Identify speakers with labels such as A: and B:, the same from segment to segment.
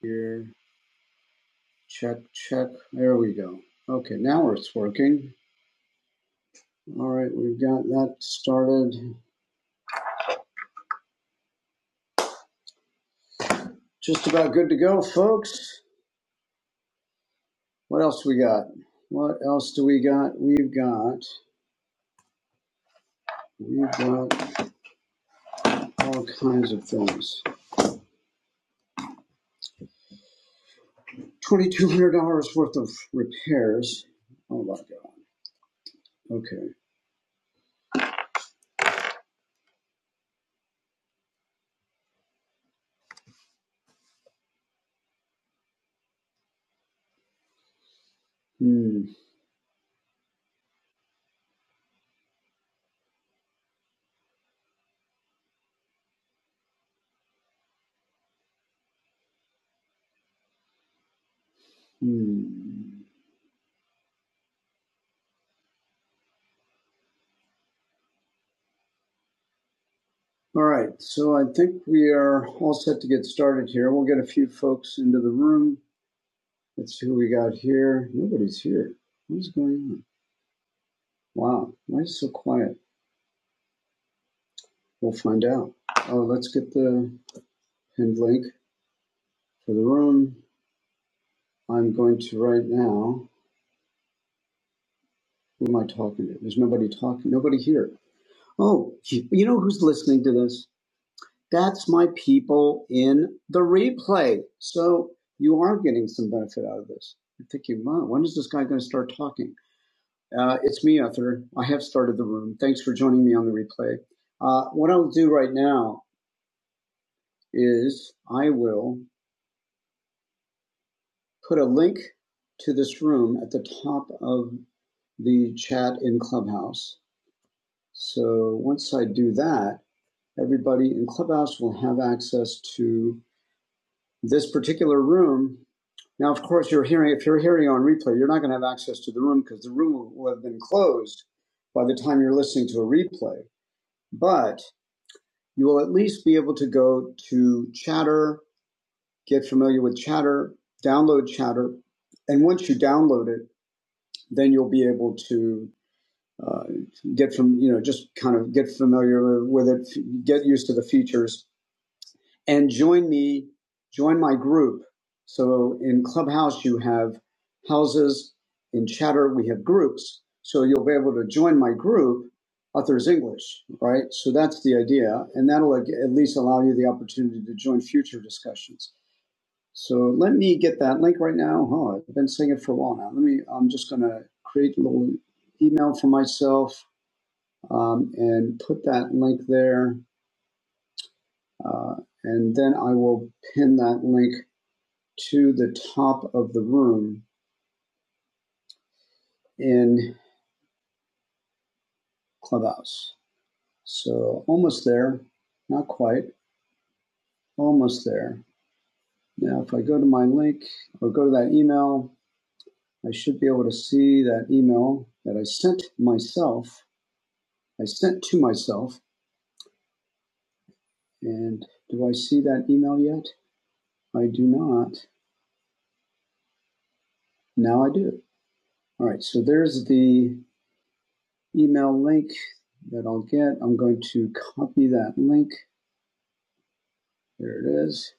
A: Here, check, check. There we go. Okay, now it's working. All right, we've got that started. Just about good to go, folks. What else we got? What else do we got? We've got we've got all kinds of things. Twenty-two hundred dollars worth of repairs. Oh my God. Okay. Hmm. Hmm. All right. So I think we are all set to get started here. We'll get a few folks into the room. Let's see who we got here. Nobody's here. What is going on? Wow, why is it so quiet? We'll find out. Oh, let's get the pinned link for the room. I'm going to right now. Who am I talking to? There's nobody talking. Nobody here. Oh, you know who's listening to this? That's my people in the replay. So you are getting some benefit out of this. You're thinking, wow, when is this guy going to start talking? Uh, it's me, Ether. I have started the room. Thanks for joining me on the replay. Uh, what I'll do right now is I will put a link to this room at the top of the chat in Clubhouse. So once I do that, everybody in Clubhouse will have access to this particular room. Now, of course, you're hearing if you're hearing on replay, you're not going to have access to the room because the room will will have been closed by the time you're listening to a replay. But you will at least be able to go to Chatter, get familiar with Chatter, download Chatter, and once you download it, then you'll be able to uh, get from you know just kind of get familiar with it, get used to the features, and join me, join my group. So in Clubhouse, you have houses. In Chatter, we have groups. So you'll be able to join my group, Authors English, right? So that's the idea. And that'll at least allow you the opportunity to join future discussions. So let me get that link right now. Oh, I've been saying it for a while now. Let me, I'm just going to create a little email for myself um, and put that link there. Uh, and then I will pin that link to the top of the room in Clubhouse. So almost there, not quite, almost there. Now, if I go to my link or go to that email, I should be able to see that email that I sent myself. I sent to myself. And do I see that email yet? I do not. Now I do. All right. So there's the email link that I'll get. I'm going to copy that link. There it is.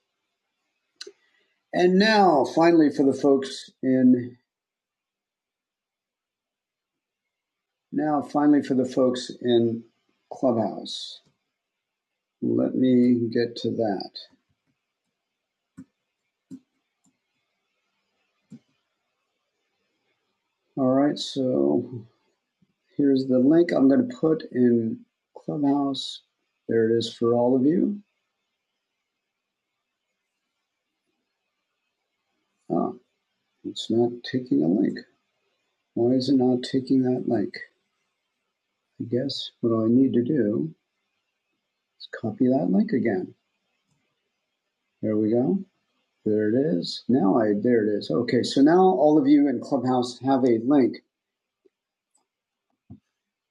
A: And now, finally, for the folks in now, finally, for the folks in Clubhouse. Let me get to that. All right, so here's the link I'm going to put in Clubhouse. There it is for all of you. Oh, it's not taking a link. Why is it not taking that link? I guess what I need to do is copy that link again. There we go. There it is. Now I there it is. Okay, so now all of you in Clubhouse have a link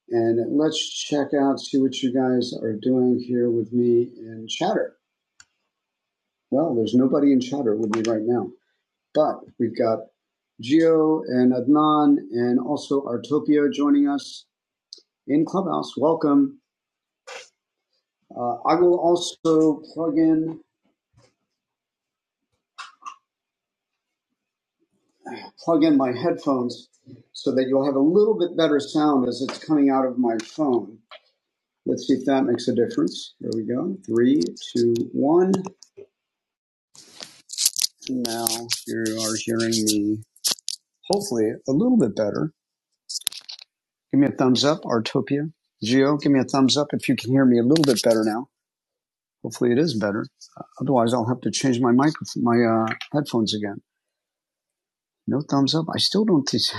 A: And let's check out, see what you guys are doing here with me in chatter. Well, there's nobody in chatter with me right now, but we've got Gio and Adnan and also Artopio joining us in Clubhouse. Welcome. Uh, I will also plug in plug in my headphones so that you'll have a little bit better sound as it's coming out of my phone. Let's see if that makes a difference. Here we go. Three, two, one. And now you are hearing me hopefully a little bit better. Give me a thumbs up, Artopia. Geo, give me a thumbs up if you can hear me a little bit better now. Hopefully it is better. Uh, Otherwise, I'll have to change my microphone, my uh, headphones again. No thumbs up. I still don't think. so.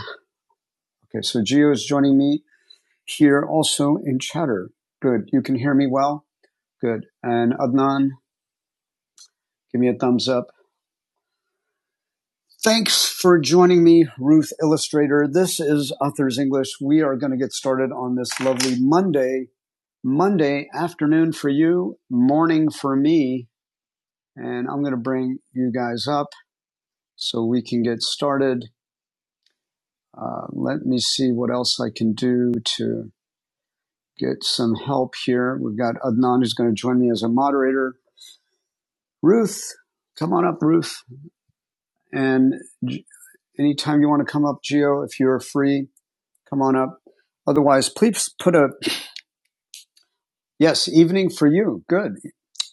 A: Okay, so Geo is joining me here also in chatter. Good. You can hear me well. Good. And Adnan, give me a thumbs up. Thanks for joining me, Ruth Illustrator. This is Authors English. We are going to get started on this lovely Monday Monday afternoon for you, morning for me, and I'm going to bring you guys up so we can get started. Uh, let me see what else I can do to get some help here. We've got Adnan who's going to join me as a moderator. Ruth, come on up, Ruth. And anytime you want to come up, Geo, if you're free, come on up. Otherwise, please put a yes, evening for you. Good.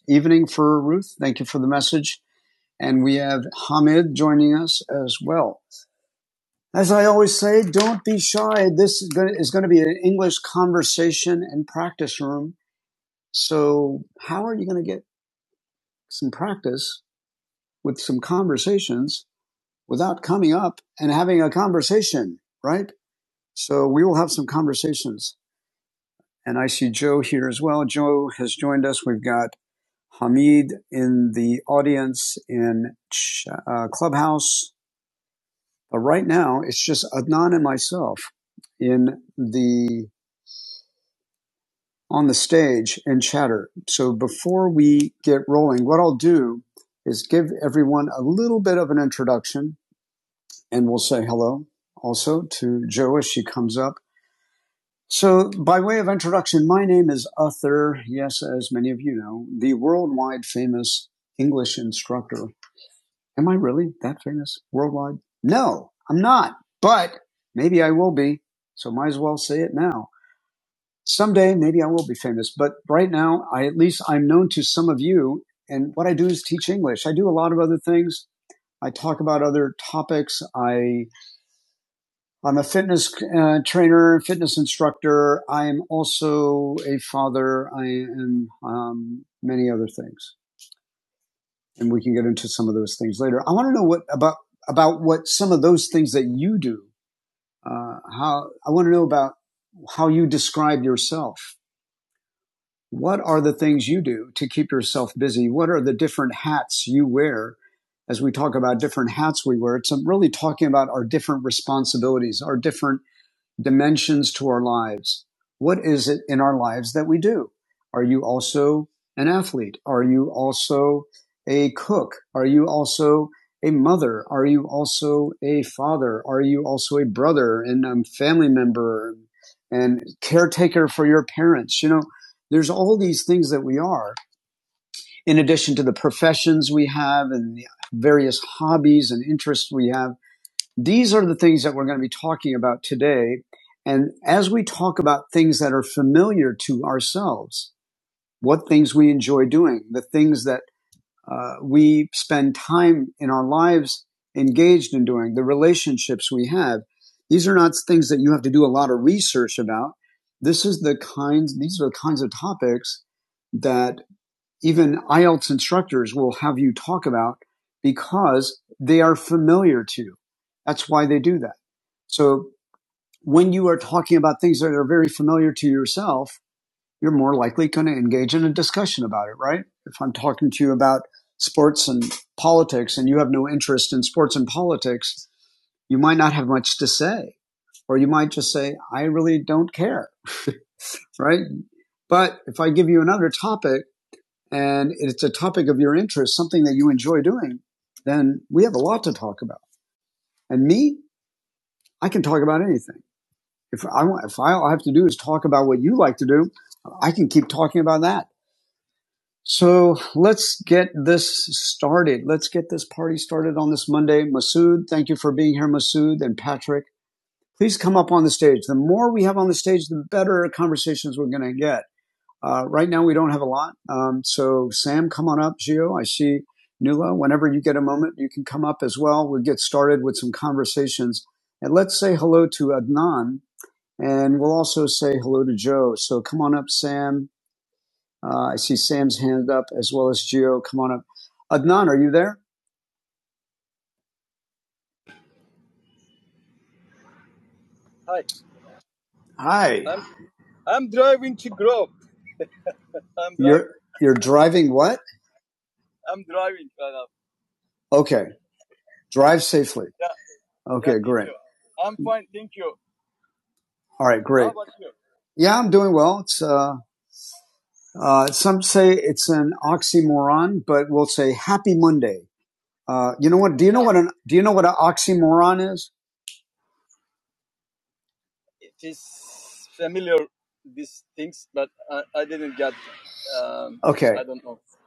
A: Evening for Ruth. Thank you for the message And we have Hamid joining us as well. As I always say, don't be shy. This is going to, is going to be an English conversation and practice room. So how are you going to get some practice with some conversations without coming up and having a conversation, right? So we will have some conversations. And I see Joe here as well. Joe has joined us. We've got Hamid in the audience in uh, Clubhouse. But right now, it's just Adnan and myself in the on the stage and chatter. So before we get rolling, what I'll do is give everyone a little bit of an introduction, and we'll say hello also to Jo as she comes up. So, by way of introduction, my name is Uther. Yes, as many of you know, the worldwide famous English instructor Am I really that famous worldwide? No, I'm not. But maybe I will be. So might as well say it now. Someday maybe I will be famous. But right now, I at least I'm known to some of you. And what I do is teach English. I do a lot of other things. I talk about other topics. I I'm a fitness uh, trainer, fitness instructor. I am also a father. I am um, many other things. and we can get into some of those things later. I want to know what about about what some of those things that you do. Uh, how I want to know about how you describe yourself. What are the things you do to keep yourself busy? What are the different hats you wear? As we talk about different hats we wear, it's um, really talking about our different responsibilities, our different dimensions to our lives. What is it in our lives that we do? Are you also an athlete? Are you also a cook? Are you also a mother? Are you also a father? Are you also a brother and um, family member and caretaker for your parents? You know, there's all these things that we are, in addition to the professions we have and the various hobbies and interests we have these are the things that we're going to be talking about today. And as we talk about things that are familiar to ourselves, what things we enjoy doing, the things that uh, we spend time in our lives engaged in doing, the relationships we have, these are not things that you have to do a lot of research about. This is the kinds, these are the kinds of topics that even IELTS instructors will have you talk about because they are familiar to you. That's why they do that. So when you are talking about things that are very familiar to yourself, you're more likely going to engage in a discussion about it, right? If I'm talking to you about sports and politics and you have no interest in sports and politics, you might not have much to say, or you might just say, I really don't care, right? But if I give you another topic, and it's a topic of your interest, something that you enjoy doing, then we have a lot to talk about. And me, I can talk about anything. If I want, if I, all I have to do is talk about what you like to do, I can keep talking about that. So let's get this started. Let's get this party started on this Monday. Masood, thank you for being here, Masood and Patrick. Please come up on the stage. The more we have on the stage, the better conversations we're going to get. Uh, right now, we don't have a lot. Um, so, Sam, come on up. Gio, I see Nula. Whenever you get a moment, you can come up as well. We'll get started with some conversations. And let's say hello to Adnan. And we'll also say hello to Joe. So, come on up, Sam. Uh, I see Sam's hand up as well as Gio. Come on up. Adnan, are you there? Hi. You're driving what? Okay. Drive safely. Okay. All right. Great. Yeah, I'm doing well. It's uh, Uh, some say it's an oxymoron, but we'll say Happy Monday. Uh, you know what? Do you know what an Do you know what an oxymoron is? Okay,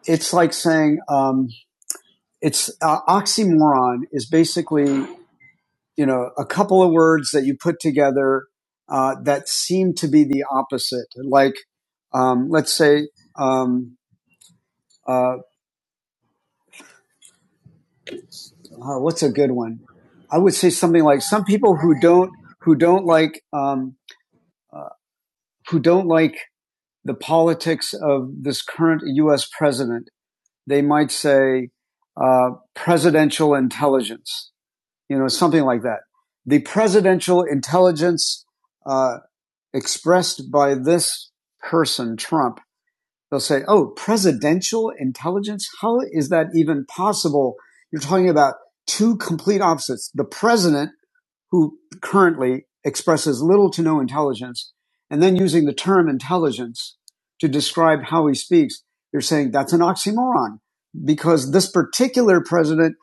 A: it's like saying um, it's uh, oxymoron is basically you know a couple of words that you put together uh, that seem to be the opposite. Like um, let's say um, uh, uh, what's a good one? I would say something like some people who don't who don't like um, who don't like the politics of this current U.S. president, they might say uh, presidential intelligence, you know, something like that. The presidential intelligence uh, expressed by this person, Trump, they'll say, "Oh, presidential intelligence? How is that even possible?" You're talking about two complete opposites: the president who currently expresses little to no intelligence, and then using the term intelligence to describe how he speaks, you're saying that's an oxymoron because this particular president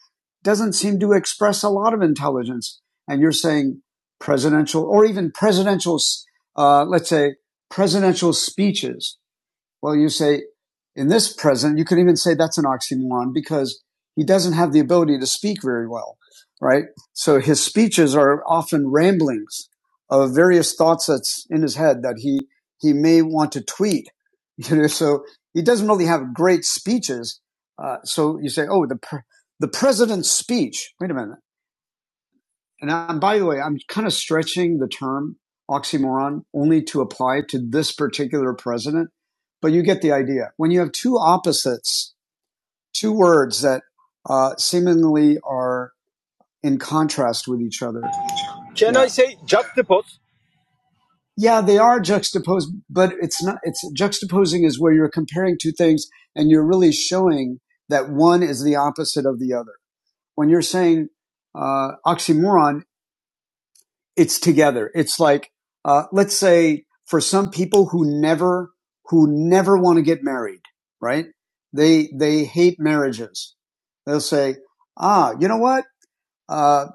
A: doesn't seem to express a lot of intelligence. And you're saying presidential or even presidential, uh, let's say presidential speeches well, you say in this present, you could even say that's an oxymoron because he doesn't have the ability to speak very well, right? So his speeches are often ramblings of various thoughts that's in his head that he he may want to tweet, you know. So he doesn't really have great speeches. Uh, so you say, oh, the pre- the president's speech. Wait a minute. And I, by the way, I'm kind of stretching the term oxymoron only to apply to this particular president, but you get the idea. When you have two opposites, two words that uh, seemingly are in contrast with each other. Yeah, they are juxtaposed, but it's not, it's juxtaposing is where you're comparing two things and you're really showing that one is the opposite of the other. When you're saying, uh, oxymoron, it's together. It's like, uh, let's say for some people who never, who never want to get married, right? They, they hate marriages. They'll say, ah, you know what? Uh,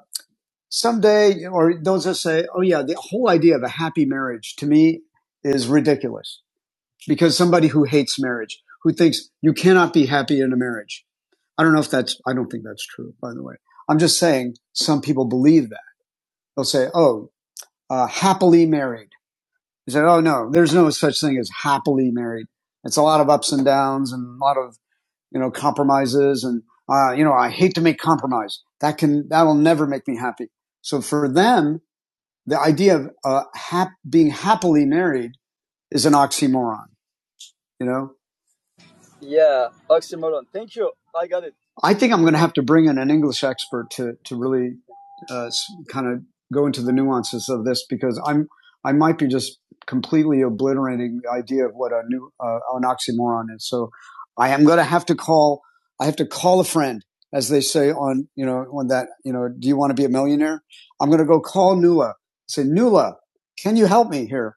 A: someday, or those that say, oh yeah, the whole idea of a happy marriage to me is ridiculous because somebody who hates marriage, who thinks you cannot be happy in a marriage. I don't know if that's, I don't think that's true, by the way. I'm just saying some people believe that. They'll say, oh, uh, happily married he said, "Oh no, there's no such thing as happily married. It's a lot of ups and downs and a lot of you know compromises and uh, you know I hate to make compromise. That can that'll never make me happy. So for them, the idea of uh, hap- being happily married is an oxymoron. You know, I think I'm going to have to bring in an English expert to to really uh, kind of go into the nuances of this because I'm I might be just completely obliterating the idea of what a new uh, an oxymoron is. So I am going to have to call I have to call a friend as they say on you know on that you know do you want to be a millionaire? I'm going to go call Nula say Nula can you help me here?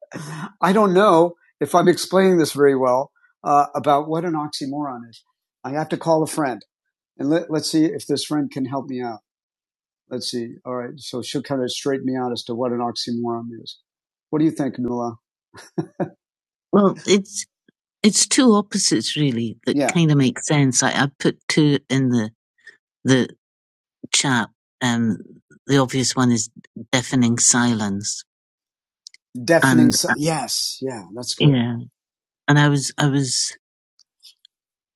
A: I don't know if I'm explaining this very well uh, about what an oxymoron is. I have to call a friend and let, let's see if this friend can help me out. Let's see. All right. So she'll kind of straighten me out as to what an oxymoron is. What do you think, Nuala? Well, it's it's two opposites really that Yeah. kind of make sense. I, I put two in the the chat. Um, the obvious one is deafening silence, Deafening. silence. Yes. Yeah. That's good. yeah, and I was I was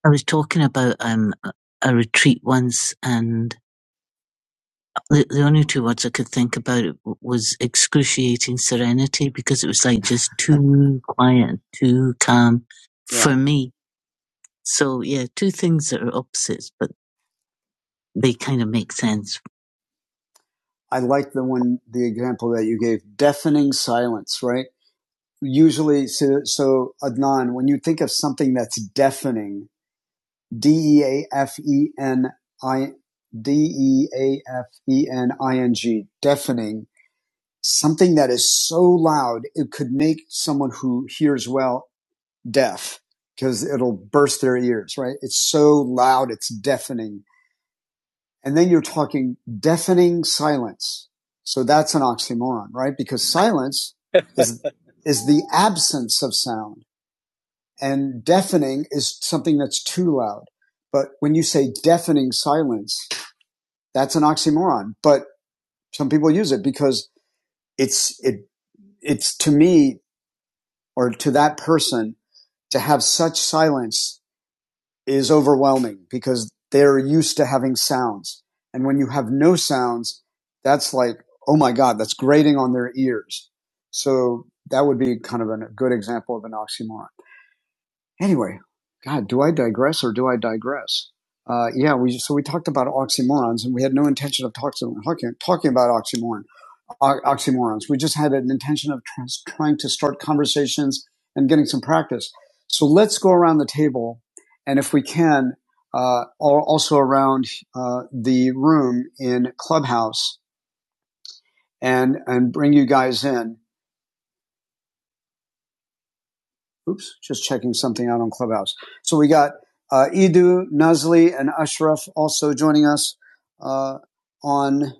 A: I was talking about um a retreat once, and The, the only two words I could think about it w- was excruciating serenity because it was like just too quiet, too calm for me. So yeah, two things that are opposites, but they kind of make sense. I like the one, the example that you gave, deafening silence, right? Usually, so, so Adnan, when you think of something that's deafening, D E A F E N I, D E A F E N I N G, deafening, something that is so loud it could make someone who hears well deaf because it'll burst their ears right it's so loud it's deafening and then you're talking deafening silence so that's an oxymoron right because silence is is the absence of sound and deafening is something that's too loud but when you say deafening silence that's an oxymoron but some people use it because it's it it's to me or to that person to have such silence is overwhelming because they're used to having sounds. And when you have no sounds, that's like, oh my God, that's grating on their ears. So that would be kind of a good example of an oxymoron. Anyway, God, do I digress or do I digress? Uh, yeah, we so we talked about oxymorons, and we had no intention of talking talking, talking about oxymoron oxymorons. We just had an intention of trans- trying to start conversations and getting some practice. So let's go around the table, and if we can, uh, also around uh, the room in Clubhouse, and and bring you guys in. Oops, just checking something out on Clubhouse. So we got uh, Idu, Nuzli, and Ashraf also joining us uh, on.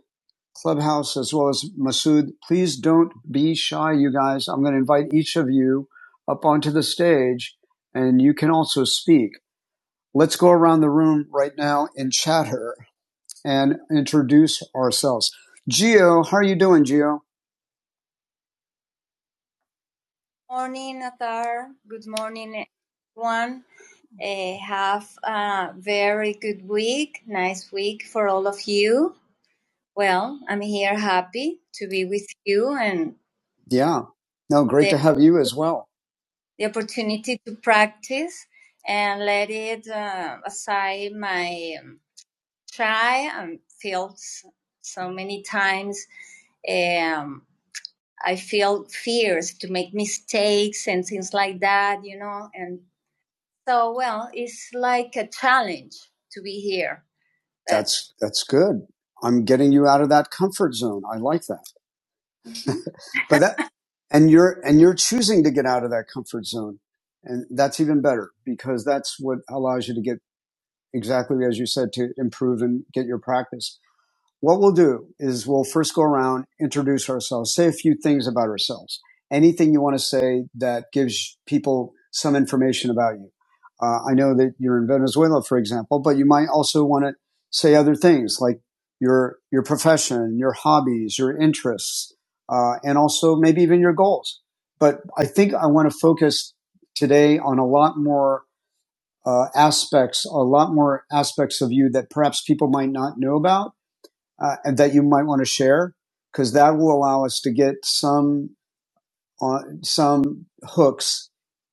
A: Clubhouse as well as Masood. Please don't be shy, you guys. I'm going to invite each of you up onto the stage and you can also speak. Let's go around the room right now and chatter and introduce ourselves. Gio, how are you doing, Gio? Morning, Atar. Good morning, everyone. Eh, have a very good week, nice week for all of you. Well, I'm here happy to be with you and Yeah. No, great the, to have you as well. the opportunity to practice and let it uh, aside my um, shy and feels so many times um, I feel fears to make mistakes and things like that, you know. And so, well, it's like a challenge to be here. That's that's good. I'm getting you out of that comfort zone. I like that. but that and you're and you're choosing to get out of that comfort zone and that's even better because that's what allows you to get exactly as you said to improve and get your practice what we'll do is we'll first go around, introduce ourselves, say a few things about ourselves. Anything you want to say that gives people some information about you. Uh, I know that you're in Venezuela, for example, but you might also want to say other things like your your profession, your hobbies, your interests, uh, and also maybe even your goals. But I think I want to focus today on a lot more uh, aspects, a lot more aspects of you that perhaps people might not know about uh, and that you might want to share because that will allow us to get some on some hooks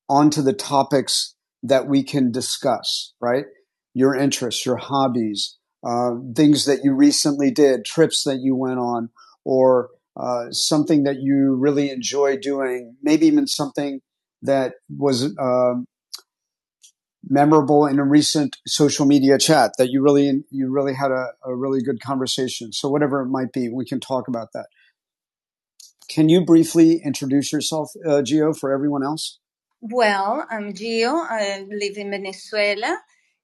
A: onto the topics that we can discuss right your interests your hobbies uh, things that you recently did trips that you went on or uh, something that you really enjoy doing maybe even something that was um, memorable in a recent social media chat that you really you really had a, a really good conversation so whatever it might be we can talk about that can you briefly introduce yourself, uh, Gio, for everyone else? Well, I'm Gio. I live in Venezuela.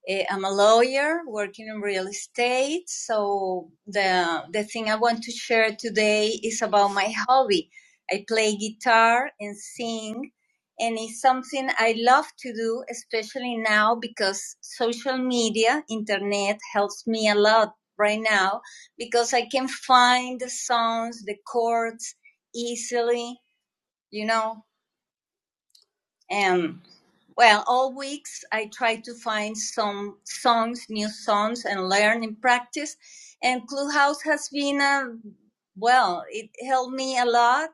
A: Eh, I'm a lawyer working in real estate. So the the thing I want to share today is about my hobby. I play guitar and sing, and it's something I love to do, especially now because social media, internet helps me a lot right now because I can find the songs, the chords, easily, you know. And well, all weeks I try to find some songs, new songs, and learn and practice. And Clubhouse has been a well, it helped me a lot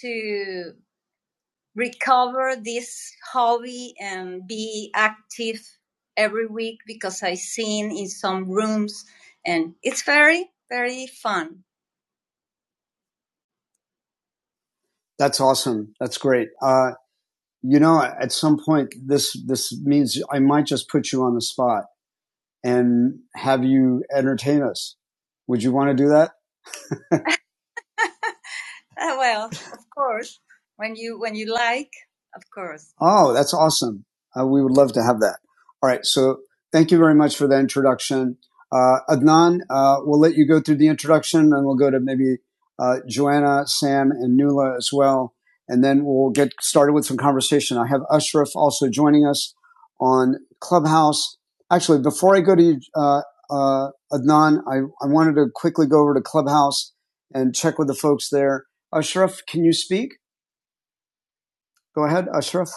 A: to recover this hobby and be active every week because I sing in some rooms and it's very, very fun. That's awesome. That's great. Uh, you know, at some point, this this means I might just put you on the spot and have you entertain us. Would you want to do that? Ah, well, of course, when you when you like, of course. Oh, that's awesome. Uh, we would love to have that. All right. So thank you very much for that introduction. Uh, Adnan, uh, we'll let you go through the introduction and we'll go to maybe uh, Joanna, Sam, and Nula as well. And then we'll get started with some conversation. I have Ashraf also joining us on Clubhouse. Actually, before I go to uh, uh, Adnan, I, I wanted to quickly go over to Clubhouse and check with the folks there. Ashraf, can you speak? Go ahead, Ashraf.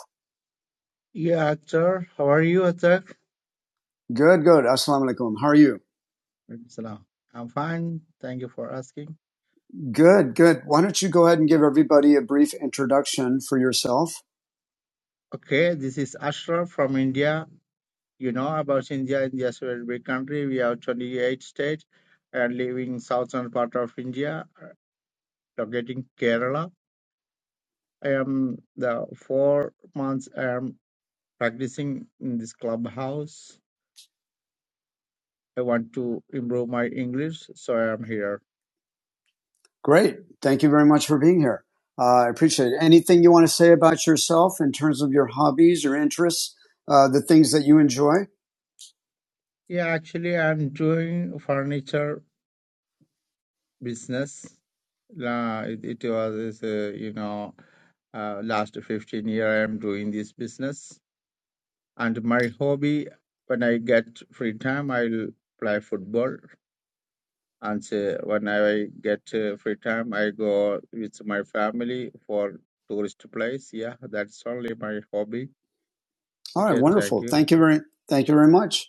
B: Yeah, Akhtar. How are you, Akhtar?
A: Good, good. Assalamu alaikum. How are you?
B: Alaikum Salam. I'm fine. Thank you for asking.
A: Good, good. Why don't you go ahead and give everybody a brief introduction for yourself?
B: Okay, this is Ashraf from India. You know about India. India is a very big country. We have 28 states and living southern part of India, uh, locating Kerala. I am the four months I am practicing in this clubhouse. I want to improve my English, so I am here.
A: Great. Thank you very much for being here. Uh, I appreciate it. Anything you want to say about yourself in terms of your hobbies, your interests, uh, the things that you enjoy?
B: Yeah, actually, I'm doing furniture business. La, it, it was, uh, you know, uh, last 15 year I'm doing this business. And my hobby, when I get free time, I'll play football. And uh, when I get uh, free time, I go with my family for tourist place. Yeah, that's only my hobby.
A: All right,
B: Okay, thank
A: wonderful.
B: you.
A: Thank you very, thank you very much.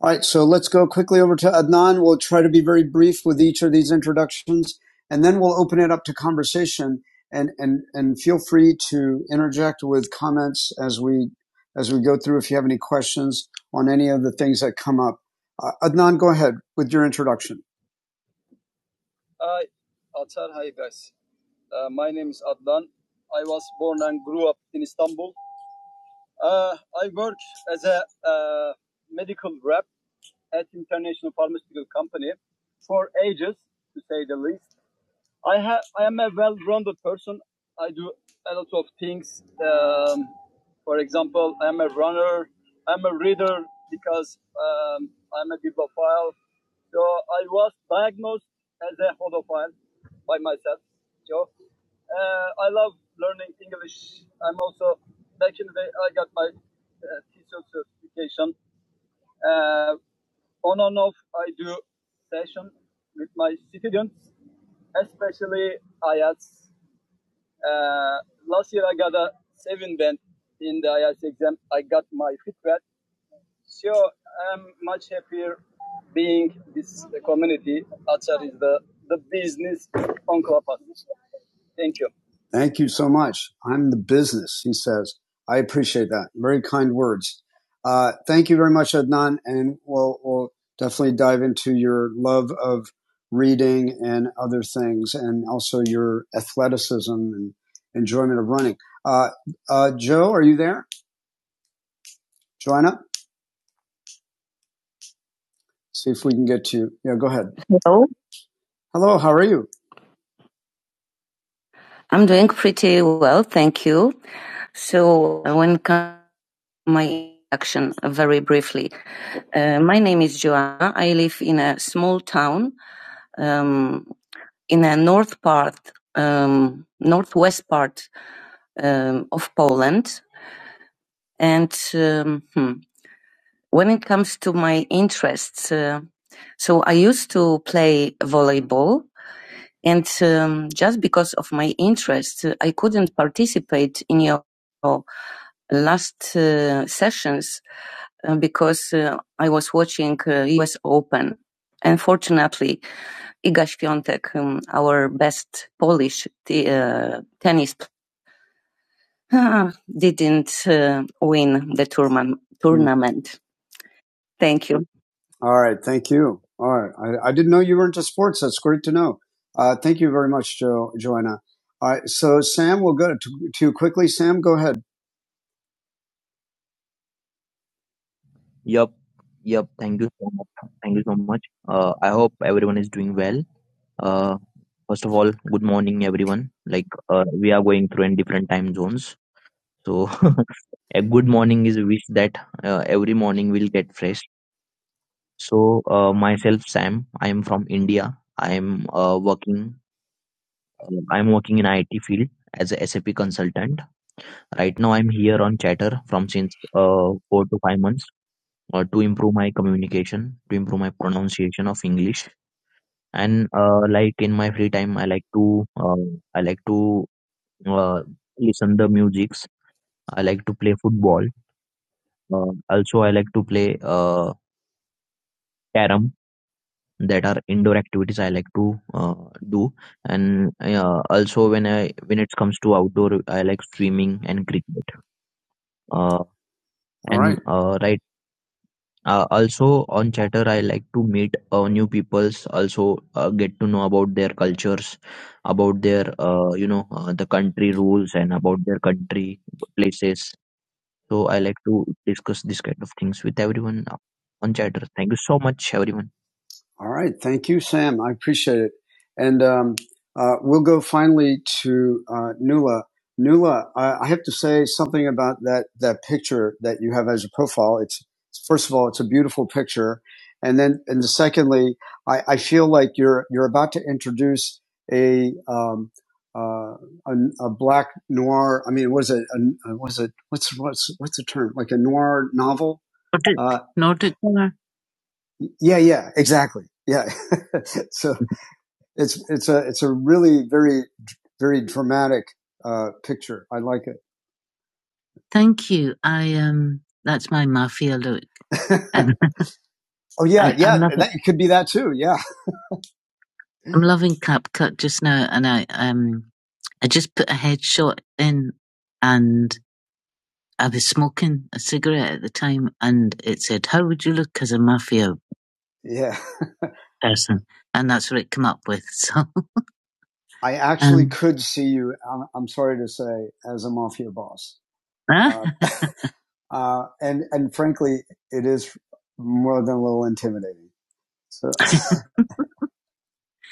A: All right, so let's go quickly over to Adnan. We'll try to be very brief with each of these introductions, and then we'll open it up to conversation. And and and feel free to interject with comments as we as we go through. If you have any questions on any of the things that come up, uh, Adnan, go ahead with your introduction. Thank you so much. I'm the business, he says. I appreciate that. Very kind words. Uh, thank you very much, Adnan. And we'll, we'll definitely dive into your love of reading and other things and also your athleticism and enjoyment of running. Uh, uh, Joe, are you there? Joanna, see if we can get to you. Yeah, go ahead. Hello. Hello, how are you? I'm doing pretty well, thank you. So, uh, when it comes to my introduction, uh, very briefly, uh, my name is Joanna. I live in a small town um, in a north part, um, northwest part um, of Poland. And um, hmm, when it comes to my interests, uh, so I used to play volleyball. And um, just because of my interest, uh, I couldn't participate in your last uh, sessions uh, because uh, I was watching uh, US Open. Unfortunately, Iga Świątek, um, our best Polish t- uh, tennis player, didn't uh, win the tournament. Tournament. Thank you. All right. Thank you. All right. I, I didn't know you were into sports. That's great to know. Uh, thank you very much, jo- Joanna. All right. So, Sam, we'll go to, to you quickly. Sam, go ahead. Yep, yep. Thank you so much. Thank you so much. Uh, I hope everyone is doing well. Uh, first of all, good morning, everyone. Like, uh, we are going through in different time zones, so a good morning is a wish that uh, every morning will get fresh. So, uh, myself, Sam. I am from India. I am uh, working. I am working in IT field as a SAP consultant. Right now, I'm here on Chatter from since uh, four to five months. uh, to improve my communication, to improve my pronunciation of English. And uh, like in my free time, I like to uh, I like to uh, listen the musics. I like to play football. Uh, also, I like to play uh, carom. That are indoor activities I like to uh, do, and uh, also when I when it comes to outdoor, I like swimming and cricket. Uh, All right. and uh, right Uh, also on chatter, I like to meet uh, new peoples. Also uh, get to know about their cultures, about their uh, you know uh, the country rules and about their country places. So I like to discuss this kind of things with everyone uh, on chatter. Thank you so much, everyone. All right. Thank you, Sam. I appreciate it. And um, uh, we'll go finally to uh, Nula. Nula, I, I have to say something about that, that picture that you have as a profile. It's first of all, it's a beautiful picture, and then and secondly, I, I feel like you're you're about to introduce a um, uh, a, a black noir. I mean, was it a, was it what's what's what's the term like a noir novel? Noted. Uh, Noted. Yeah, yeah, exactly. Yeah. so it's it's a it's a really very very dramatic uh picture. I like it. Thank you. I um, that's my mafia look. And oh yeah, I, yeah. loving, That it could be that too. Yeah. I'm loving CapCut just now, and I um, I just put a headshot in, and I was smoking a cigarette at the time, and it said, "How would you look as a mafia Yeah. person?" And that's what it came up with. So I actually um, could see you. I'm, I'm, sorry to say, as a mafia boss. Huh? Uh, uh, and and frankly, it is more than a little intimidating. So.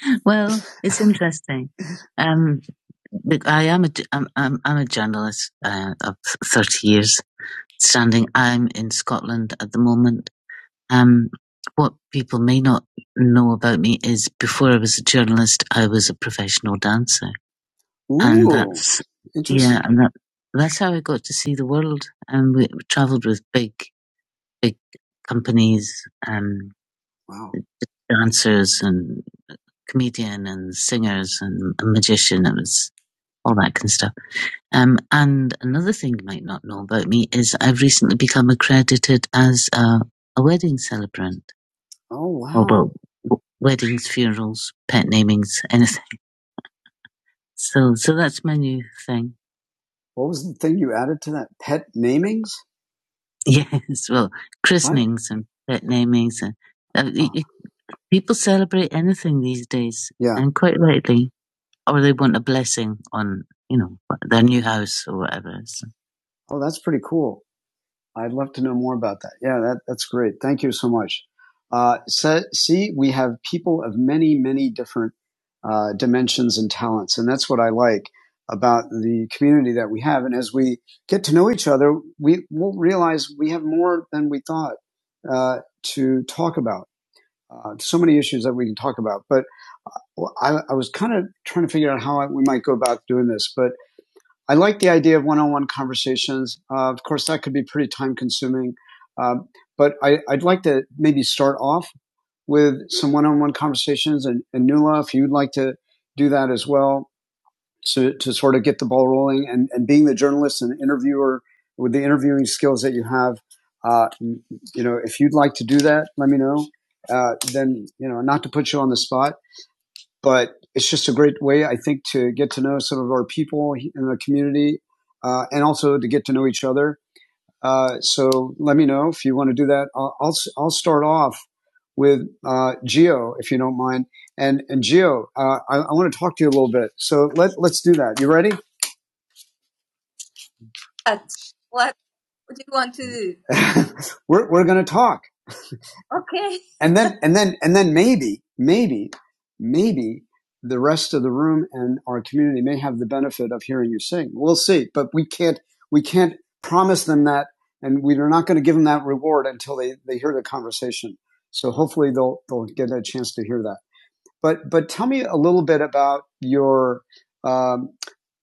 A: well, it's interesting. Um, I am a I'm I'm, I'm a journalist uh, of thirty years standing. I'm in Scotland at the moment. Um, what people may not know about me is before I was a journalist, I was a professional dancer. Ooh, and that's yeah, interesting. and that that's how I got to see the world. And we travelled with big big companies, um, Wow. dancers and comedian and singers and a magician. It was all that kind of stuff. Um, and another thing you might not know about me is I've recently become accredited as a, a wedding celebrant. Oh, Or wow. about w- weddings, funerals, pet namings, anything. So, so that's my new thing. What was the thing you added to that? Pet namings? Yes, well, What? christenings what? and pet namings. And, uh, Oh, y- people celebrate anything these days, yeah. and quite rightly, or they want a blessing on, you know, their new house or whatever. So, Oh, that's pretty cool. I'd love to know more about that. Yeah, that, that's great. Thank you so much. Uh, so, see, we have people of many, many different uh, dimensions and talents, and that's what I like about the community that we have. And as we get to know each other, we will realize we have more than we thought uh, to talk about. Uh, so many issues that we can talk about, but well, I, I was kind of trying to figure out how I, we might go about doing this, but I like the idea of one-on-one conversations. Uh, of course, that could be pretty time-consuming, um, but I, I'd like to maybe start off with some one-on-one conversations. And, and Nula, if you'd like to do that as well, to, to sort of get the ball rolling and, and being the journalist and interviewer with the interviewing skills that you have, uh, you know, if you'd like to do that, let me know. Uh, then you know, not to put you on the spot, but it's just a great way, I think, to get to know some of our people in the community uh, and also to get to know each other. Uh, so let me know if you want to do that. I'll, I'll, s- I'll start off with uh, Geo, if you don't mind. And, and Geo, uh, I, I want to talk to you a little bit. So let, let's do that. You ready? What? What do you want to do? we're, we're going to talk. Okay. and then and then and then maybe maybe maybe the rest of the room and our community may have the benefit of hearing you sing we'll see but we can't we can't promise them that and we're not going to give them that reward until they they hear the conversation so hopefully they'll they'll get a chance to hear that but but tell me a little bit about your um,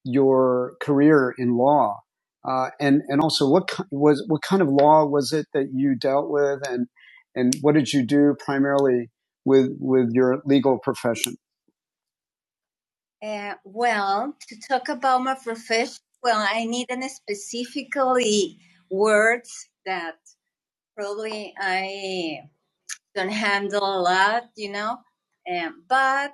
A: your career in law, uh, and and also what ki- was what kind of law was it that you dealt with, and and what did you do primarily with with your legal profession? Uh, well, to talk about my profession, well, I need an specifically words that probably I don't handle a lot, you know. Um, but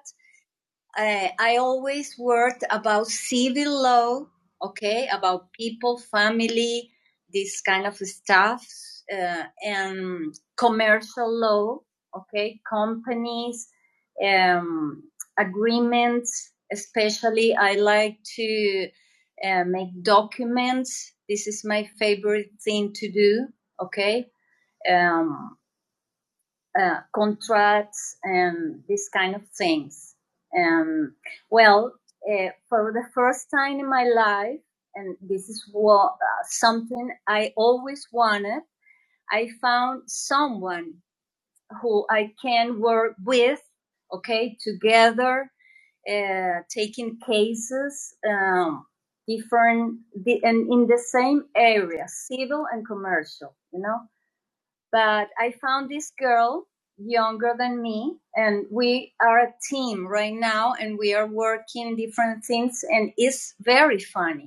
A: uh, I always worked about civil law, okay, about people, family, this kind of stuff, uh, and commercial law, okay, companies, um, agreements. Especially, I like to uh, make documents. This is my favorite thing to do, okay? Um, uh, contracts and these kind of things. Um, well, uh, for the first time in my life, and this is what uh, something I always wanted. I found someone who I can work with, okay, together, uh, taking cases, um, different, the, and in the same area, civil and commercial, you know. But I found this girl younger than me, and we are a team right now, and we are working different things, and it's very funny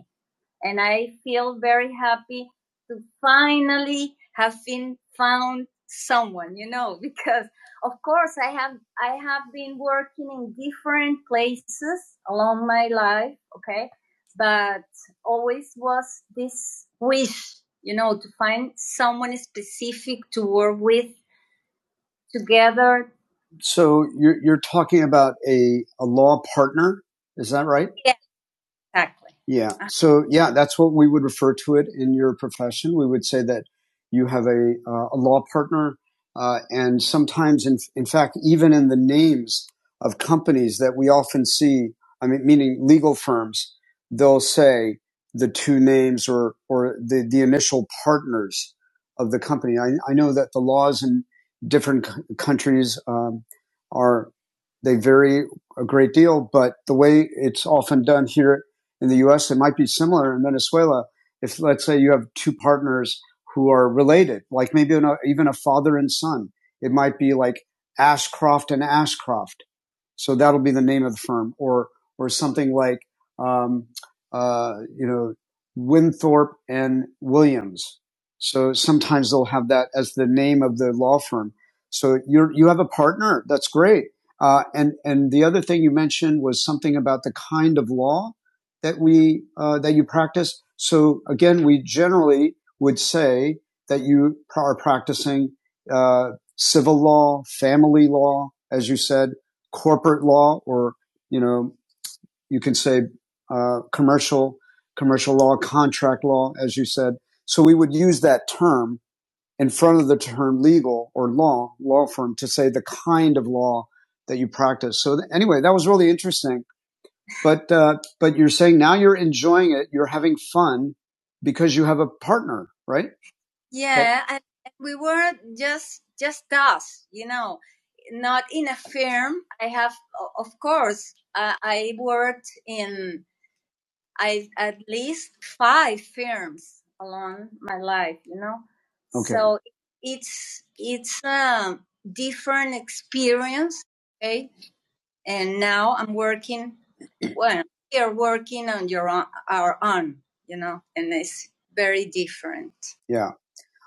A: and I feel very happy to finally have been found someone, you know, because of course I have I have been working in different places along my life, okay? But always was this wish, you know, to find someone specific to work with together. So you're, you're talking about a, a law partner, is that right? Yes. Exactly. Yeah. Uh, So yeah, that's what we would refer to it in your profession. We would say that you have a uh, a law partner, uh, and sometimes, in in fact, even in the names of companies that we often see, I mean, meaning legal firms, they'll say the two names or or the the initial partners of the company. I, I know that the laws in different c- countries um, are they vary a great deal, but the way it's often done here in the US. It might be similar in Venezuela if, let's say, you have two partners who are related, like maybe even a father and son. It might be like Ashcroft and Ashcroft. So that'll be the name of the firm, or or something like um, uh, you know Winthorpe and Williams. So sometimes they'll have that as the name of the law firm. So you you have a partner. That's great. Uh, and and the other thing you mentioned was something about the kind of law that we uh, that you practice. So again, we generally would say that you are practicing uh, civil law, family law, as you said, corporate law, or you know you can say uh, commercial commercial law, contract law, as you said. So we would use that term in front of the term legal or law law firm to say the kind of law that you practice. So th- anyway, that was really interesting but uh, but you're saying now you're enjoying it. You're having fun because you have a partner, right? That- Yeah, but- and we were just just us, you know, not in a firm. I have, of course, uh, I worked in I at least five firms along my life, you know. okay. So it's it's a different experience. okay and now I'm working. Well, we are working on your own, our own, you know, and it's very different. Yeah.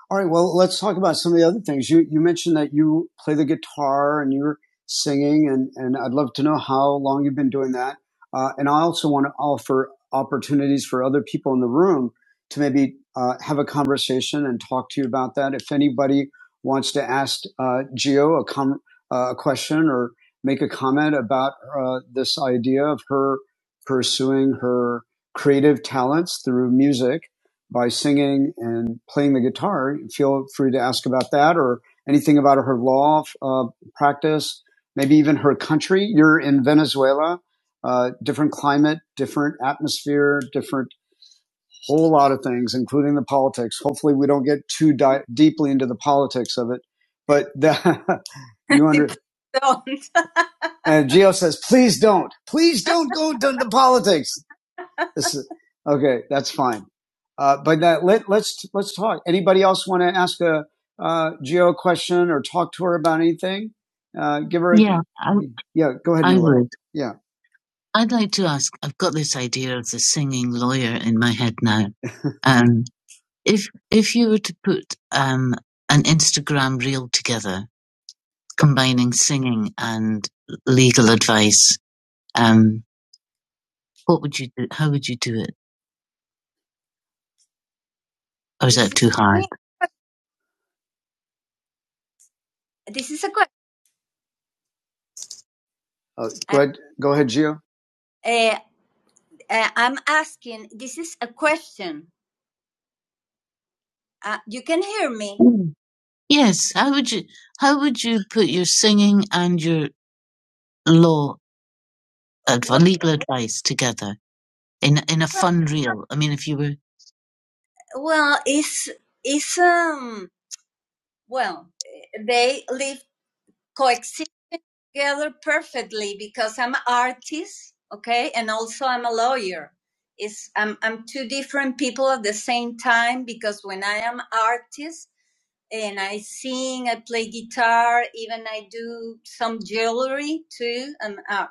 A: All right. Well, let's talk about some of the other things. You you mentioned that you play the guitar and you're singing, and and I'd love to know how long you've been doing that. Uh, and I also want to offer opportunities for other people in the room to maybe uh, have a conversation and talk to you about that. If anybody wants to ask uh, Gio a com- uh, a question or make a comment about uh, this idea of her pursuing her creative talents through music by singing and playing the guitar. Feel free to ask about that or anything about her law uh, practice, maybe even her country. You're in Venezuela, uh, different climate, different atmosphere, different whole lot of things, including the politics. Hopefully, we don't get too di- deeply into the politics of it, but the, you under. Don't. And Gio says, please don't, please don't go to the politics. This is, okay, that's fine. Uh, but that, let, let's let's talk. Anybody else want to ask a uh, Geo a question or talk to her about anything? Uh, give her. a- Yeah, I, yeah, go ahead. I would. Yeah. I'd like to ask. I've got this idea of the singing lawyer in my head now. Um, if if you were to put um, an Instagram reel together, combining singing and legal advice, um, what would you do? How would you do it? Or is that too hard? This is a good Uh, I, go I, ahead, go ahead, Gio. uh, uh, I'm asking. This is a question. Uh, you can hear me. Yes, how would you how would you put your singing and your law adv- legal advice together in in a fun reel? I mean, if you were Well, it's it's um. Well, they live. coexisting together perfectly because I'm an artist, okay, and also I'm a lawyer. It's I'm I'm two different people at the same time because when I am an artist and I sing, I play guitar, even I do some jewelry too. I'm a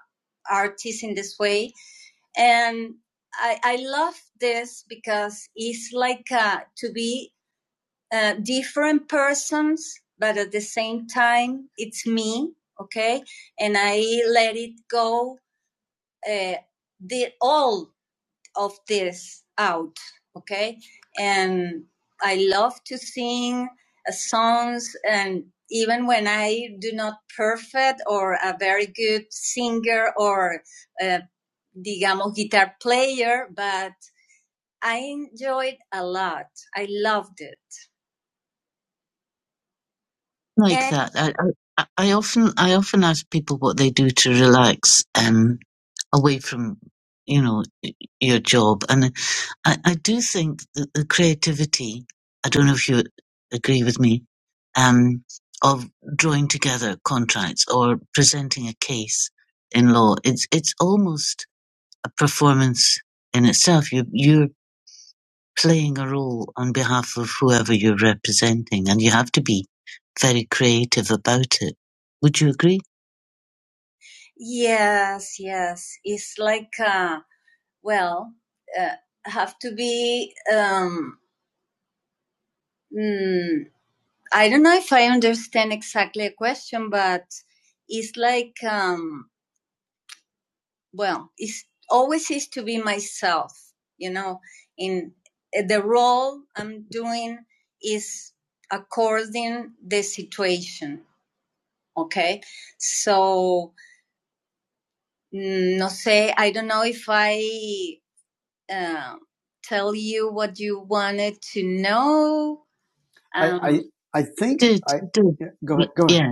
A: artist in this way, and I I love this because it's like uh, to be uh, different persons, but at the same time, it's me, okay? And I let it go, uh, the, all of this out, okay? And I love to sing uh, songs, and even when I do not perfect or a very good singer or, uh, digamos, guitar player, but I enjoyed a lot. I loved it. like And that. I, I I often I often ask people what they do to relax um, away from you know y- your job, and I, I do think that the creativity. I don't know if you agree with me um, of drawing together contracts or presenting a case in law. It's it's almost a performance in itself. You you are playing a role on behalf of whoever you're representing, and you have to be very creative about it. Would you agree? Yes, yes. It's like, uh, well, uh, have to be. Um, mm, I don't know if I understand exactly a question, but it's like. Um, well it's always is to be myself you know in eh, the role i'm doing is according the situation okay so mm, no sé i don't know if i uh, tell you what you wanted to know I um, I, I I think Good, I good. yeah, go ahead. Go Yeah. ahead.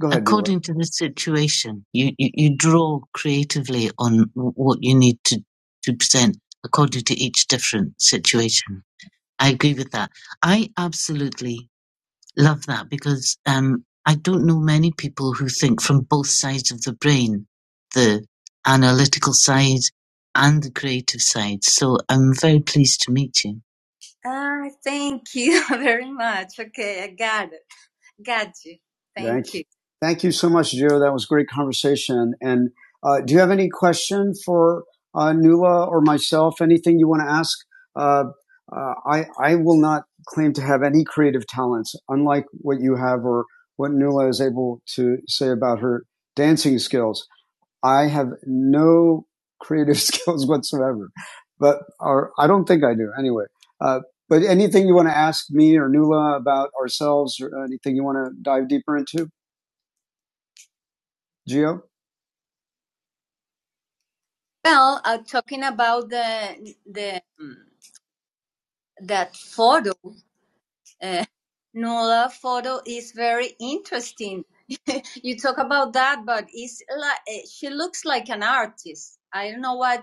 A: Go ahead, according to the situation. You, you, you draw creatively on what you need to, to present according to each different situation. I agree with that. I absolutely love that because um, I don't know many people who think from both sides of the brain, the analytical side and the creative side. So I'm very pleased to meet you. Ah, thank you very much. Okay, I got it. Got you. Thank Thank you. you. Thank you so much, Joe. That was a great conversation. And uh, do you have any question for uh, Nula or myself? Anything you want to ask? Uh, uh, I I will not claim to have any creative talents, unlike what you have or what Nuala is able to say about her dancing skills. I have no creative skills whatsoever, but or I don't think I do anyway. Uh, but anything you want to ask me or Nula about ourselves, or anything you want to dive deeper into, Gio? Well, uh, talking about the the mm, that photo, uh, Nola photo is very interesting. you talk about that, but it's like, she looks like an artist. I don't know what.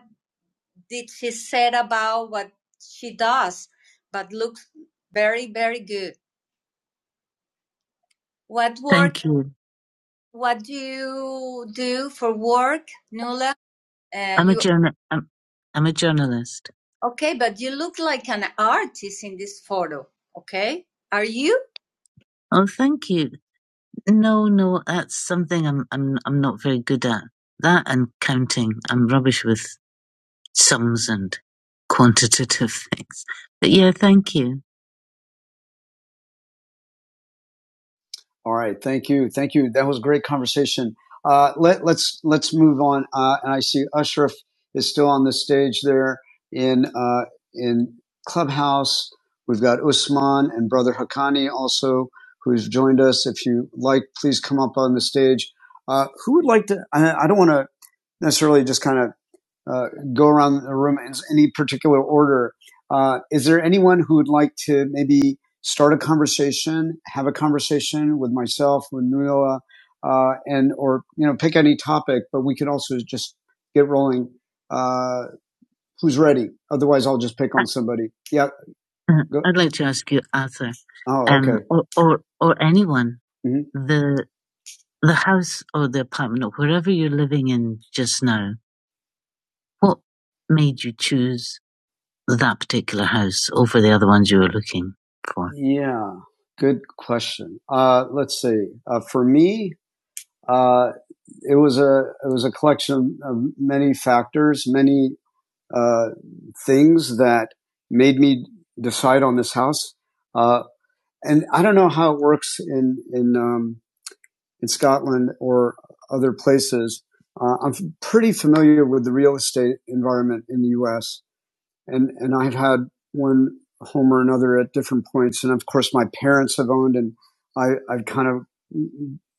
A: did she said about what she does, but looks very, very good. What work? Thank you. What do you do for work, Nula? Uh, I'm a journal. I'm, I'm a journalist. okay? But you look like an artist in this photo. Okay, are you? Oh, thank you. No, no, that's something I'm I'm I'm not very good at. That and counting. I'm rubbish with sums and quantitative things. But yeah, thank you. All right, thank you, thank you. That was a great conversation. Uh, let let's let's move on. Uh, and I see Ashraf is still on the stage there in uh, in Clubhouse. We've got Usman and Brother Hakani also who's joined us. If you like, please come up on the stage. Uh, who would like to? I, I don't want to necessarily just kind of uh, go around the room in any particular order. Uh, is there anyone who would like to maybe start a conversation, have a conversation with myself, with Nuala, uh, and or you know pick any topic? But we could also just get rolling. Uh, who's ready? Otherwise, I'll just pick on somebody. Yeah. Uh, Go. I'd like to ask you, Arthur, Oh, um, okay. Um, or, or or anyone, hmm the the house or the apartment or wherever you're living in just now. What made you choose? that particular house or for the other ones you were looking for? Yeah, good question. Uh, let's see. Uh, for me, uh, it was a it was a collection of many factors, many uh, things that made me decide on this house. Uh, and I don't know how it works in in um, in Scotland or other places. Uh, I'm pretty familiar with the real estate environment in the U.S and and I've had one home or another at different points, and of course my parents have owned, and I I've kind of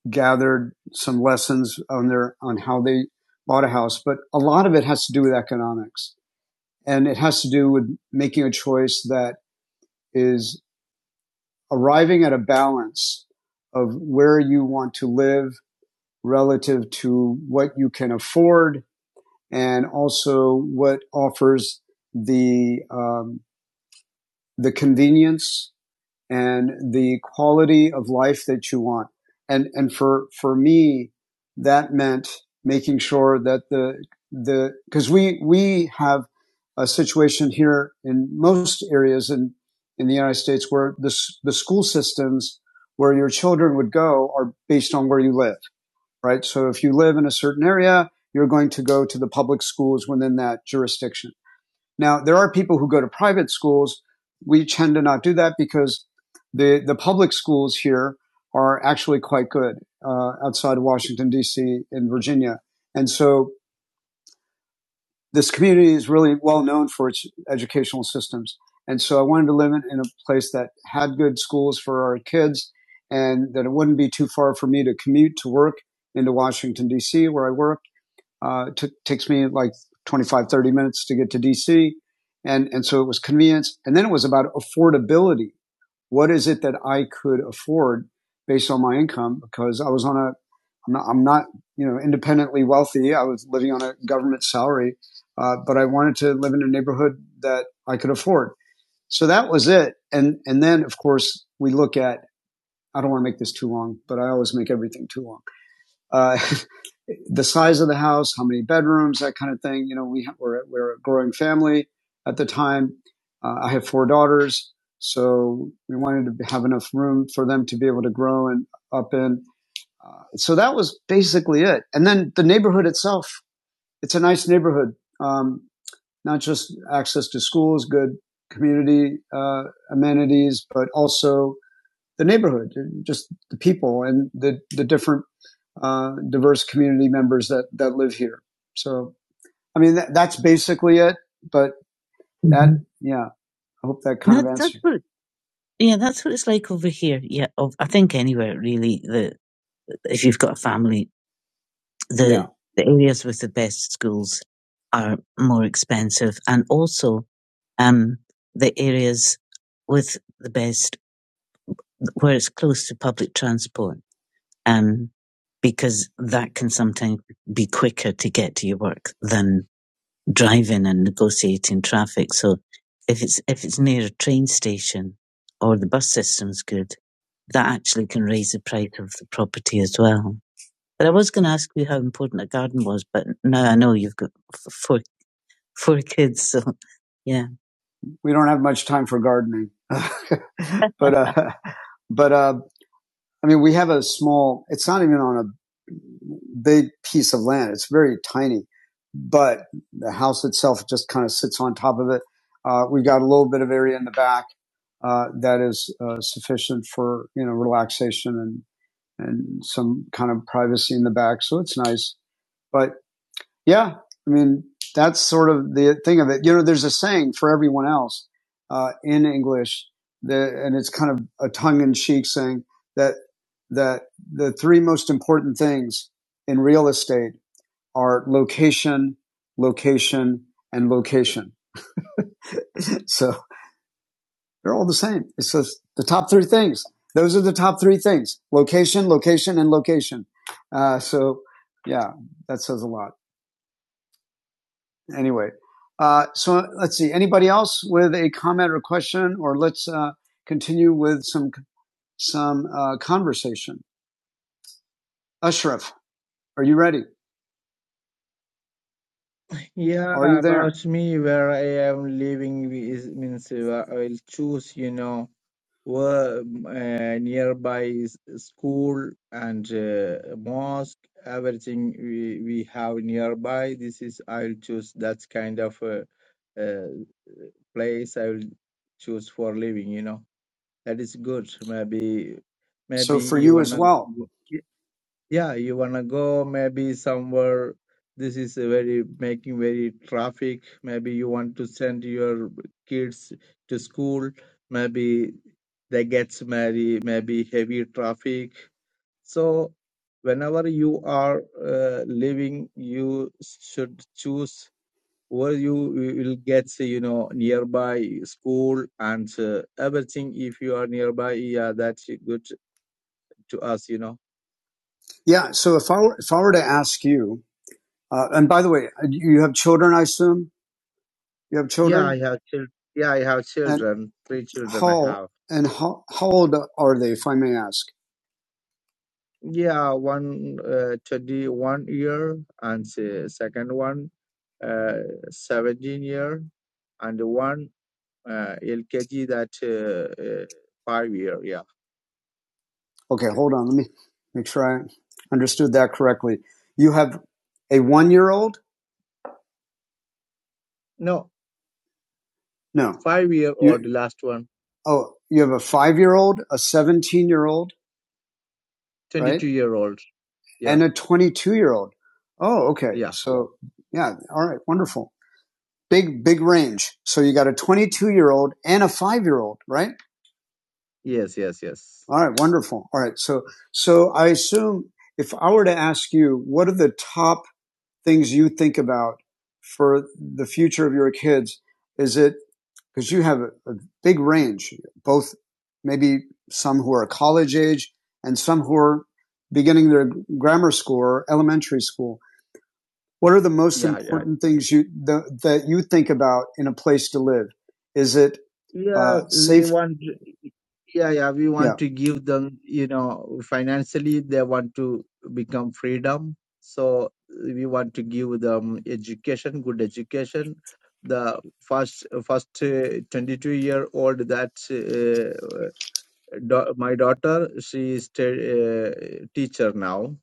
A: gathered some lessons on their on how they bought a house, but a lot of it has to do with economics, and it has to do with making a choice that is arriving at a balance of where you want to live relative to what you can afford, and also what offers the um, the convenience and the quality of life that you want. And, and for, for me, that meant making sure that the, the, cause we, we have a situation here in most areas in, in the United States where the, the school systems where your children would go are based on where you live, right? So if you live in a certain area, you're going to go to the public schools within that jurisdiction. Now, there are people who go to private schools. We tend to not do that because the, the public schools here are actually quite good uh, outside of Washington, D.C. and Virginia. And so this community is really well known for its educational systems. And so I wanted to live in, in a place that had good schools for our kids and that it wouldn't be too far for me to commute to work into Washington, D.C., where I work uh, it took takes me like 25, 30 minutes to get to DC. And, and so it was convenience. And then it was about affordability. What is it that I could afford based on my income? Because I was on a, I'm not, I'm not you know, independently wealthy. I was living on a government salary, uh, but I wanted to live in a neighborhood that I could afford. So that was it. And, and then of course we look at, I don't want to make this too long, but I always make everything too long uh, the size of the house, how many bedrooms, that kind of thing. You know, we ha- we're, we we're a growing family at the time. Uh, I have four daughters, so we wanted to have enough room for them to be able to grow and up in. Uh, so that was basically it. And then the neighborhood itself, it's a nice neighborhood. Um, not just access to schools, good community uh, amenities, but also the neighborhood, just the people and the, the different uh, diverse community members that, that live here. So, I mean, that, that's basically it. But Mhm. that, yeah, I hope that kind That, of answers. what, yeah, that's what it's like over here. Yeah, of, I think anywhere really. The if you've got a family, Yeah. the yeah. the areas with the best schools are more expensive, and also, um, the areas with the best where it's close to public transport. um, because that can sometimes be quicker to get to your work than driving and negotiating traffic. So if it's if it's near a train station or the bus system's good, that actually can raise the price of the property as well. But I was going to ask you how important a garden was, but now I know you've got four four kids, so yeah. we don't have much time for gardening but uh but uh I mean, we have a small, it's not even on a big piece of land. It's very tiny, but the house itself just kind of sits on top of it. Uh, we've got a little bit of area in the back, uh, that is, uh, sufficient for, you know, relaxation and, and some kind of privacy in the back. So it's nice. But yeah, I mean that's sort of the thing of it. You know, there's a saying for everyone else uh, in English, the, and it's kind of a tongue-in-cheek saying that that the three most important things in real estate are location, location, and location. So they're all the same. It's just the top three things. Those are the top three things: location, location, and location. Uh, so, yeah, that says a lot. anyway, uh, so let's see. Anybody else with a comment or question, or let's uh, continue with some some uh, conversation. Ashraf, are you ready?
B: Yeah,
A: Are you there?
B: about me, where I am living is means uh, I will choose, you know. were uh, nearby s- school and uh, mosque everything we, we have nearby this is i will choose that kind of uh, uh, place i will choose for living you know that is good maybe maybe
A: So for
B: you
A: you as
B: wanna
A: well.
B: go- yeah, you wanna go maybe somewhere. This is a very making very traffic. Maybe you want to send your kids to school. Maybe they gets married. Maybe heavy traffic. So whenever you are uh, living, you should choose where you will get you know nearby school and uh, everything. If you are nearby, yeah, that's good to us. You know.
A: Yeah. So if I were, if I were to ask you, uh, and by the way, uh, you have children, I assume you have
B: Yeah, I
A: children,
B: have children. Yeah, I have
A: and
B: children. Three children I
A: how
B: have.
A: and how how old are they, if I may ask?
B: Yeah, one uh, 21 year and se- second one uh, 17 year and one uh, LKG that uh, uh, five year. Yeah.
A: Okay, hold on. Let me make sure I understood that correctly. You have a one year old?
B: No,
A: No.
B: five year
A: You
B: old, The last one,
A: oh, you have a five year old, a 17 year old, right?
B: 22 year old. Yeah.
A: And a 22 year old. Oh, okay.
B: Yeah.
A: So yeah. All right. Wonderful. Big, big range. So you got a 22 year old and a five year old, right?
B: Yes, yes, yes.
A: All right. Wonderful. All right. So, so I assume if I were to ask you, what are the top things you think about for the future of your kids? Is it because you have a, big range, both maybe some who are college age and some who are beginning their grammar school or elementary school. What are the most
B: Yeah, yeah,
A: important things you the, that you think about in a place to live? Is it uh,
B: Yeah, we
A: safe?
B: want, yeah, yeah, we
A: Yeah.
B: want to give them, you know, financially, they want to become freedom. So we want to give them education, good education. The first, first uh, 22 year old that uh, da- my daughter, she is a uh, teacher now.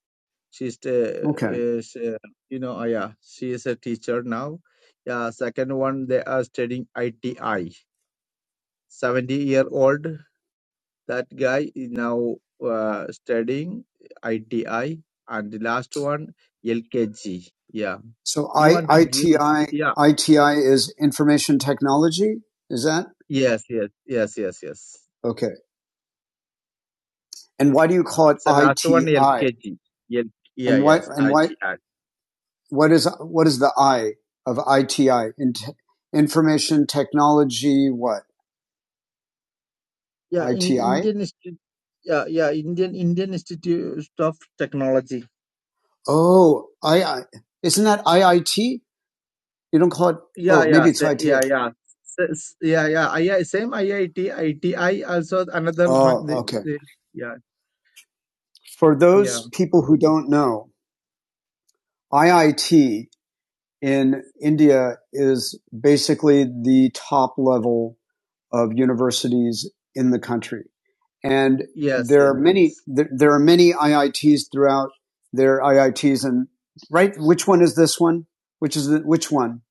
B: She's, uh,
A: Okay.
B: is, uh, you know, uh, yeah, she is a teacher now. Yeah, second one, they are studying ITI 70 year old that guy is now uh, studying ITI and the last one LKG yeah
A: So
B: you
A: I,
B: want to give
A: ITI
B: yeah
A: ITI is information technology. Is that
B: yes yes yes yes yes
A: okay? And why do you call it
B: so last one
A: ITI?
B: LKG L- yeah
A: And why
B: yes
A: and why
B: ITI
A: what is what is the I of ITI? In t- information technology, what
B: yeah in
A: ITI?
B: Indian Institute yeah yeah Indian Indian Institute of Technology
A: Oh, I, I isn't that IIT? You don't call it.
B: yeah
A: Oh,
B: yeah
A: maybe it's
B: sa-
A: ITI.
B: yeah yeah S- s- yeah yeah I, I- same IIT ITI also another
A: Oh,
B: fun- the,
A: okay.
B: the, yeah
A: For
B: yeah
A: those people who don't know, IIT in India is basically the top level of universities in the country. and
B: Yes,
A: there
B: yes,
A: are many
B: yes.
A: there, there are many IITs throughout. There are IITs and right. Which one is this one? Which is the, which one?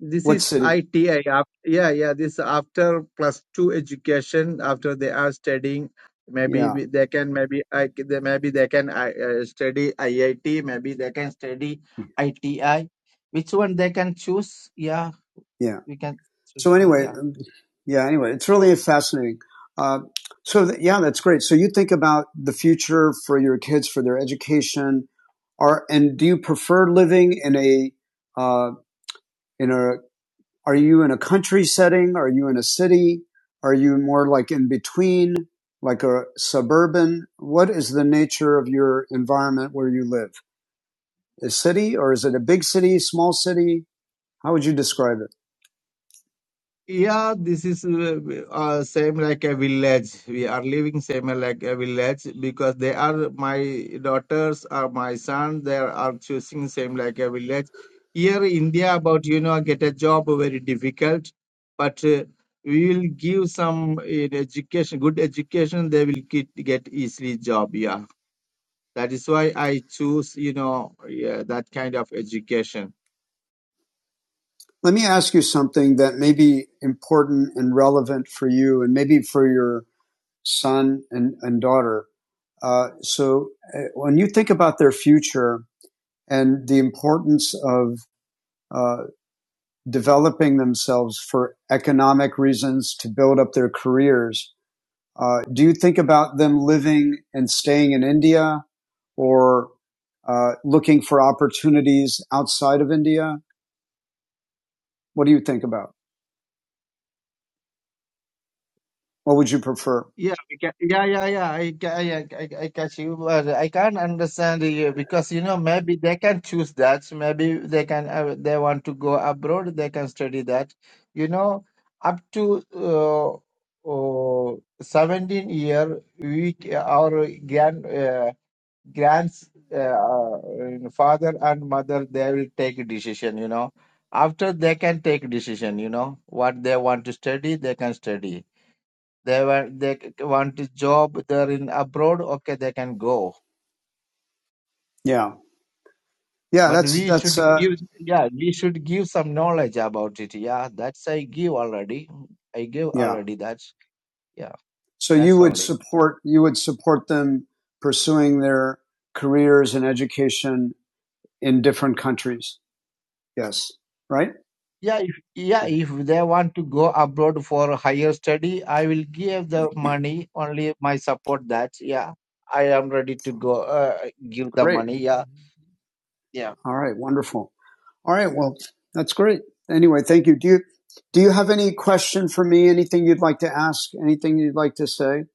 B: This
A: What
B: is
A: city?
B: ITI. After, yeah, yeah. This after plus two education. After they are studying, maybe
A: Yeah,
B: we- they can maybe I c- they maybe they can I- uh, study IIT. Maybe they can study ITI. Which one they can choose? Yeah,
A: yeah.
B: we can choose.
A: So
B: You know,
A: anyway,
B: yeah.
A: um, yeah. Anyway, it's really fascinating. Uh, so th- yeah, that's great. So you think about the future for your kids for their education. Are and do you prefer living in a uh, in a Are you in a country setting? Are you in a city? Are you more like in between, like a suburban? What is the nature of your environment where you live? A city or is it a big city, small city? How would you describe it?
B: Yeah, this is uh, uh, same like a village. We are living same like a village because they are my daughters or my son. They are choosing same like a village. Here India, about you know, get a job very difficult, but uh, we will give some uh, education, good education. They will get get easily job. Yeah, that is why I choose you know yeah, that kind of education.
A: Let me ask you something that may be important and relevant for you and maybe for your son and, and daughter. Uh, so uh, when you think about their future and the importance of uh, developing themselves for economic reasons to build up their careers. Uh, do you think about them living and staying in India or uh, looking for opportunities outside of India? What do you think about? What would you prefer?
B: Yeah, I ca- yeah, yeah, yeah. I, ca- I, I, I I catch you, but I can't understand you because you know maybe they can choose that. Maybe they can uh, they want to go abroad. They can study that. You know, up to uh, oh, seventeen year, we c- our grand uh, grands uh, uh, father and mother they will take a decision. You know, after they can take decision. You know what they want to study, they can study they want they want a job they're in abroad okay they can go
A: Yeah. Yeah,
B: but
A: that's,
B: we
A: that's,
B: should
A: uh,
B: give yeah we should give some knowledge about it yeah that's i give already i give
A: yeah.
B: already that's yeah
A: So you
B: that's
A: would
B: only
A: support, you would support them pursuing their careers and education in different countries. Yes. Right?
B: yeah if, yeah if they want to go abroad for higher study i will give the money only my support that yeah i am ready to go uh, give the
A: Great.
B: money yeah yeah
A: All right. Wonderful. All right. Well, that's great. Anyway, thank you. Do you do you have any question for me? Anything you'd like to ask? Anything you'd like to say?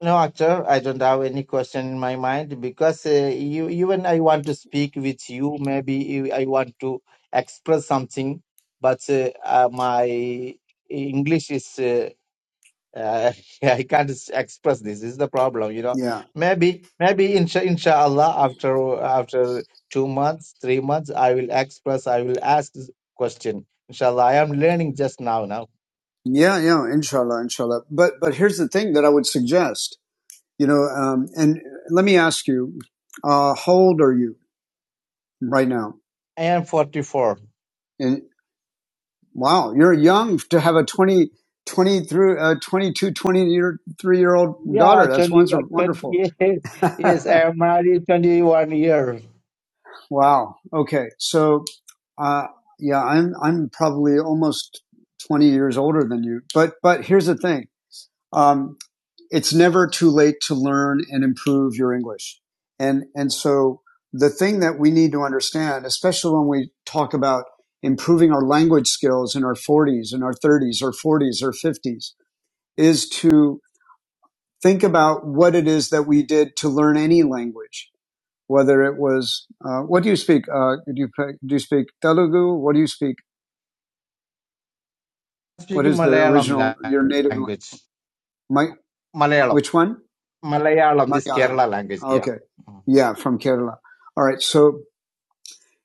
B: No, actor, I don't have any question in my mind because uh, you, even I want to speak with you, maybe you- I want to express something, but uh, uh, my English is uh, uh, I can't s- express this. This is the problem, you know.
A: Yeah.
B: Maybe, maybe insha inshallah after after two months, three months, I will express. I will ask this question. Inshallah, I am learning just now. Now
A: Yeah, yeah, inshallah, inshallah. But but here's the thing that I would suggest. You know, um, and let me ask you, uh, how old are you right now?
B: I am forty four.
A: And wow, you're young to have a twenty twenty 20 through uh, 22, 23 year old
B: Yeah,
A: daughter. That's
B: 21, 20,
A: wonderful.
B: yes, yes, I am married 21 years.
A: Wow. Okay. So, uh, yeah, I'm I'm probably almost 20 years older than you. But but here's the thing. Um, it's never too late to learn and improve your English. And and so the thing that we need to understand, especially when we talk about improving our language skills in our 40s and our 30s or 40s or 50s, is to think about what it is that we did to learn any language whether it was uh, what do you speak? Uh, do you do you speak Telugu? What do you speak? What
B: Speaking
A: is the
B: Malayalam
A: original your native? la-
B: language.
A: My
B: Malayalam.
A: which one?
B: Malayalam, this
A: Malayalam.
B: Kerala language, yeah.
A: Okay,
B: Mm.
A: yeah, from Kerala. All right, so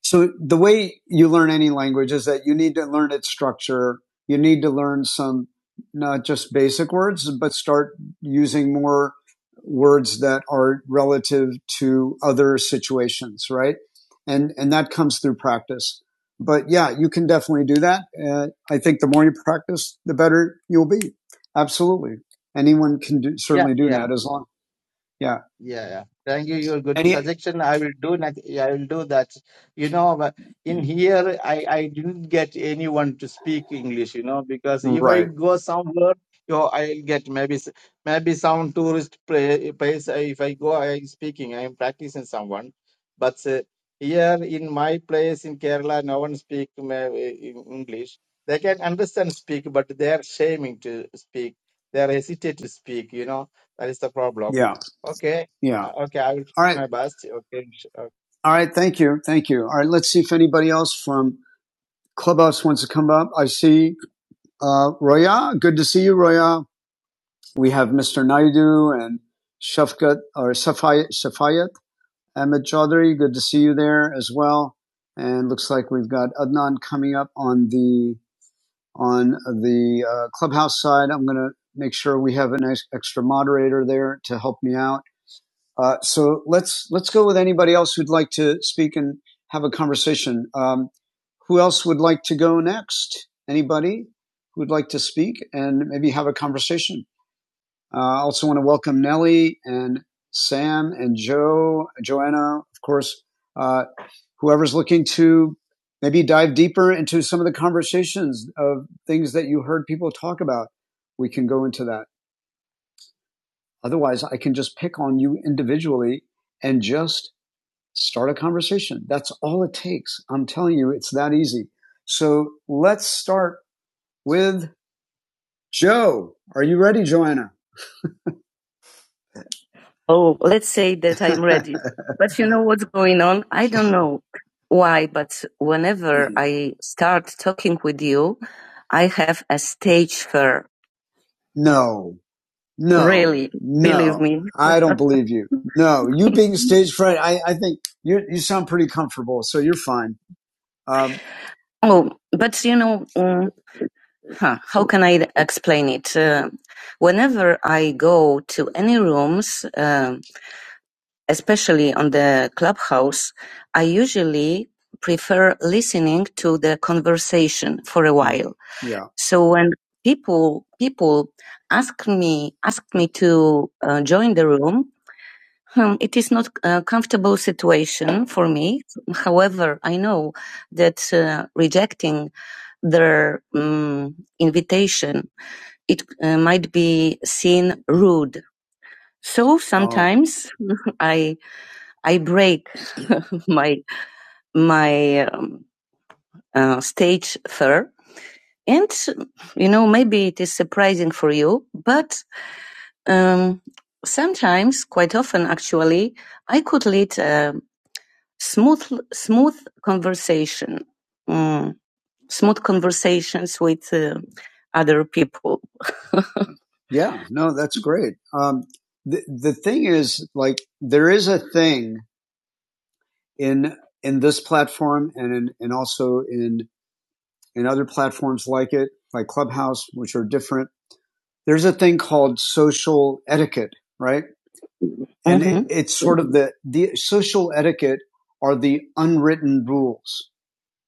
A: So the way you learn any language is that you need to learn its structure. You need to learn some, not just basic words, but start using more words that are relative to other situations, right? And, and that comes through practice. But yeah, you can definitely do that. Uh, I think the more you practice, the better you'll be. Absolutely. Anyone can do,
B: Yeah,
A: certainly do
B: yeah.
A: that as long. Yeah.
B: Yeah, yeah. Thank you. Your good
A: Any,
B: suggestion. I will do next. yeah, I will do that. You know, but in here, I I didn't get anyone to speak English. You know, because if I
A: right.
B: go somewhere, you know, I'll get maybe s- maybe some tourist pla- place. uh, If I go, I'm speaking. I'm practicing someone, but uh, here in my place in Kerala, no one speak ma- in English. They can understand speak, but they are shaming to speak. They are hesitate to speak. You know, that is the problem.
A: Yeah.
B: Okay
A: Yeah.
B: uh, Okay, I will
A: All
B: do
A: right.
B: my best. Okay, sh- uh,
A: All right, thank you, thank you. All right, let's see if anybody else from Clubhouse wants to come up. I see uh, Roya. Good to see you, Roya. We have Mr. Naidu and Shafkat or Safayat, Safayat Ahmed Chaudhry. Good to see you there as well. And looks like we've got Adnan coming up on the on the uh, Clubhouse side. I'm going to make sure we have an ex- extra moderator there to help me out Uh, so let's let's go with anybody else who'd like to speak and have a conversation. Um, who else would like to go next? Anybody who would like to speak and maybe have a conversation? Uh, I also want to welcome Nellie and Sam and Joe, Joanna, of course. Uh, whoever's looking to maybe dive deeper into some of the conversations of things that you heard people talk about, we can go into that. Otherwise, I can just pick on you individually and just Start a conversation. That's all it takes. I'm telling you, it's that easy. So let's start with Joe. Are you ready, Joanna? Oh, let's say that I'm ready. But you know what's going on? I don't know why, but whenever I start talking with you, I have a stage fear. No, no, Really, No. believe no. me. I don't believe you. No, you being stage fright, I, I think you you sound pretty comfortable, so you're fine. Um, Oh, but you know, mm, huh, how can I explain it? Uh, whenever I go to any rooms, um especially on the clubhouse, I usually prefer listening to the conversation for a while. Yeah. So when people people ask me ask me to uh, join the room, hmm, it is not a comfortable situation for me. However, I know that uh, rejecting their um, invitation, it uh, might be seen rude. So Oh, sometimes I I break my my um, uh, stage fur, and you know maybe it is surprising for you, but um, sometimes, quite often actually, I could lead a smooth smooth conversation, mm, smooth conversations with uh, other people Yeah, no, that's great. Um, the the thing is, like, there is a thing in in this platform and in, and also in in other platforms like it, like Clubhouse, which are different. There's a thing called social etiquette, right? And mm-hmm. it, hmm it's sort of the the social etiquette are the unwritten rules.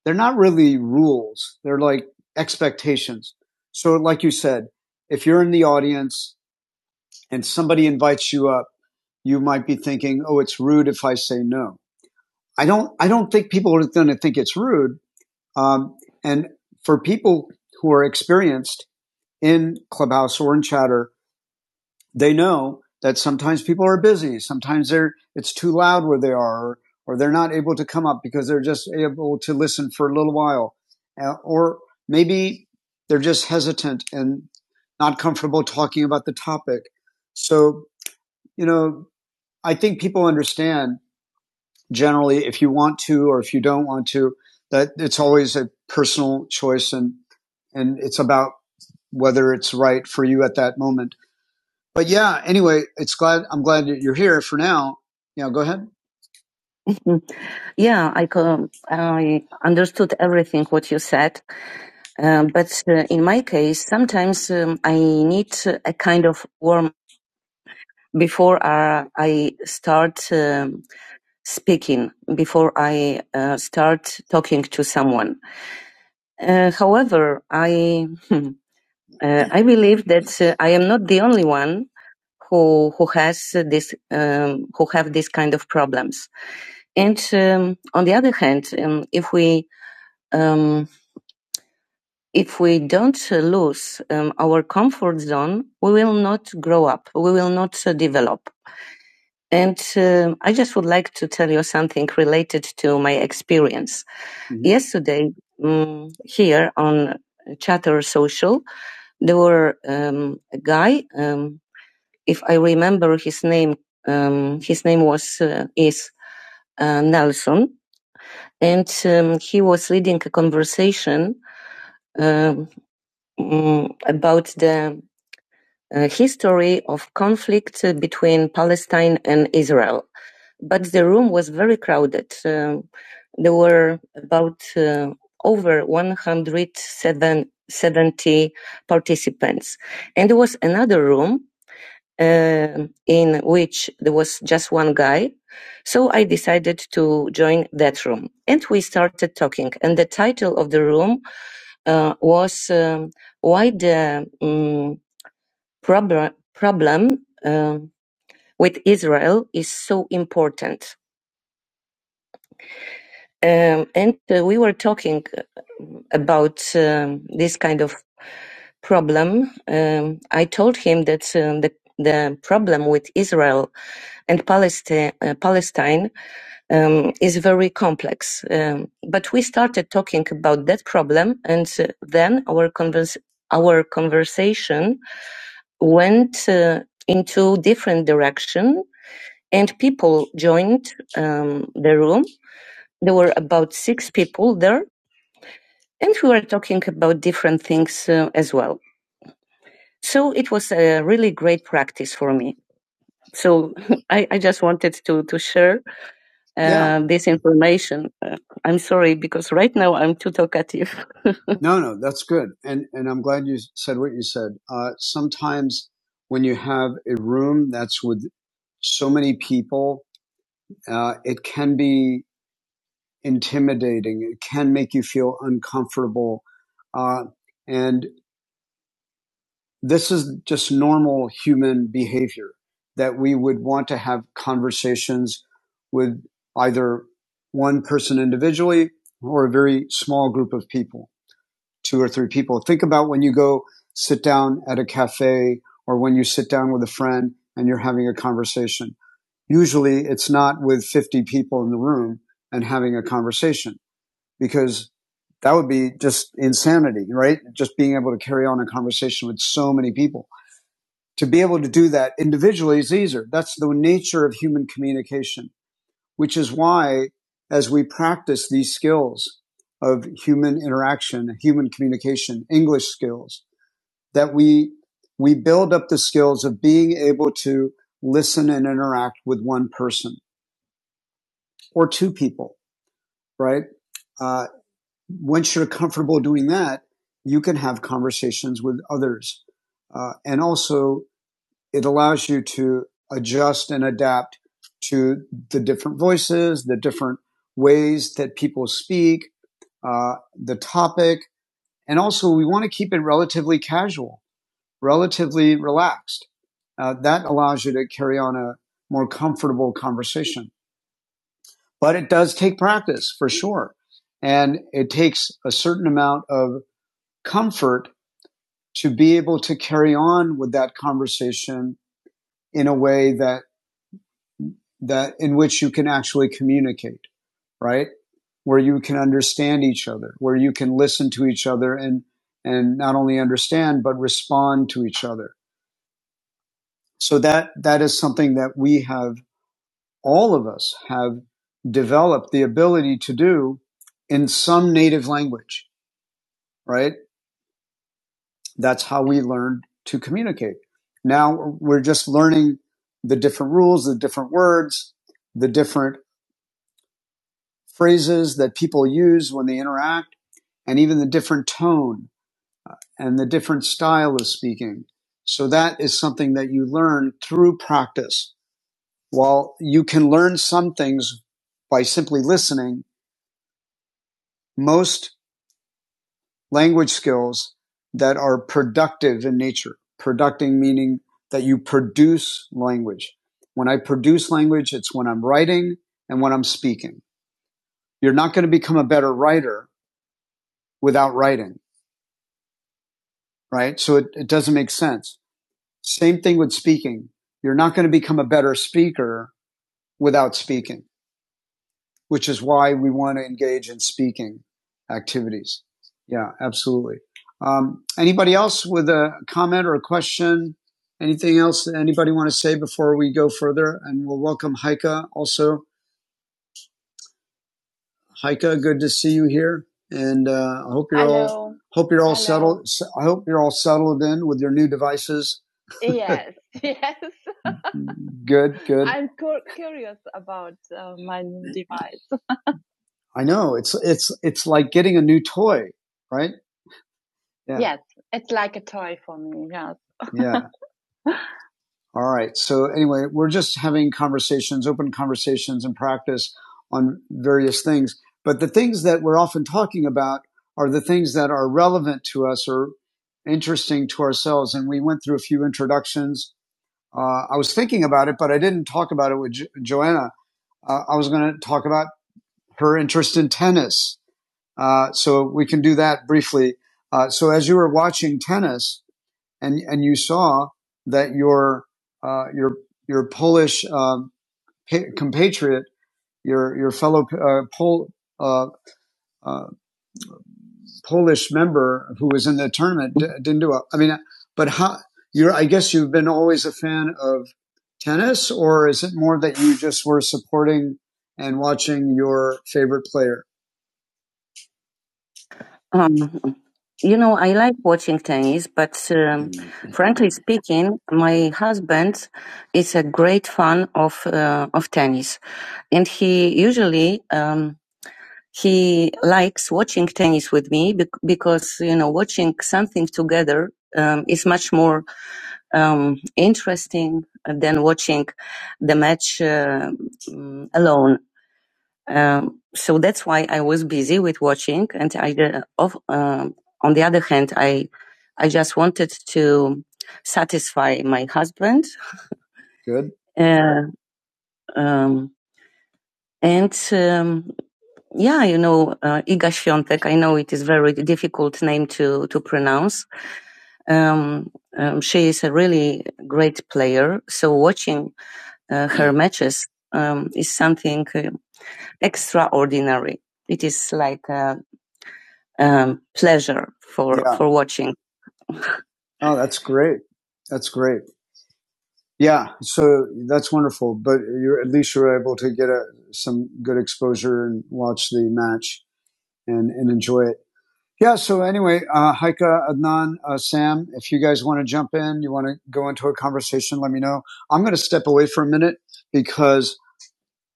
A: They're not really rules. They're like expectations. So, like you said, if you're in the audience and somebody invites you up, you might be thinking, "Oh, it's rude if I say no." I don't. I don't think people are going to think it's rude. Um, and for people who are experienced in Clubhouse or in Chatter, they know that sometimes people are busy. Sometimes they're it's too loud where they are, or, or they're not able to come up because they're just able to listen for a little while, uh, or maybe they're just hesitant and not comfortable talking about the topic. So you know, I think people understand generally if you want to or if you don't want to that it's always a personal choice and and it's about whether it's right for you at that moment. But yeah, anyway, it's glad I'm glad that you're here for now. Yeah, go ahead. Mm. Yeah, I I understood everything what you said. Um, but uh, in my case, sometimes um, I need uh, a kind of warm before uh, I start. um speaking before I uh, start talking to someone. Uh, however, I hmm, uh, I believe that uh, I am not the only one who who has this um, who have this kind of problems. And um, on the other hand, um, if we um, if we don't uh, lose um, our comfort zone, we will not grow up. We will not uh, develop. And um I just would like to tell you something related to my experience. hmm Yesterday, um, here on Chatter Social, there were um, a guy. Um, if I remember his name, um, his name was uh, is uh, Nelson, and um, he was leading a conversation uh, um, mm, about the uh, history of conflict uh, between Palestine and Israel but the room was very crowded. Um, there were about uh, over 170 participants. And there was another room uh, in which there was just one guy. So I decided to join that room. And we started talking. And the title of the room uh, was um, Why the um, prob- Problem uh, with Israel is So Important Um, and uh, we were talking uh, about um, this kind of problem. Um, I told him that um, the the problem with Israel and Palestine, uh, Palestine um, is very complex. Um, but we started talking about that problem, and uh, then our convers- our conversation went uh, into different direction, and people joined um, the room there were about six people there, and we were talking about different things uh, as well. So it was a really great practice for me. So I, I just wanted to, to share uh, Yeah. this information. Uh, I'm sorry because right now I'm too talkative. No, no, that's good. And, and I'm glad you said what you said. Uh, sometimes when you have a room that's with so many people, uh, it can be intimidating. It can make you feel uncomfortable. Uh, and this is just normal human behavior that we would want to have conversations with either one person individually or a very small group of people, two or three people. Think about when you go sit down at a cafe or when you sit down with a friend and you're having a conversation. Usually it's not with 50 people in the room and having a conversation because that would be just insanity, right? Just being able to carry on a conversation with so many people. To be able to do that individually is easier. That's the nature of human communication, which is why as we practice these skills of human interaction, human communication, English skills, that we, we build up the skills of being able to listen and interact with one person or two people, right? Uh, once you're comfortable doing that, you can have conversations with others. Uh, and also, it allows you to adjust and adapt to the different voices, the different ways that people speak, uh, the topic. And also, we want to keep it relatively casual, relatively relaxed. Uh, that allows you to carry on a more comfortable conversation. But it does take practice for sure. And it takes a certain amount of comfort to be able to carry on with that conversation in a way that that in which you can actually communicate right where you can understand each other where you can listen to each other and and not only understand but respond to each other so that that is something that we have all of us have developed the ability to do in some native language right That's how we learned to communicate. Now we're just learning the different rules, the different words, the different phrases that people use when they interact, and even the different tone and the different style of speaking. So that is something that you learn through practice. While you can learn some things by simply listening, most language skills that are productive in nature. Producting meaning that you produce language. When I produce language, it's when I'm writing and when I'm speaking. You're not going to become a better writer without writing, right? So it, it doesn't make sense. Same thing with speaking. You're not going to become a better speaker without speaking. which is why we want to engage in speaking activities. Yeah, absolutely. Um, anybody else with a comment or a question? Anything else that anybody want to say before we go further? And we'll welcome Heike also. Heike, good to see you here, and uh, I hope you're Hello. all hope you're all Hello. settled. I hope you're all settled in with your new devices. Yes, yes. Good, good. I'm cur- curious about uh, my new device. I know it's it's it's like getting a new toy, right? Yeah. Yes, it's like a toy for me. Yes. yeah. All right. So anyway, we're just having conversations, open conversations and practice on various things. But the things that we're often talking about are the things that are relevant to us or interesting to ourselves. And we went through a few introductions. Uh, I was thinking about it, but I didn't talk about it with jo- Joanna. Uh, I was going to talk about her interest in tennis Uh, so we can do that briefly. Uh, so as you were watching tennis and and you saw that your uh, your your Polish um, compatriot, your your fellow uh, Pol uh, uh, Polish member who was in the tournament d- didn't do well. I mean, but how you're? I guess you've been always a fan of tennis, or is it more that you just were supporting and watching your favorite player? Um, you know, I like watching tennis, but um, frankly speaking, my husband is a great fan of uh, of tennis, and he usually um, he likes watching tennis with me bec- because you know watching something together um, is much more um, interesting than watching the match uh, mm, alone. Um, so that's why I was busy with watching, and I uh, of, um, on the other hand, I I just wanted to satisfy my husband, Good. uh, um, and um, yeah, you know, uh, Iga Świątek. I know it is very difficult name to to pronounce. Um, um, she is a really great player. So watching uh, her matches um, is something uh, extraordinary. It is like. uh, um, pleasure for Yeah. for watching. Oh, that's great. That's great. Yeah. So that's wonderful. But you're at least you're able to get a, some good exposure and watch the match and, and enjoy it. Yeah. So anyway, uh, Heike, Adnan, uh, Sam, if you guys want to jump in, you want to go into a conversation, let me know. I'm going to step away for a minute because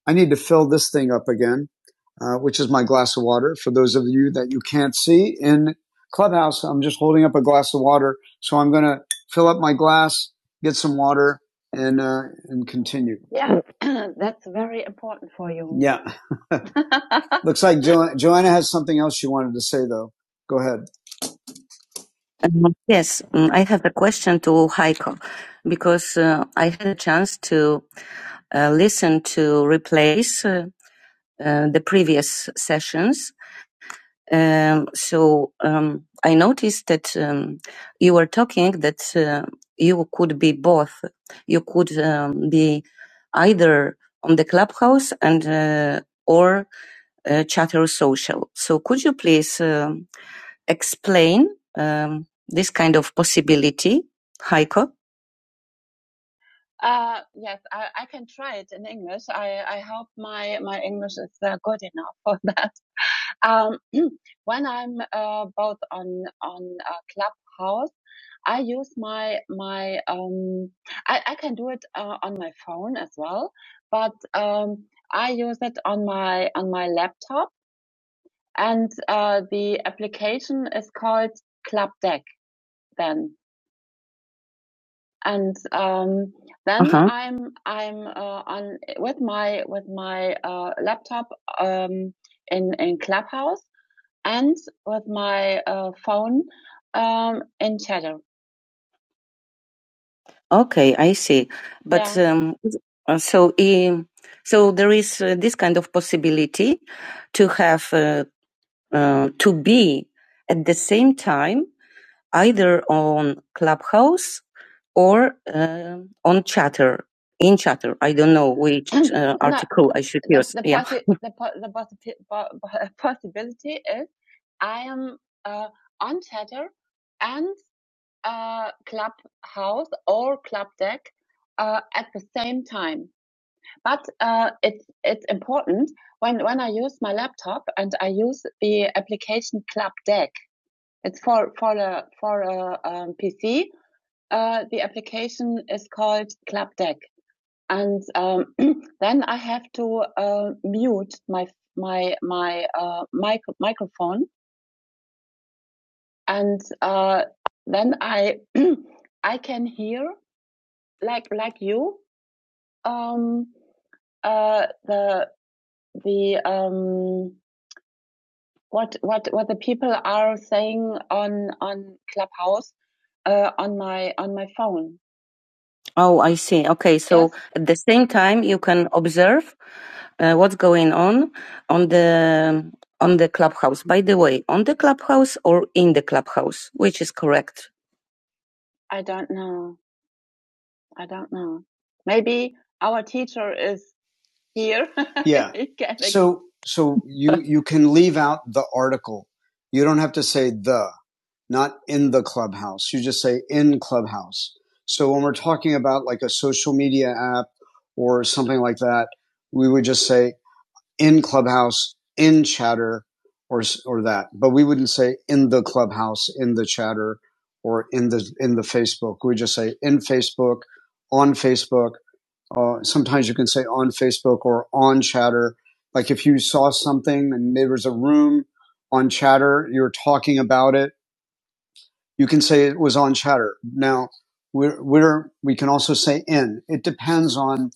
A: I need to fill this thing up again, uh, which is my glass of water. For those of you that you can't see in Clubhouse, I'm just holding up a glass of water. So I'm going to fill up my glass, get some water, and uh, and continue. Yeah, that's very important for you. Yeah. Looks like jo- Joanna has something else she wanted to say, though. Go ahead. Um, Yes, mm, I have a question to Heiko because uh, I had a chance to uh, listen to replays uh, uh, the previous sessions. Um, so um, I noticed that um, you were talking that uh, you could be both. You could um, be either on the clubhouse and uh, or uh, chatter social. So could you please um explain um, this kind of possibility, Heiko? Uh, yes, I, I can try it in English. I, I hope my, my English is uh, good enough for that. Um, when I'm uh, both on on uh, Clubhouse, I use my my um, I, I can do it uh, on my phone as well, but um, I use it on my on my laptop, and uh, the application is called Club Deck. Then and um, then Uh-huh. I'm I'm uh, on with my with my uh, laptop um, in in Clubhouse and with my uh, phone um, in Shadow. Okay, I see. But Yeah, um, uh, so um, so there is uh, this kind of possibility to have uh, uh, to be at the same time either on Clubhouse or uh, on Chatter. In Chatter, I don't know which uh, No, article no, I should the use. the Yeah. possi the po the possi po po- possibility is I am uh, on Chatter and uh, Clubhouse or Club Deck uh, at the same time. But uh, it's it's important when when I use my laptop and I use the application Club Deck. It's for for a for a um, PC. Uh, the application is called Club Deck, and um, then I have to uh, mute my my my uh, mic- microphone, and uh, then I I can hear like like you um, uh, the the um, what what what the people are saying on on Clubhouse uh, on my on my phone. Oh, I see. Okay, Yeah. so at the same time, you can observe uh, what's going on on the on the clubhouse. By the way, on the clubhouse or in the clubhouse, which is correct? I don't know. I don't know. Maybe our teacher is here. Yeah. he can ex- So so you you can leave out the article. You don't have to say the not in the clubhouse. You just say in clubhouse. So when we're talking about like a social media app or something like that, we would just say in clubhouse, in chatter, or or that. But we wouldn't say in the clubhouse, in the chatter, or in the in the Facebook. We just say in Facebook, on Facebook. Uh, sometimes you can say on Facebook or on chatter. Like if you saw something and there was a room on chatter, you're talking about it you can say it was on chatter. Now, we're, we're, we can also say in. It depends on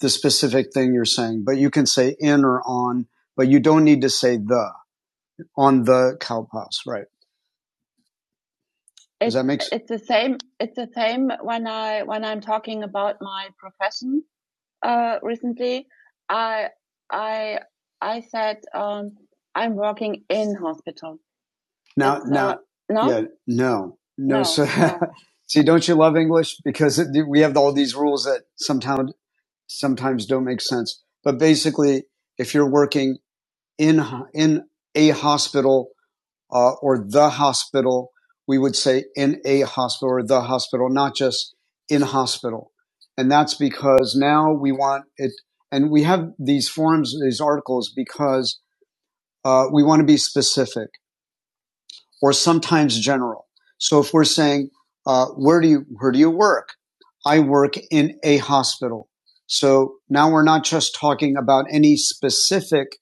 A: the specific thing you're saying, but you can say in or on, but you don't need to say the on the cowpox, right? Does It's that make sense? it's the same. It's the same when I when I'm talking about my profession. Uh, recently, I I I said um, I'm working in hospital. Now, now, uh, no? yeah, no, no. No, So, no. see, don't you love English? Because it, we have all these rules that sometimes sometimes don't make sense. But basically, if you're working in in a hospital uh, or the hospital, we would say in a hospital or the hospital, not just in hospital. And that's because now we want it, and we have these forums, these articles, because uh, we want to be specific or sometimes general. So if we're saying, uh, where do you, where do you work? I work in a hospital. So now we're not just talking about any specific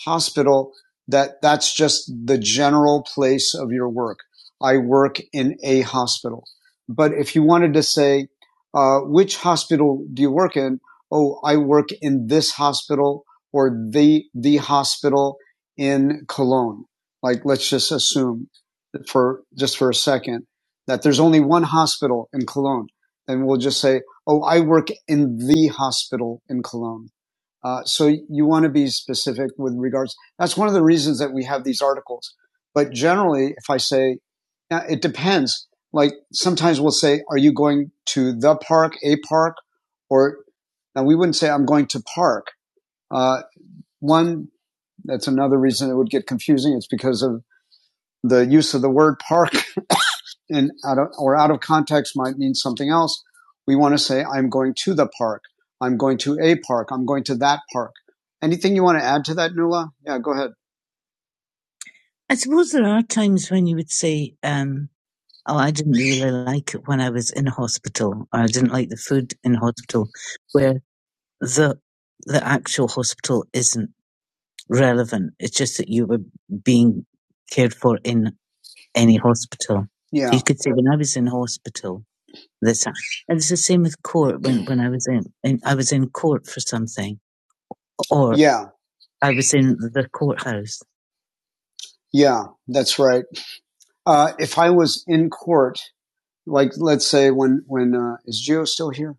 A: hospital that that's just the general place of your work. I work in a hospital. But if you wanted to say, uh, which hospital do you work in? Oh, I work in this hospital or the, the hospital in Cologne. Like, let's just assume for just for a second that there's only one hospital in Cologne, and we'll just say, "Oh, I work in the hospital in Cologne." Uh, so you want to be specific with regards. That's one of the reasons that we have these articles. But generally, if I say, now it depends. Like sometimes we'll say, "Are you going to the park, a park, or?" Now we wouldn't say, "I'm going to park." Uh, one that's another reason it would get confusing. It's because of the use of the word park and out of, or out of context might mean something else. We want to say, I'm going to the park. I'm going to a park. I'm going to that park. Anything you want to add to that, Nuala? Yeah, go ahead. I suppose there are times when you would say, um, oh, I didn't really like it when I was in hospital, or I didn't like the food in hospital, where the the actual hospital isn't relevant. It's just that you were being cared for in any hospital. So Yeah. you could say, when I was in hospital, the time. And it's the same with court. When when I was in, in I was in court for something, or Yeah, I was in the courthouse. yeah, that's right. Uh, if I was in court, like let's say when when uh, is Gio still here?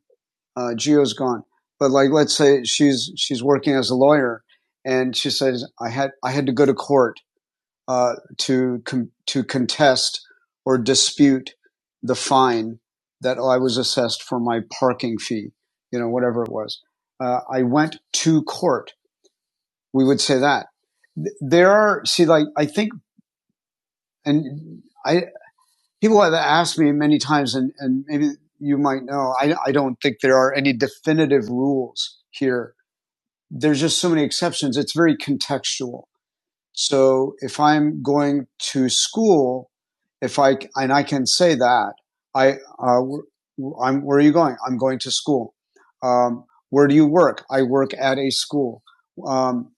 A: Uh, Gio's gone, but like let's say she's she's working as a lawyer, and she says I had I had to go to court, uh, to com- to contest or dispute the fine that I was assessed for my parking fee, you know, whatever it was. Uh, I went to court. We would say that there are see like I think and I people have asked me many times and and maybe you might know I I don't think there are any definitive rules here. There's just so many exceptions. It's very contextual. So if I'm going to school If I and I can say that I uh, I'm where are you going? I'm going to school. Um, where do you work? I work at a school. Um,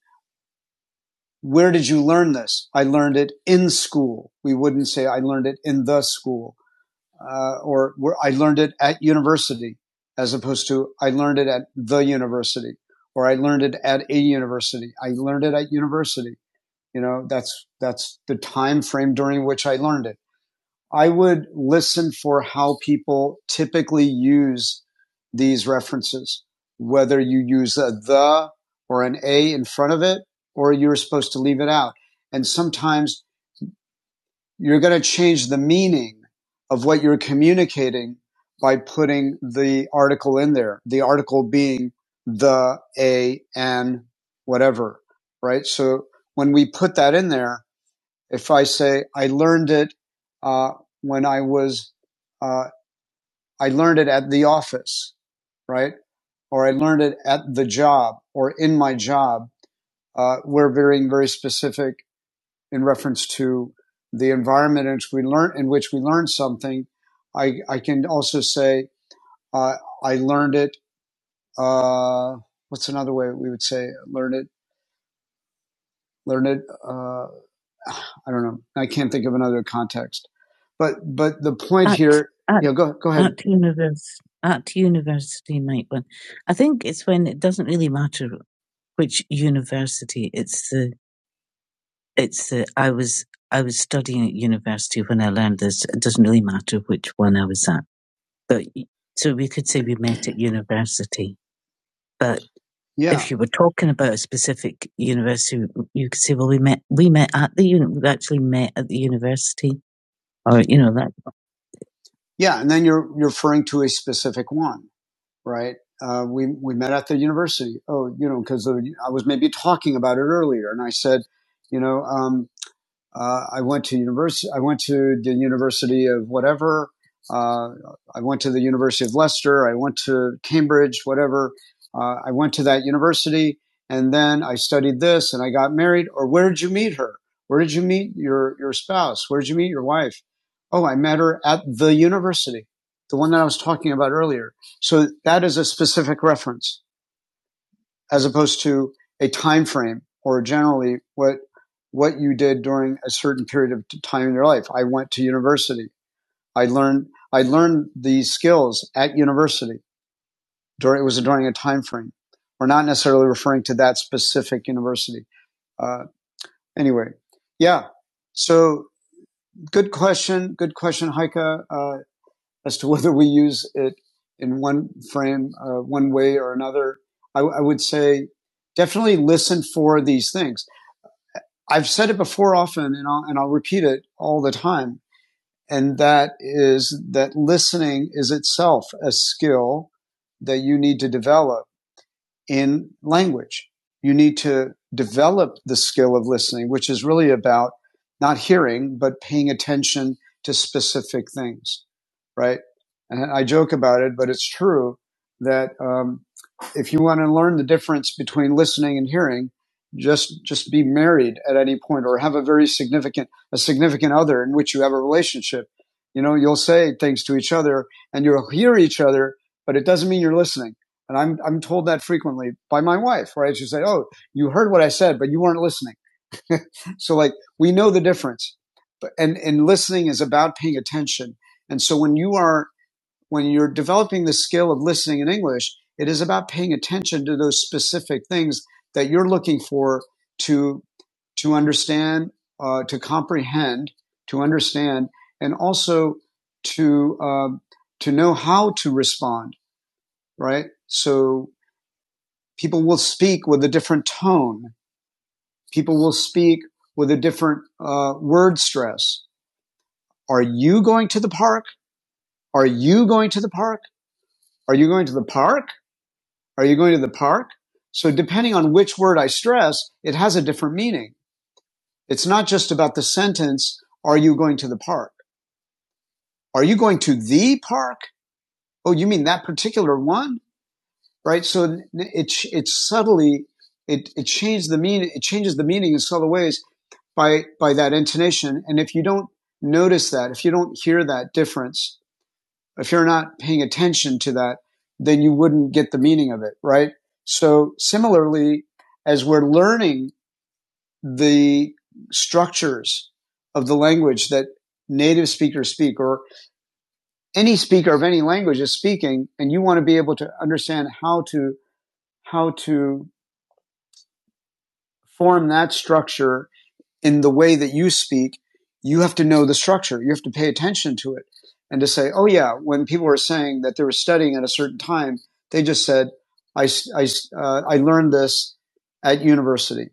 A: where did you learn this? I learned it in school. We wouldn't say I learned it in the school uh, or where I learned it at university as opposed to I learned it at the university or I learned it at a university. I learned it at university. You know, that's that's the time frame during which I learned it. I would listen for how people typically use these references, whether you use a the or an a in front of it, or you're supposed to leave it out. And sometimes you're going to change the meaning of what you're communicating by putting the article in there, the article being the, a, and whatever, right? So when we put that in there, if I say I learned it uh, when I was, uh, I learned it at the office, right? Or I learned it at the job or in my job, uh, we're being very specific in reference to the environment in which we learn, in which we learn something. I, I can also say, uh, I learned it, uh, what's another way we would say learn it? Learn it, uh, I don't know. I can't think of another context. But but the point At, here, at, you go go ahead. at univers at university might one. I think it's when it doesn't really matter which university. It's the it's the I was I was studying at university when I learned this. It doesn't really matter which one I was at. But so we could say we met at university. But Yeah, if you were talking about a specific university, you could say, well, we met we met at the uni- we actually met at the university. Uh, you know that. Yeah, and then you're you're referring to a specific one, right? Uh, we we met at the university. Oh, you know, because I was maybe talking about it earlier, and I said, you know. um, uh, I went to university. I went to the University of whatever. Uh, I went to the University of Leicester. I went to Cambridge. Whatever. Uh, I went to that university, and then I studied this, and I got married. Or where did you meet her? Where did you meet your your spouse? Where did you meet your wife? Oh, I met her at the university, the one that I was talking about earlier. So that is a specific reference as opposed to a time frame or generally what what you did during a certain period of time in your life. I went to university. I learned I learned these skills at university. During it was during a time frame. We're not necessarily referring to that specific university. Uh, anyway, yeah. So good question. Good question, Heike, uh, as to whether we use it in one frame, uh, one way or another. I, I would say definitely listen for these things. I've said it before often and I'll, and I'll repeat it all the time. And that is that listening is itself a skill that you need to develop in language. You need to develop the skill of listening, which is really about not hearing, but paying attention to specific things, right? And I joke about it, but it's true that um, if you want to learn the difference between listening and hearing, just just be married at any point or have a very significant a significant other in which you have a relationship. You know, you'll say things to each other and you'll hear each other, but it doesn't mean you're listening. And I'm, I'm told that frequently by my wife, right? She'll say, Oh, you heard what I said, but you weren't listening. so like we know the difference. But, and, and listening is about paying attention. And so when you are, when you're developing the skill of listening in English, it is about paying attention to those specific things that you're looking for to, to understand, uh, to comprehend, to understand, and also to, um, to know how to respond, right? So people will speak with a different tone. People will speak with a different uh, word stress. Are you going to the park? Are you going to the park? Are you going to the park? Are you going to the park? So depending on which word I stress, it has a different meaning. It's not just about the sentence, are you going to the park? Are you going to the park? Oh, you mean that particular one? Right? So it, it subtly, it, it changes the meaning, it changes the meaning in subtle ways by by that intonation. And if you don't notice that, if you don't hear that difference, if you're not paying attention to that, then you wouldn't get the meaning of it, right? So similarly, as we're learning the structures of the language that native speakers speak or any speaker of any language is speaking and you want to be able to understand how to how to form that structure in the way that you speak, you have to know the structure. You have to pay attention to it and to say, oh yeah, when people were saying that they were studying at a certain time, they just said, "I I, uh, I learned this at university.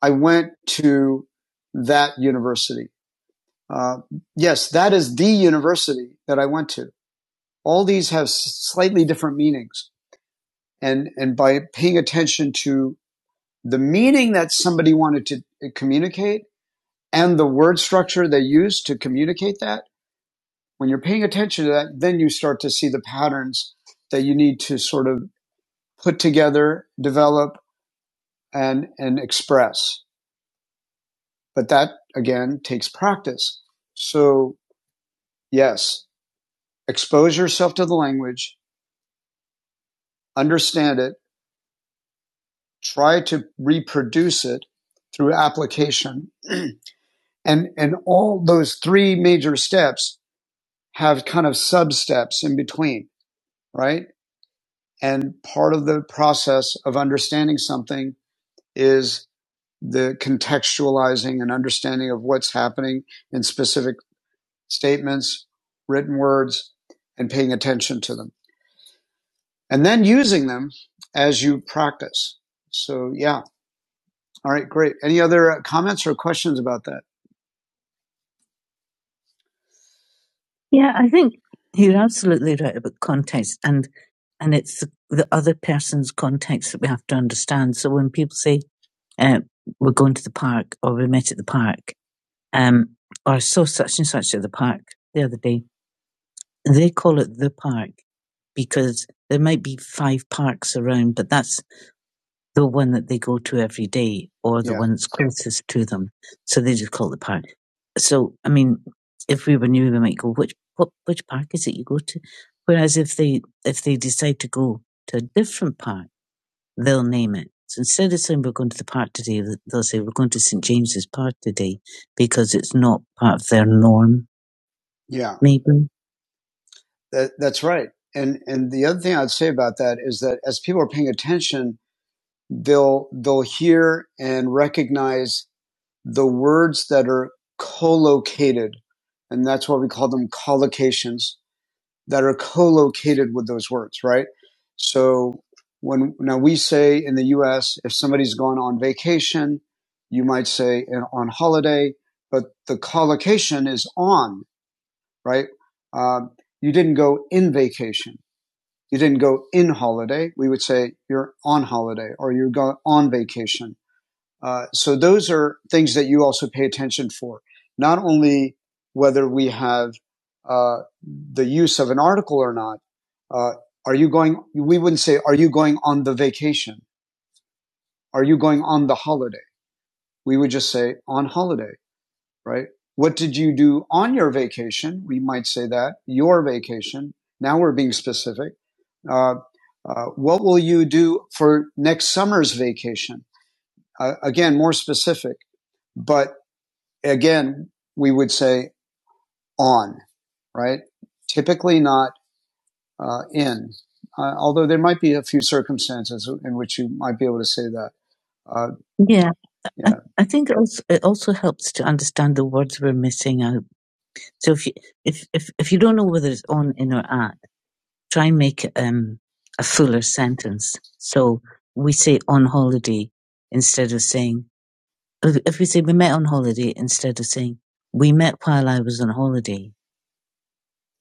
A: I went to that university. Uh, yes, that is the university that I went to. All these have slightly different meanings. And, and by paying attention to the meaning that somebody wanted to uh, communicate, and the word structure they use to communicate that when you're paying attention to that then you start to see the patterns that you need to sort of put together develop and and express but that again takes practice so yes expose yourself to the language understand it try to reproduce it through application and and all those three major steps have kind of sub steps in between right And part of the process of understanding something is the contextualizing and understanding of what's happening in specific statements, written words, and paying attention to them. And then using them as you practice. So yeah. All right. Great. Any other uh, comments or questions about that? Yeah, I think you're absolutely right about context, and and it's the, the other person's context that we have to understand. So when people say uh, we're going to the park or we met at the park, um, or I saw such and such at the park the other day, they call it the park because there might be five parks around, but that's the one that they go to every day or the Yeah. one that's closest to them. So they just call it the park. So, I mean, if we were new, we might go, which, what, which park is it you go to? Whereas if they, if they decide to go to a different park, they'll name it. So instead of saying we're going to the park today, they'll say we're going to St. James's Park today because it's not part of their norm, Yeah. maybe. That, that's right. And and the other thing I'd say about that is that as people are paying attention they'll they'll hear and recognize the words that are collocated and that's why we call them collocations that are collocated with those words right so when now we say in the US if somebody's gone on vacation you might say on holiday but the collocation is on right Um you didn't go in vacation you didn't go in holiday we would say you're on holiday or you go on vacation uh, so those are things that you also pay attention for. Not only whether we have uh, the use of an article or not. Uh, are you going? We wouldn't say, "Are you going on the vacation? Are you going on the holiday?" We would just say, "On holiday," right? What did you do on your vacation? We might say that your vacation. Now we're being specific. Uh, uh, what will you do for next summer's vacation? Uh, again, more specific. But again, we would say on, right? Typically not uh, in, uh, although there might be a few circumstances in which you might be able to say that. Uh, Yeah, I, yeah, I I think it also, it also helps to understand the words we're missing out. So if you if if if you don't know whether it's on, in, or at, try and make um a fuller sentence. So we say on holiday instead of saying if we say we met on holiday instead of saying we met while I was on holiday.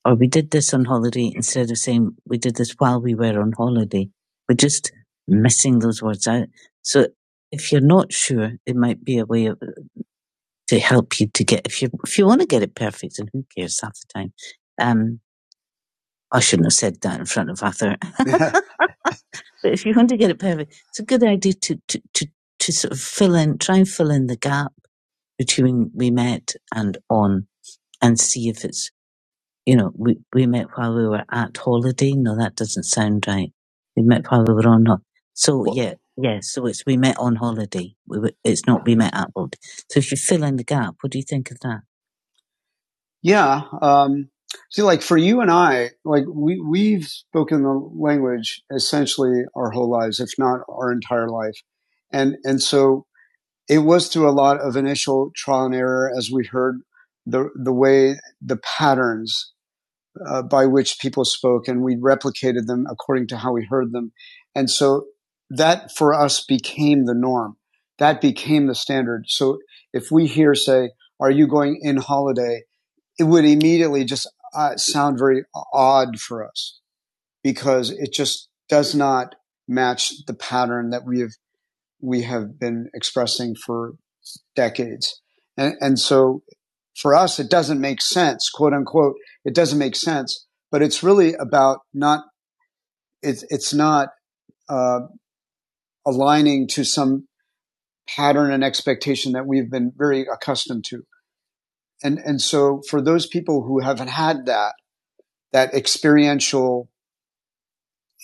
A: or we did this on holiday instead of saying we did this while we were on holiday. We're just missing those words out. So if you're not sure, it might be a way of- to help you to get, if you, if you want to get it perfect and who cares half the time. Um, I shouldn't have said that in front of Arthur. but if you want to get it perfect, it's a good idea to, to, to, to sort of fill in, try and fill in the gap between we met and on and see if it's you know, we, we met while we were at holiday. No, that doesn't sound right. We met while we were on holiday. So Well, yeah, yeah. So it's we met on holiday. We were, it's not we met at holiday. So if you fill in the gap, what do you think of that? yeah. Um, see, like for you and I, like we we've spoken the language essentially our whole lives, if not our entire life, and and so it was through a lot of initial trial and error as we heard the the way the patterns uh, by which people spoke, and we replicated them according to how we heard them. And so that for us became the norm. That became the standard. So if we hear, say, are you going in holiday? It would immediately just uh, sound very odd for us because it just does not match the pattern that we have we have been expressing for decades. And, and so for us, it doesn't make sense, quote unquote. It doesn't make sense, but it's really about not, it's, it's not uh, aligning to some pattern and expectation that we've been very accustomed to. And, and so for those people who haven't had that, that experiential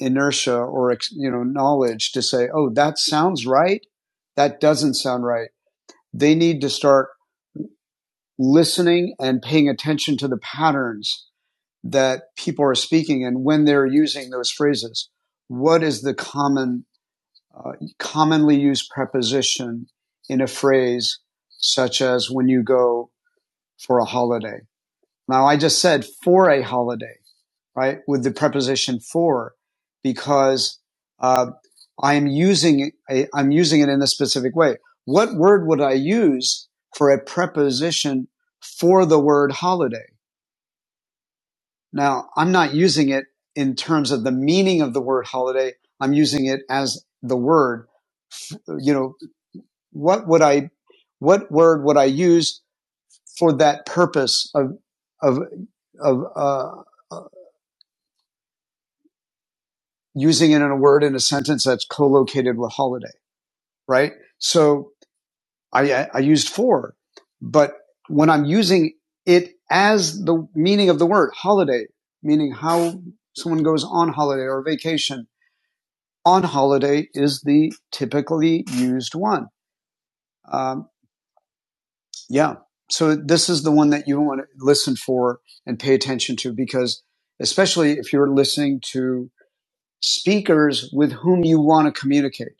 A: inertia or, you know, knowledge to say, oh, that sounds right. That doesn't sound right. They need to start listening and paying attention to the patterns that people are speaking and when they're using those phrases. What is the common, uh, commonly used preposition in a phrase, such as when you go for a holiday? Now, I just said for a holiday, right, with the preposition for, because uh, I'm using a, I'm using it in a specific way. What word would I use for a preposition for the word holiday? Now, I'm not using it in terms of the meaning of the word holiday. I'm using it as the word. You know, what would I, what word would I use for that purpose of of of uh, using it in a word in a sentence that's co-located with holiday, right? So I, I used for, but when I'm using it as the meaning of the word holiday, meaning how someone goes on holiday or vacation, on holiday is the typically used one. Um, yeah. So this is the one that you want to listen for and pay attention to because especially if you're listening to speakers with whom you want to communicate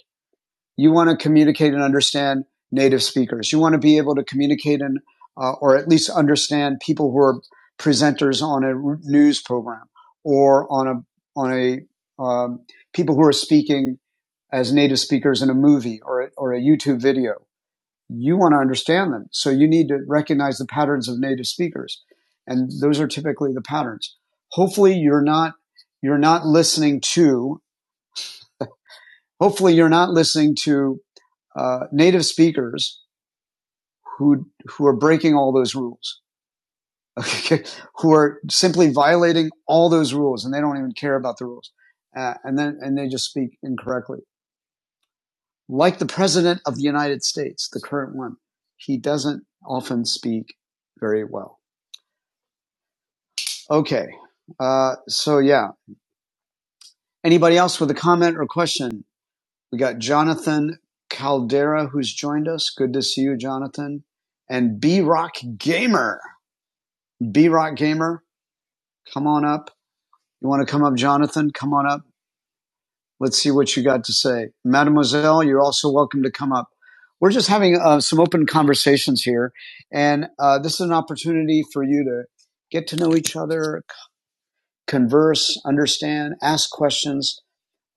A: You want to communicate and understand native speakers. You want to be able to communicate and, uh, or at least understand people who are presenters on a news program or on a, on a, um, people who are speaking as native speakers in a movie or, a- or a YouTube video. You want to understand them. So you need to recognize the patterns of native speakers. And those are typically the patterns. Hopefully you're not, you're not listening to, hopefully you're not listening to, uh, native speakers who who are breaking all those rules, okay, who are simply violating all those rules, and they don't even care about the rules, uh, and then and they just speak incorrectly. Like the president of the United States, the current one, he doesn't often speak very well. Okay, uh, so yeah. Anybody else with a comment or question? We got Jonathan Caldera who's joined us. Good to see you, Jonathan. And B Rock Gamer. B Rock Gamer, come on up. You want to come up, Jonathan? Come on up. Let's see what you got to say. Mademoiselle, you're also welcome to come up. We're just having uh, some open conversations here, and uh, this is an opportunity for you to get to know each other, converse, understand, ask questions.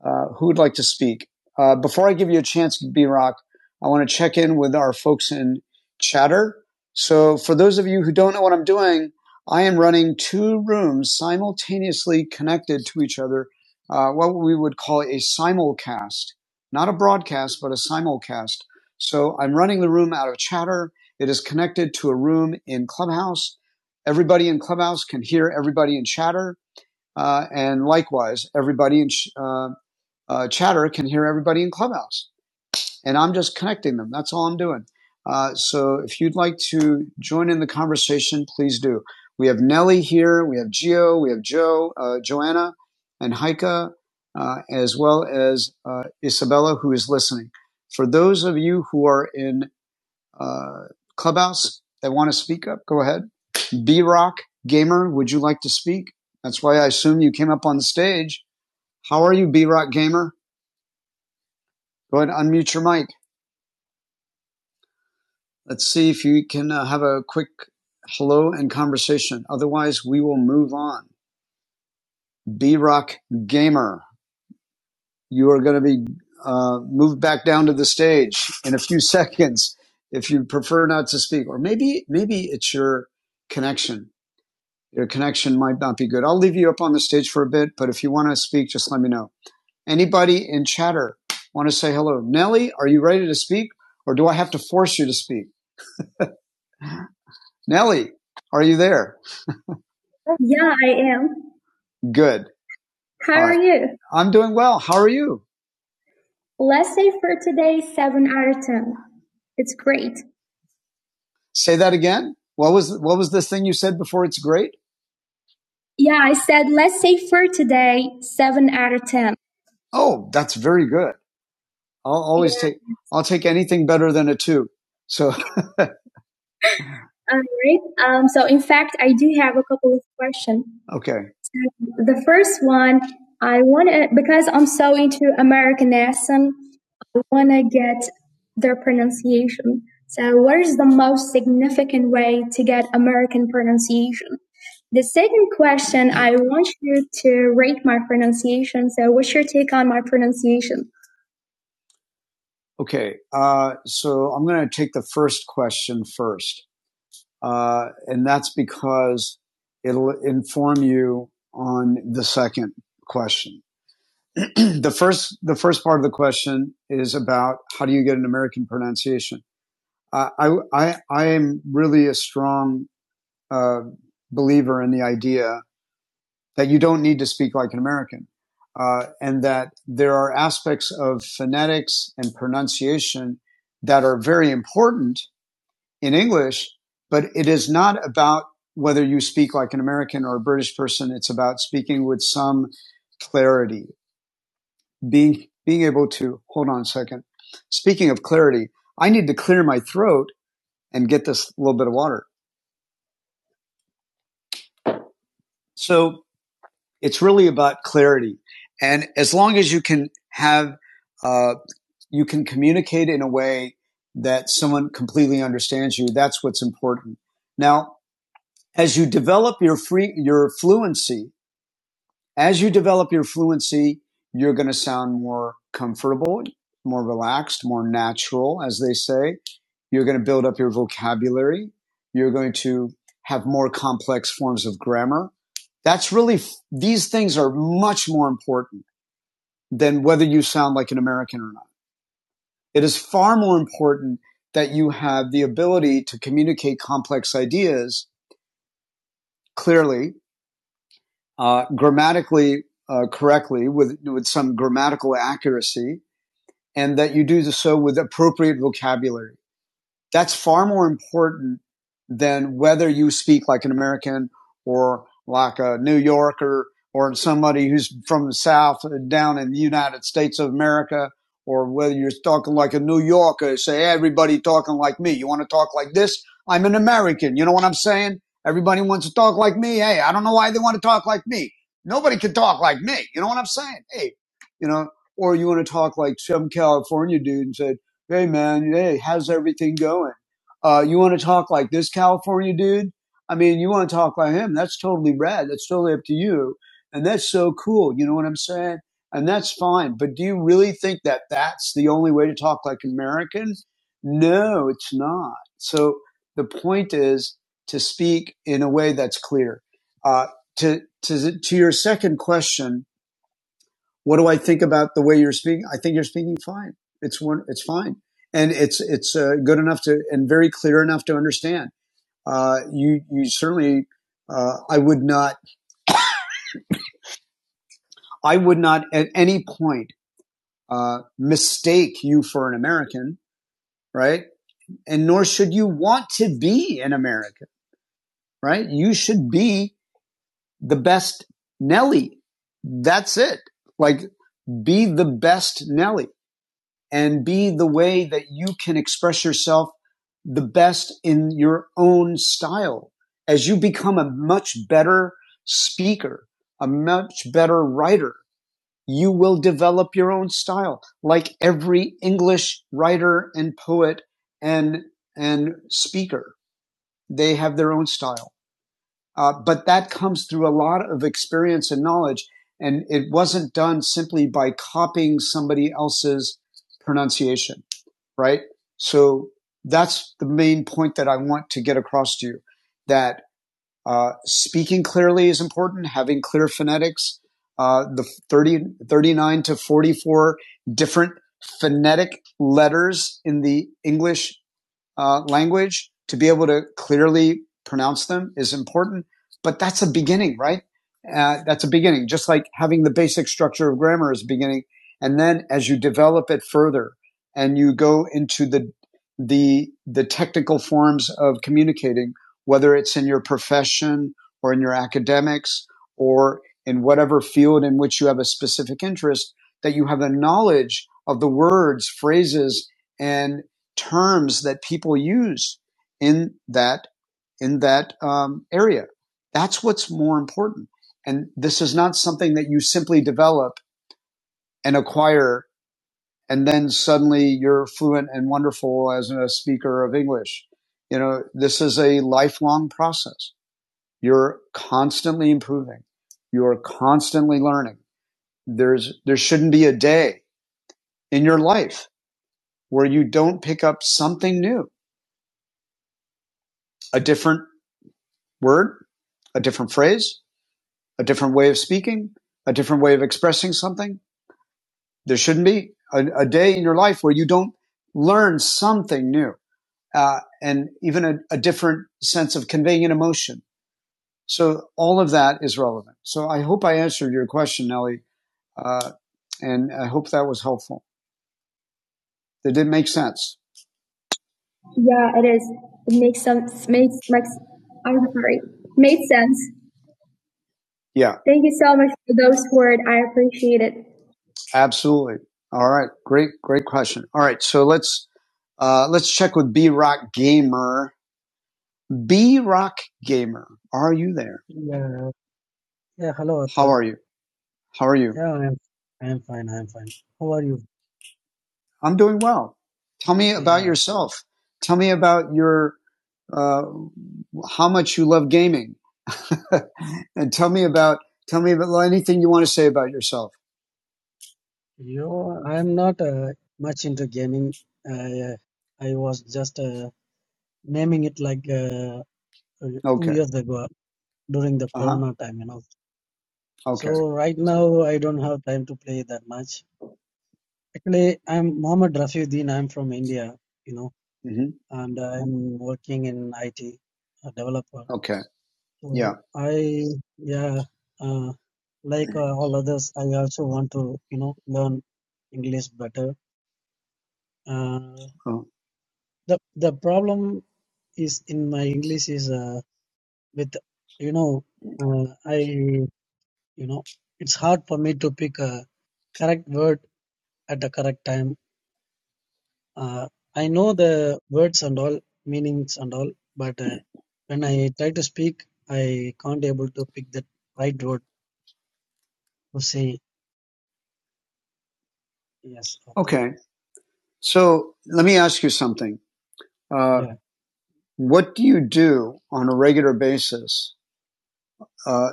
A: Uh, who would like to speak? Uh, before I give you a chance, B Rock, I want to check in with our folks in chatter. So, for those of you who don't know what I'm doing, I am running two rooms simultaneously connected to each other, uh, what we would call a simulcast, not a broadcast, but a simulcast. So, I'm running the room out of chatter. It is connected to a room in Clubhouse. Everybody in Clubhouse can hear everybody in chatter. Uh, and likewise, everybody in uh, uh, chatter can hear everybody in Clubhouse. And I'm just connecting them. That's all I'm doing. Uh, so if you'd like to join in the conversation, please do. We have Nelly here, we have Gio, we have Joe, uh, Joanna, and Heike, uh, as well as uh, Isabella, who is listening. For those of you who are in uh, Clubhouse that want to speak up, go ahead. B Rock Gamer, would you like to speak? That's why I assume you came up on the stage. How are you, B Rock Gamer? Go ahead, and unmute your mic. Let's see if you can uh, have a quick hello and conversation. Otherwise, we will move on. B Rock Gamer, you are going to be uh, moved back down to the stage in a few seconds if you prefer not to speak. Or maybe maybe it's your connection. Your connection might not be good. I'll leave you up on the stage for a bit, but if you want to speak, just let me know. Anybody in chatter want to say hello? Nelly, are you ready to speak, or do I have to force you to speak? Nelly, are you there? Yeah, I am. Good. How All are right. you? I'm doing well. How are you? Let's say for today, seven out of ten. It's great. Say that again. What was what was this thing you said before? It's great. Yeah, I said let's say for today, seven out of ten. Oh, that's very good. I'll always Yeah. take I'll take anything better than a two. So All right. Um, so in fact, I do have a couple of questions. okay, The first one, I want to because I'm so into Americanism. wanna get their pronunciation. So what is the most significant way to get American pronunciation? The second question, I want you to rate my pronunciation. So what's your take on my pronunciation? Okay, uh, so I'm going to take the first question first, uh, and that's because it'll inform you on the second question. the first, the first part of the question is about how do you get an American pronunciation? I, I, I am really a strong uh, believer in the idea that you don't need to speak like an American, uh, and that there are aspects of phonetics and pronunciation that are very important in English, but it is not about whether you speak like an American or a British person. It's about speaking with some clarity, being being able to hold on a second. Speaking of clarity, I need to clear my throat and get this little bit of water So it's really about clarity. And as long as you can have, uh, you can communicate in a way that someone completely understands you, that's what's important. Now, as you develop your free, your fluency, as you develop your fluency, you're going to sound more comfortable, more relaxed, more natural, as they say. You're going to build up your vocabulary. You're going to have more complex forms of grammar. That's really, these things are much more important than whether you sound like an American or not. It is far more important that you have the ability to communicate complex ideas clearly uh, grammatically uh, correctly with with some grammatical accuracy, and that you do so with appropriate vocabulary. That's far more important than whether you speak like an American or like a New Yorker or somebody who's from the South uh, down in the United States of America, or whether you're talking like a New Yorker, say everybody talking like me. You want to talk like this? I'm an American. You know what I'm saying? Everybody wants to talk like me. Hey, I don't know why they want to talk like me. Nobody can talk like me. You know what I'm saying? Hey, you know, or you want to talk like some California dude and say, Hey man, hey, how's everything going? Uh, you want to talk like this California dude? I mean, you want to talk like him? That's totally rad. That's totally up to you. And that's so cool. You know what I'm saying? And that's fine. But do you really think that that's the only way to talk like Americans? No, it's not. So the point is to speak in a way that's clear. Uh, to, to, to your second question, what do I think about the way you're speaking? I think you're speaking fine. It's one, it's fine. And it's, it's uh, good enough to, and very clear enough to understand. Uh, you, you certainly, uh, I would not, I would not at any point, uh, mistake you for an American, right? And nor should you want to be an American, right? You should be the best Nelly. That's it. Like be the best Nelly. and be the way that you can express yourself the best in your own style as you become a much better speaker, a much better writer. You will develop your own style, like every English writer and poet and and speaker. They have their own style, uh, but that comes through a lot of experience and knowledge. And it wasn't done simply by copying somebody else's pronunciation right? So that's the main point that I want to get across to you that uh, speaking clearly is important, having clear phonetics, uh, the 30, 39 to 44 different phonetic letters in the English uh, language, to be able to clearly pronounce them is important. But that's a beginning, right? Uh, that's a beginning. Just like having the basic structure of grammar is a beginning, and then as you develop it further and you go into the the the technical forms of communicating, whether it's in your profession or in your academics or in whatever field in which you have a specific interest, that you have a knowledge of the words, phrases, and terms that people use in that in that um, area. That's what's more important. And this is not something that you simply develop and acquire, and then suddenly you're fluent and wonderful as a speaker of English. You know, this is a lifelong process. You're constantly improving. You're constantly learning. There's, there shouldn't be a day in your life where you don't pick up something new, a different word, a different phrase, a different way of speaking, a different way of expressing something. There shouldn't be a, a day in your life where you don't learn something new uh, and even a, a different sense of conveying an emotion. So all of that is relevant. So I hope I answered your question, Nellie, uh, and I hope that was helpful. Did it make sense? Yeah, it is. It makes sense. Makes makes. I'm sorry. Made sense. Yeah. Thank you so much for those words. I appreciate it. Absolutely. All right. Great, great question. All right. So let's uh, let's check with B Rock Gamer. B Rock Gamer, are you there?
C: Yeah, yeah, hello,
A: How
C: Arthur.
A: are you? How are you?
C: Yeah, I'm, I'm fine. I'm fine. How are you?
A: I'm doing well. Tell me about
C: Yeah,
A: yourself. Tell me about your uh, how much you love gaming, and tell me about tell me about anything you want to say about yourself.
C: you. I'm not uh, much into gaming. I, uh, I was just uh, naming it like uh, uh, two
A: Okay.
C: years ago during the
A: Uh huh.
C: Corona time, you know.
A: Okay.
C: So right now I don't have time to play that much. Actually, I'm Mohammed Rafiuddin. I'm from India, you know,
A: hmm
C: and I'm working in IT, a developer.
A: Okay. Yeah.
C: So I, yeah, uh, like
A: Mm-hmm.
C: uh, all others, I also want to, you know, learn English better. Uh,
A: Oh,
C: the the problem is in my English is uh, with, you know, uh, I, you know, it's hard for me to pick a correct word at the correct time. Uh, I know the words and all meanings and all, but uh, when I try to speak, I can't able to pick the right word to say yes after.
A: Okay. So let me ask you something. Uh,
C: Yeah.
A: what do you do on a regular basis uh,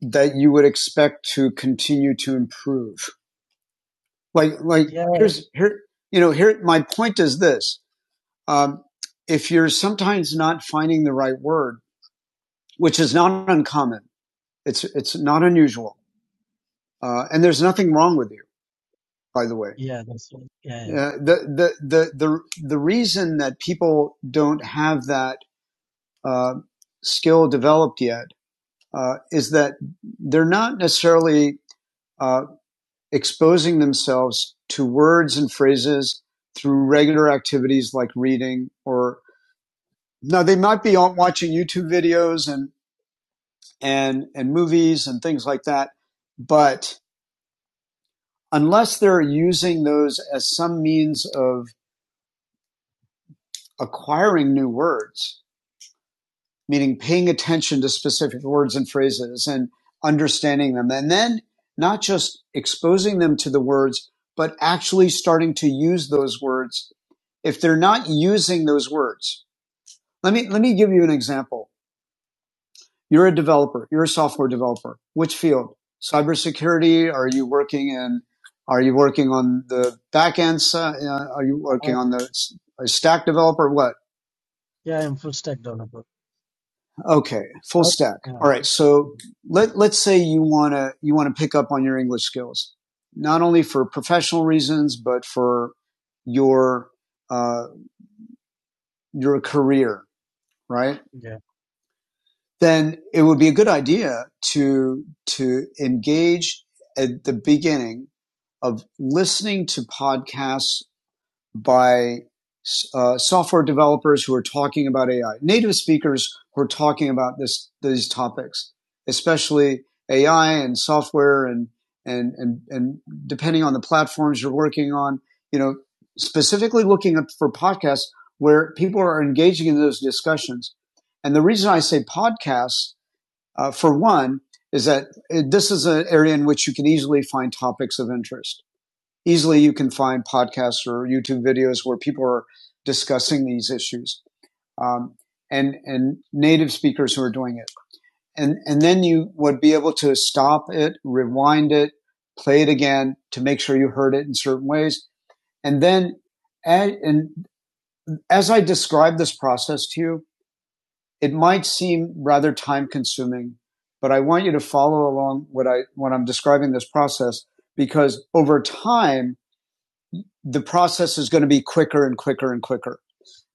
A: that you would expect to continue to improve? Like, like
C: Yeah,
A: here's here, you know, here. My point is this: um, if you're sometimes not finding the right word, which is not uncommon, it's it's not unusual, uh, and there's nothing wrong with you, by the way.
C: yeah, that's right. Yeah,
A: Uh, the, the the the the reason that people don't have that uh, skill developed yet uh, is that they're not necessarily uh, exposing themselves to words and phrases through regular activities like reading or now they might be on watching YouTube videos and and and movies and things like that, but unless they're using those as some means of acquiring new words, meaning paying attention to specific words and phrases and understanding them. And then not just exposing them to the words, but actually starting to use those words if they're not using those words. Let me, let me give you an example. You're a developer. You're a software developer. Which field? Cybersecurity? Are you working in, are you working on the backend? si- Uh, are you
C: yeah.
A: working
C: Uh,
A: on the s- a stack developer? What?
C: yeah, I'm full stack developer.
A: Okay, full
C: Uh,
A: stack. All right. So let let's say you wanna you wanna pick up on your English skills, not only for professional reasons but for your uh, your career, right?
C: yeah, yeah,
A: Then it would be a good idea to to engage at the beginning of listening to podcasts by uh, software developers who are talking about AI, native speakers who are talking about this these topics, especially AI and software and and and and depending on the platforms you're working on, you know, specifically looking up for podcasts where people are engaging in those discussions. And the reason I say podcasts, uh, for one, is that uh, this is an area in which you can easily find topics of interest easily you can find podcasts or YouTube videos where people are discussing these issues. Um, and, and native speakers who are doing it. And, and then you would be able to stop it, rewind it, play it again to make sure you heard it in certain ways. And then, and, and as I describe this process to you, it might seem rather time consuming, but I want you to follow along what I, when I'm describing this process, because over time, the process is going to be quicker and quicker and quicker.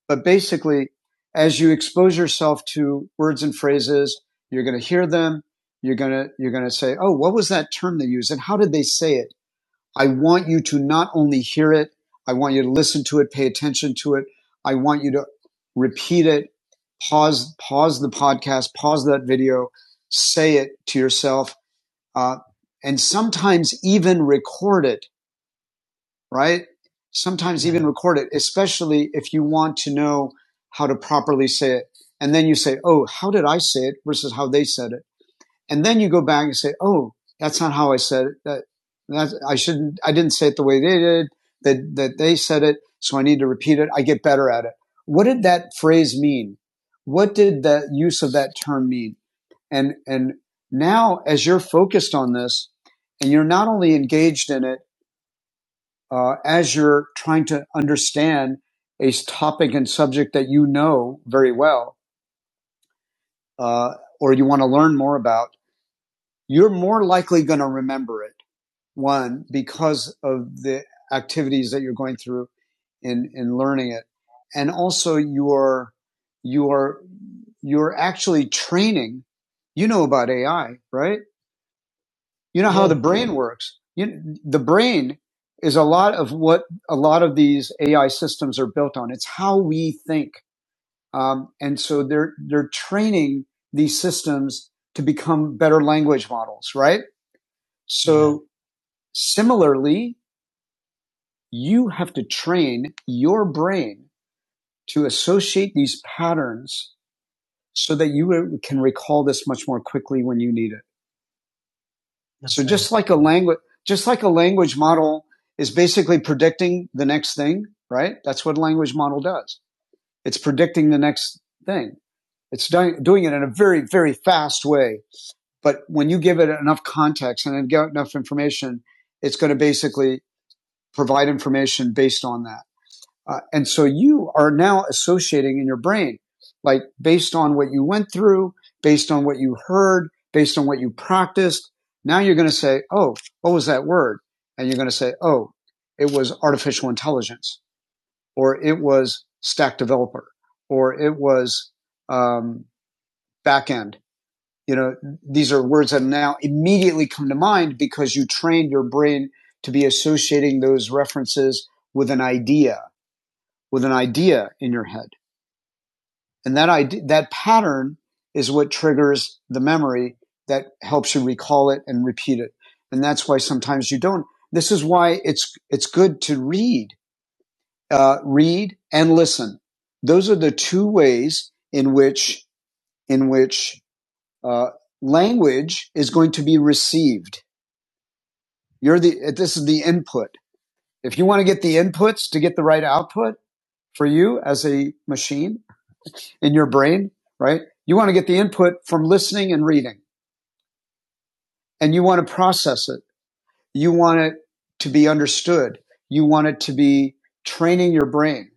A: But basically, as you expose yourself to words and phrases, you're going to hear them. You're going to, you're going to say, Oh, what was that term they used? And how did they say it? I want you to not only hear it, I want you to listen to it, pay attention to it. I want you to repeat it, pause, pause the podcast, pause that video, say it to yourself, uh, and sometimes even record it right? Sometimes even
C: yeah,
A: record it, especially if you want to know how to properly say it. And then you say, oh, how did I say it versus how they said it? And then you go back and say, oh, that's not how I said it. That, that I shouldn't, I didn't say it the way they did, that, that they said it. So I need to repeat it. I get better at it. What did that phrase mean? What did that use of that term mean? And, and now as you're focused on this and you're not only engaged in it, uh, as you're trying to understand a topic and subject that you know very well uh, or you want to learn more about, you're more likely going to remember it, one, because of the activities that you're going through in, in learning it. And also you're, you're, you're actually training. You know about AI, right? You know
C: yeah,
A: how the
C: yeah,
A: brain works. You, the brain is a lot of what a lot of these AI systems are built on. It's how we think, um, and so they're they're training these systems to become better language models, right?
C: yeah,
A: So similarly, you have to train your brain to associate these patterns so that you uh, can recall this much more quickly when you need it. So
C: that's right.
A: just like a language, just like a language model is basically predicting the next thing, right? That's what a language model does. It's predicting the next thing. It's doing, doing it in a very, very fast way. But when you give it enough context and enough information, it's going to basically provide information based on that. Uh, and so you are now associating in your brain, like based on what you went through, based on what you heard, based on what you practiced. Now you're going to say, Oh, what was that word? And you're going to say, Oh, it was artificial intelligence or it was stack developer or it was, um, backend. You know, these are words that now immediately come to mind because you trained your brain to be associating those references with an idea, with an idea in your head. And that idea, that pattern is what triggers the memory that helps you recall it and repeat it. And that's why sometimes you don't. This is why it's, it's good to read, uh, read and listen. Those are the two ways in which, in which, uh, language is going to be received. You're the, this is the input. If you want to get the inputs to get the right output for you as a machine in your brain, right? You want to get the input from listening and reading and you want to process it. You want it to be understood. You want it to be training your brain,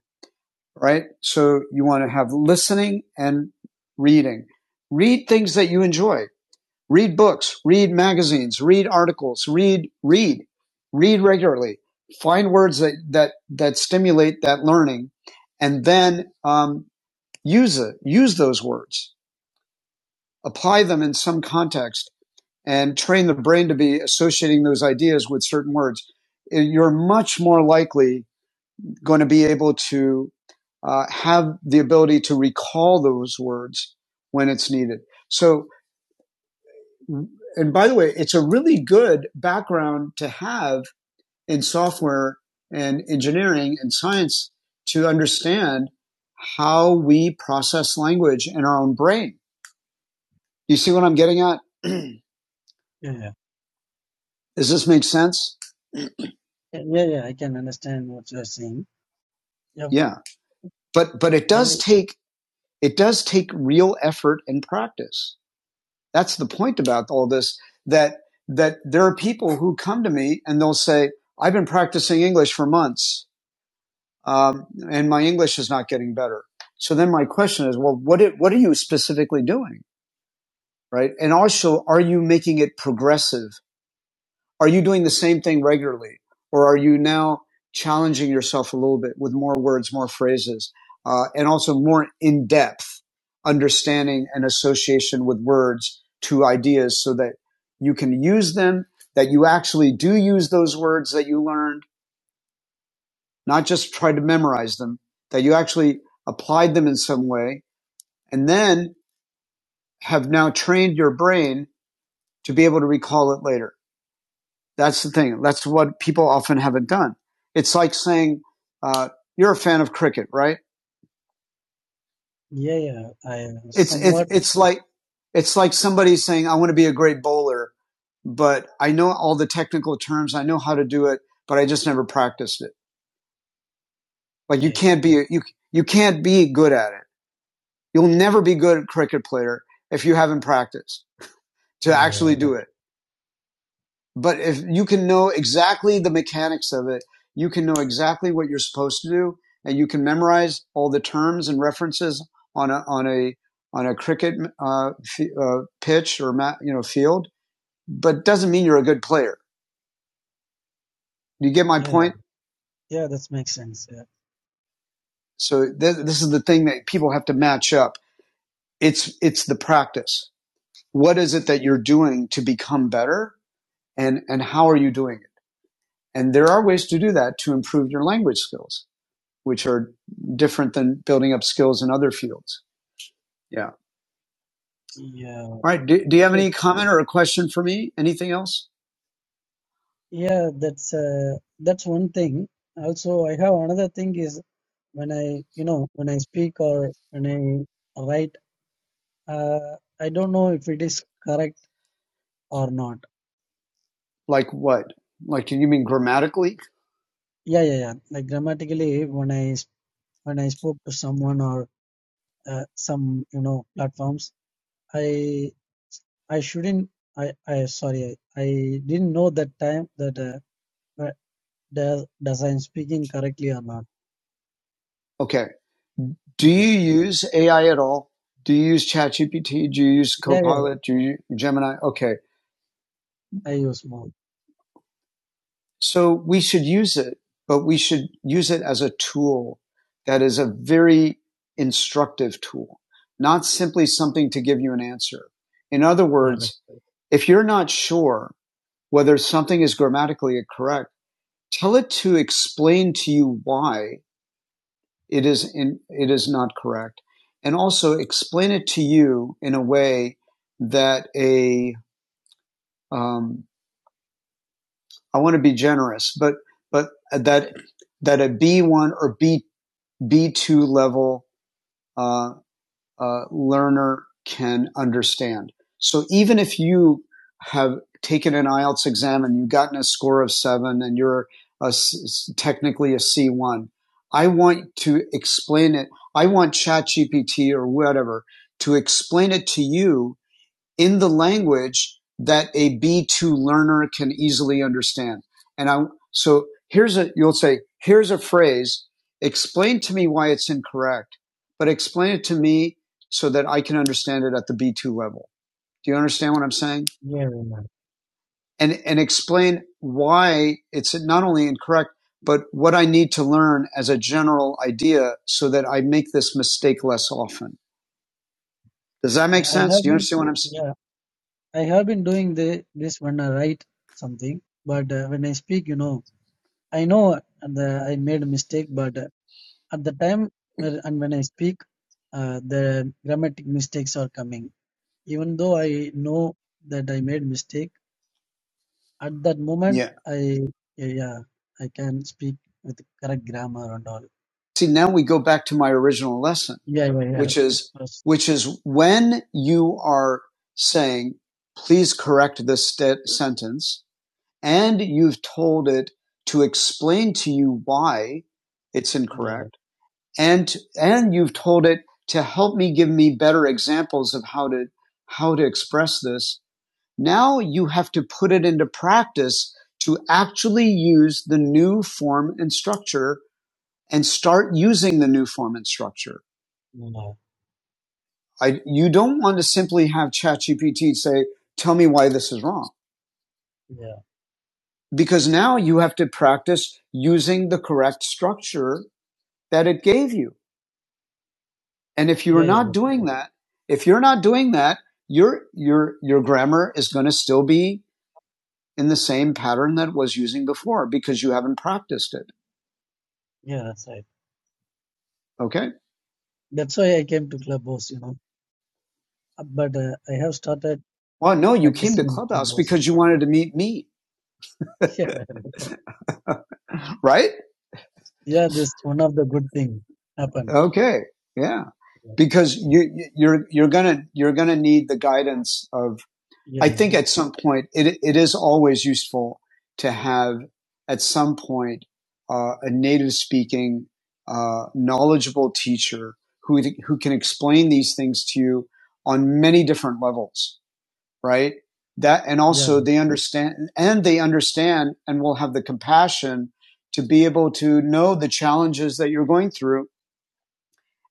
A: right? So you want to have listening and reading. Read things that you enjoy. Read books, read magazines, read articles, read, read, read regularly. Find words that, that, that stimulate that learning and then, um, use it, use those words, apply them in some context and train the brain to be associating those ideas with certain words, eh, you're much more likely going to be able to uh, have the ability to recall those words when it's needed. So, and by the way, it's a really good background to have in software and engineering and science to understand how we process language in our own brain. You see what I'm getting at? Does
C: Yeah, yeah,
A: this make sense?
C: yeah, yeah, yeah, I can understand what you're saying. Yeah,
A: Yeah. But, but it
C: I,
A: does take it does take real effort and practice. That's the point about all this that that there are people who come to me and they'll say, "I've been practicing English for months, um, and my English is not getting better." So then my question is, well, what it, what are you specifically doing, right? And also, are you making it progressive? are you doing the same thing regularly or are you now challenging yourself a little bit with more words more phrases uh, and also more in-depth understanding and association with words to ideas so that you can use them that you actually do use those words that you learned not just try to memorize them that you actually applied them in some way and then have now trained your brain to be able to recall it later That's the thing. That's what people often haven't done. It's like saying, uh, you're a fan of cricket, right?
C: yeah, yeah, I
A: It's, it's,
C: somewhat,
A: it's like, it's like somebody saying, I want to be a great bowler, but I know all the technical terms. I know how to do it, but I just never practiced it. Like you
C: okay.
A: can't be, you, you can't be good at it. You'll never be good at cricket player if you haven't practiced to
C: Yeah, yeah,
A: actually
C: that,
A: do it. But if you can know exactly the mechanics of it, you can know exactly what you're supposed to do, and you can memorize all the terms and references on a on a on a cricket uh, f- uh, pitch or ma- you know field. But it doesn't mean you're a good player. Do you get my
C: yeah, yeah,
A: point?
C: yeah, that makes sense. Yeah,
A: So th- this is the thing that people have to match up. It's it's the practice. What is it that you're doing to become better, and and how are you doing it? And there are ways to do that to improve your language skills which are different than building up skills in other fields. Yeah. All
C: yeah,
A: right. Do, do you have
C: yes.
A: any comment or a question for me? Anything else?
C: yeah, that's, uh, that's one thing. Also, I have another thing is when I, you know, when I speak or when I write Uh, I don't know if it is correct or not.
A: Like what? Like, you mean grammatically?
C: Yeah, yeah, yeah. Like grammatically, when I s- when I spoke to someone or uh, some you know platforms, I I shouldn't. I I sorry. I, I didn't know that time that uh, whe- does does I'm speaking correctly or not.
A: Okay. Do
C: Yeah,
A: you use AI at all? Do you use ChatGPT? Do you use
C: yeah, yeah. yeah.
A: Copilot? Do you use Gemini? Okay.
C: I use more.
A: So we should use it, but we should use it as a tool that is a very instructive tool, not simply something to give you an answer. In other
C: Yeah, but
A: words, if you're not sure whether something is grammatically correct, tell it to explain to you why it is in, it is not correct, and also explain it to you in a way that a um, I want to be generous, but but that that a B one or B B two level uh, uh, learner can understand. So even if you have taken an IELTS exam and you've gotten a score of seven and you're a, technically a C1, I want to explain it. I want ChatGPT or whatever to explain it to you in the language that a B2 learner can easily understand. And I, so here's a, you'll say, here's a phrase, explain to me why it's incorrect, but explain it to me so that I can understand it at the B2 level. Do you understand what I'm saying?
C: yeah, yeah, yeah.
A: And, and explain why it's not only incorrect, but what I need to learn as a general idea so that I make this mistake less often. Does that
C: Yeah,
A: make
C: I
A: sense?
C: have
A: Do you
C: been.
A: understand what I'm saying?
C: Yeah, I have been doing the this when I write something, but uh, when I speak, you know. I know the I made a mistake, but uh, at the time where- and when I speak, uh, the grammatic mistakes are coming. Even though I know that I made mistake, at that
A: Yeah.
C: moment I yeah, yeah I can speak with correct grammar and all.
A: see now we go back to my original lesson
C: Yeah, yeah, yeah.
A: which is
C: Yes.
A: which is when you are saying please correct this st- sentence and you've told it to explain to you why it's
C: Yeah,
A: incorrect and and you've told it to help me give me better examples of how to how to express this now you have to put it into practice to actually use the new form and structure and start using the new form and structure.
C: yeah,
A: I, you don't want to simply have ChatGPT say, tell me why this is wrong. Because now you have to practice using the correct structure that it gave you. And if you're
C: yeah, yeah, yeah.
A: not
C: That's
A: doing
C: right.
A: that, if you're not doing that, your, your, your grammar is going to still be in the same pattern that it was using before because you haven't practiced it.
C: Yeah, that's right.
A: Okay.
C: That's why I came to Clubhouse, you know. Uh, But uh, I have started
A: Well, no, you came to
C: practicing in
A: Clubhouse
C: Clubhouse.
A: because you wanted to meet me,
C: Yeah,
A: right?
C: yeah. This one of the good thing happened.
A: Okay. Yeah.
C: Yeah,
A: Because you, you're, you're gonna, you're gonna need the guidance of, I think at some point, it, it is always useful to have at some point, uh, a native speaking, uh, knowledgeable teacher who, who can explain these things to you on many different levels, right? That, and
C: yeah,
A: also they understand, and they understand and will have the compassion to be able to know the challenges that you're going through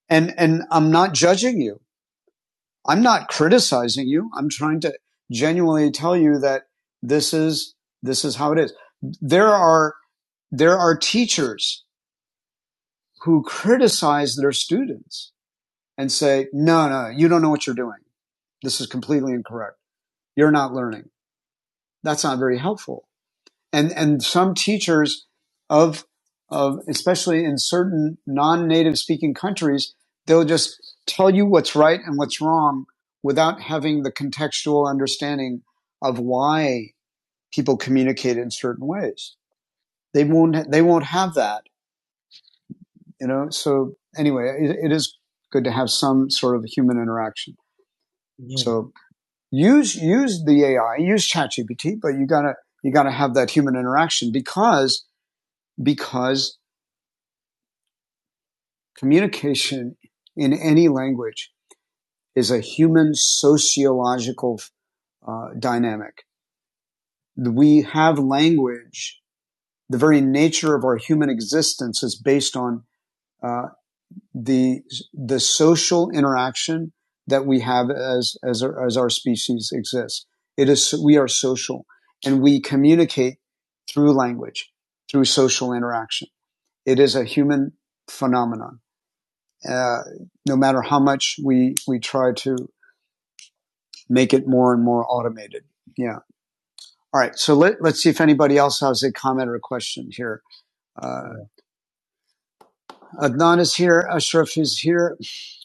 A: and and I'm not judging you. I'm not criticizing you. I'm trying to genuinely tell you that this is this is how it is. There are there are teachers who criticize their students and say, "No, no, you don't know what you're doing. This is completely incorrect. You're not learning." That's not very helpful and and some teachers of of especially in certain non-native speaking countries they'll just tell you what's right and what's wrong without having the contextual understanding of why people communicate in certain ways they won't they won't have that you know so anyway it, it is good to have some sort of human interaction
C: yeah,
A: so use use the ai use chatgpt but you got to you got to have that human interaction because because communication in any language is a human sociological uh, dynamic. We have language. The very nature of our human existence is based on uh, the the social interaction that we have as as our, as our species exists. It is we are social, and we communicate through language, through social interaction. It is a human phenomenon. uh, no matter how much we we try to make it more and more automated. Yeah. All right. So let, let's see if anybody else has a comment or a question here. Uh,
C: yeah.
A: Adnan is here. Ashraf is here.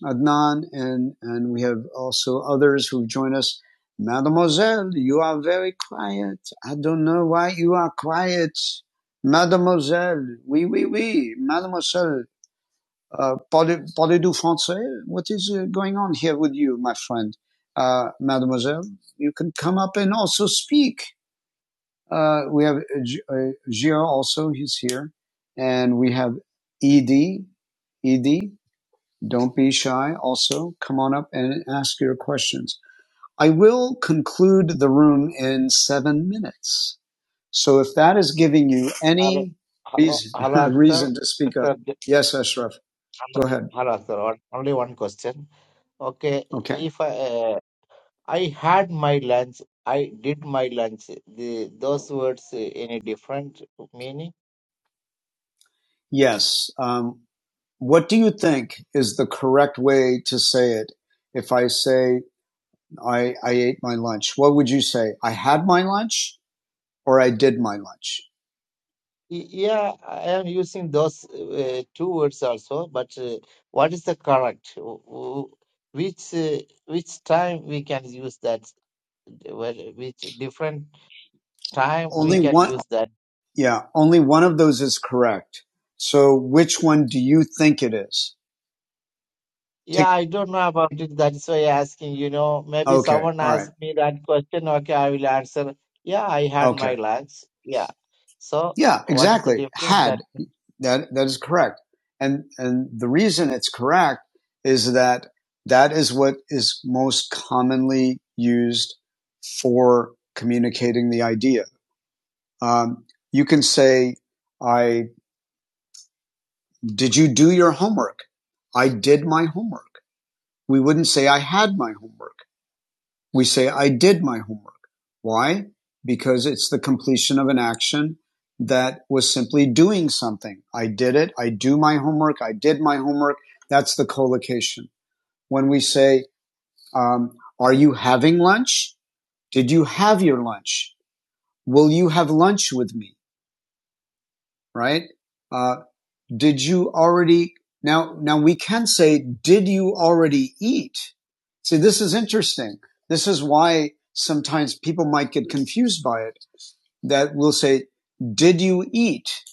A: Adnan and and we have also others who join us. Mademoiselle, you are very quiet. I don't know why you are quiet. Mademoiselle, oui, oui, oui. Mademoiselle, Uh, parlez, parlez du français? What is uh, going on here with you, my friend? Uh, mademoiselle, you can come up and also speak. Uh, we have uh, uh, Gio also, he's here. And we have Edie. Edie, don't be shy. Also, come on up and ask your questions. I will conclude the room in seven minutes. So if that is giving you
B: hello,
A: any
B: hello,
A: reason,
B: hello, Akhtar.
A: reason to speak up,
B: Akhtar, j-
A: yes, Ashraf, go
B: hello,
A: ahead.
B: hello, Akhtar. on- Only one question. Okay,
A: Okay.
B: if I, uh, I had my lunch, I did my lunch. The those words uh, any different meaning?
A: Yes. Um, what do you think is the correct way to say it? If I say I, I ate my lunch, what would you say? I had my lunch or I did my lunch?
B: Y- Yeah, I am using those uh, two words also. But uh, what is the correct? W- w- Which uh, which time we can use that? Well, which different time we
A: Only
B: can
A: one.
B: use that?
A: Yeah. Only one of those is correct. So which one do you think it is?
B: Yeah,
A: Take,
B: I don't know about it. That's why I asking, you know, maybe
A: okay.
B: someone
A: All right.
B: asked me that question. Okay, I will answer. Yeah, I had
A: Okay.
B: my lunch. Yeah. So
A: Yeah,
B: what is the
A: exactly.
B: difference
A: Had
B: that?
A: that that is correct, and and the reason it's correct is that that is what is most commonly used for communicating the idea. Um, you can say, "I did you do your homework? I did my homework." We wouldn't say, "I had my homework." We say, I did my homework. Why? Because it's the completion of an action that was simply doing something. I did it. I do my homework. I did my homework. That's the collocation. When we say, um, are you having lunch? Did you have your lunch? Will you have lunch with me? Right? Uh, did you already now now we can say did you already eat see this is interesting this is why sometimes people might get confused by it that we will say did you eat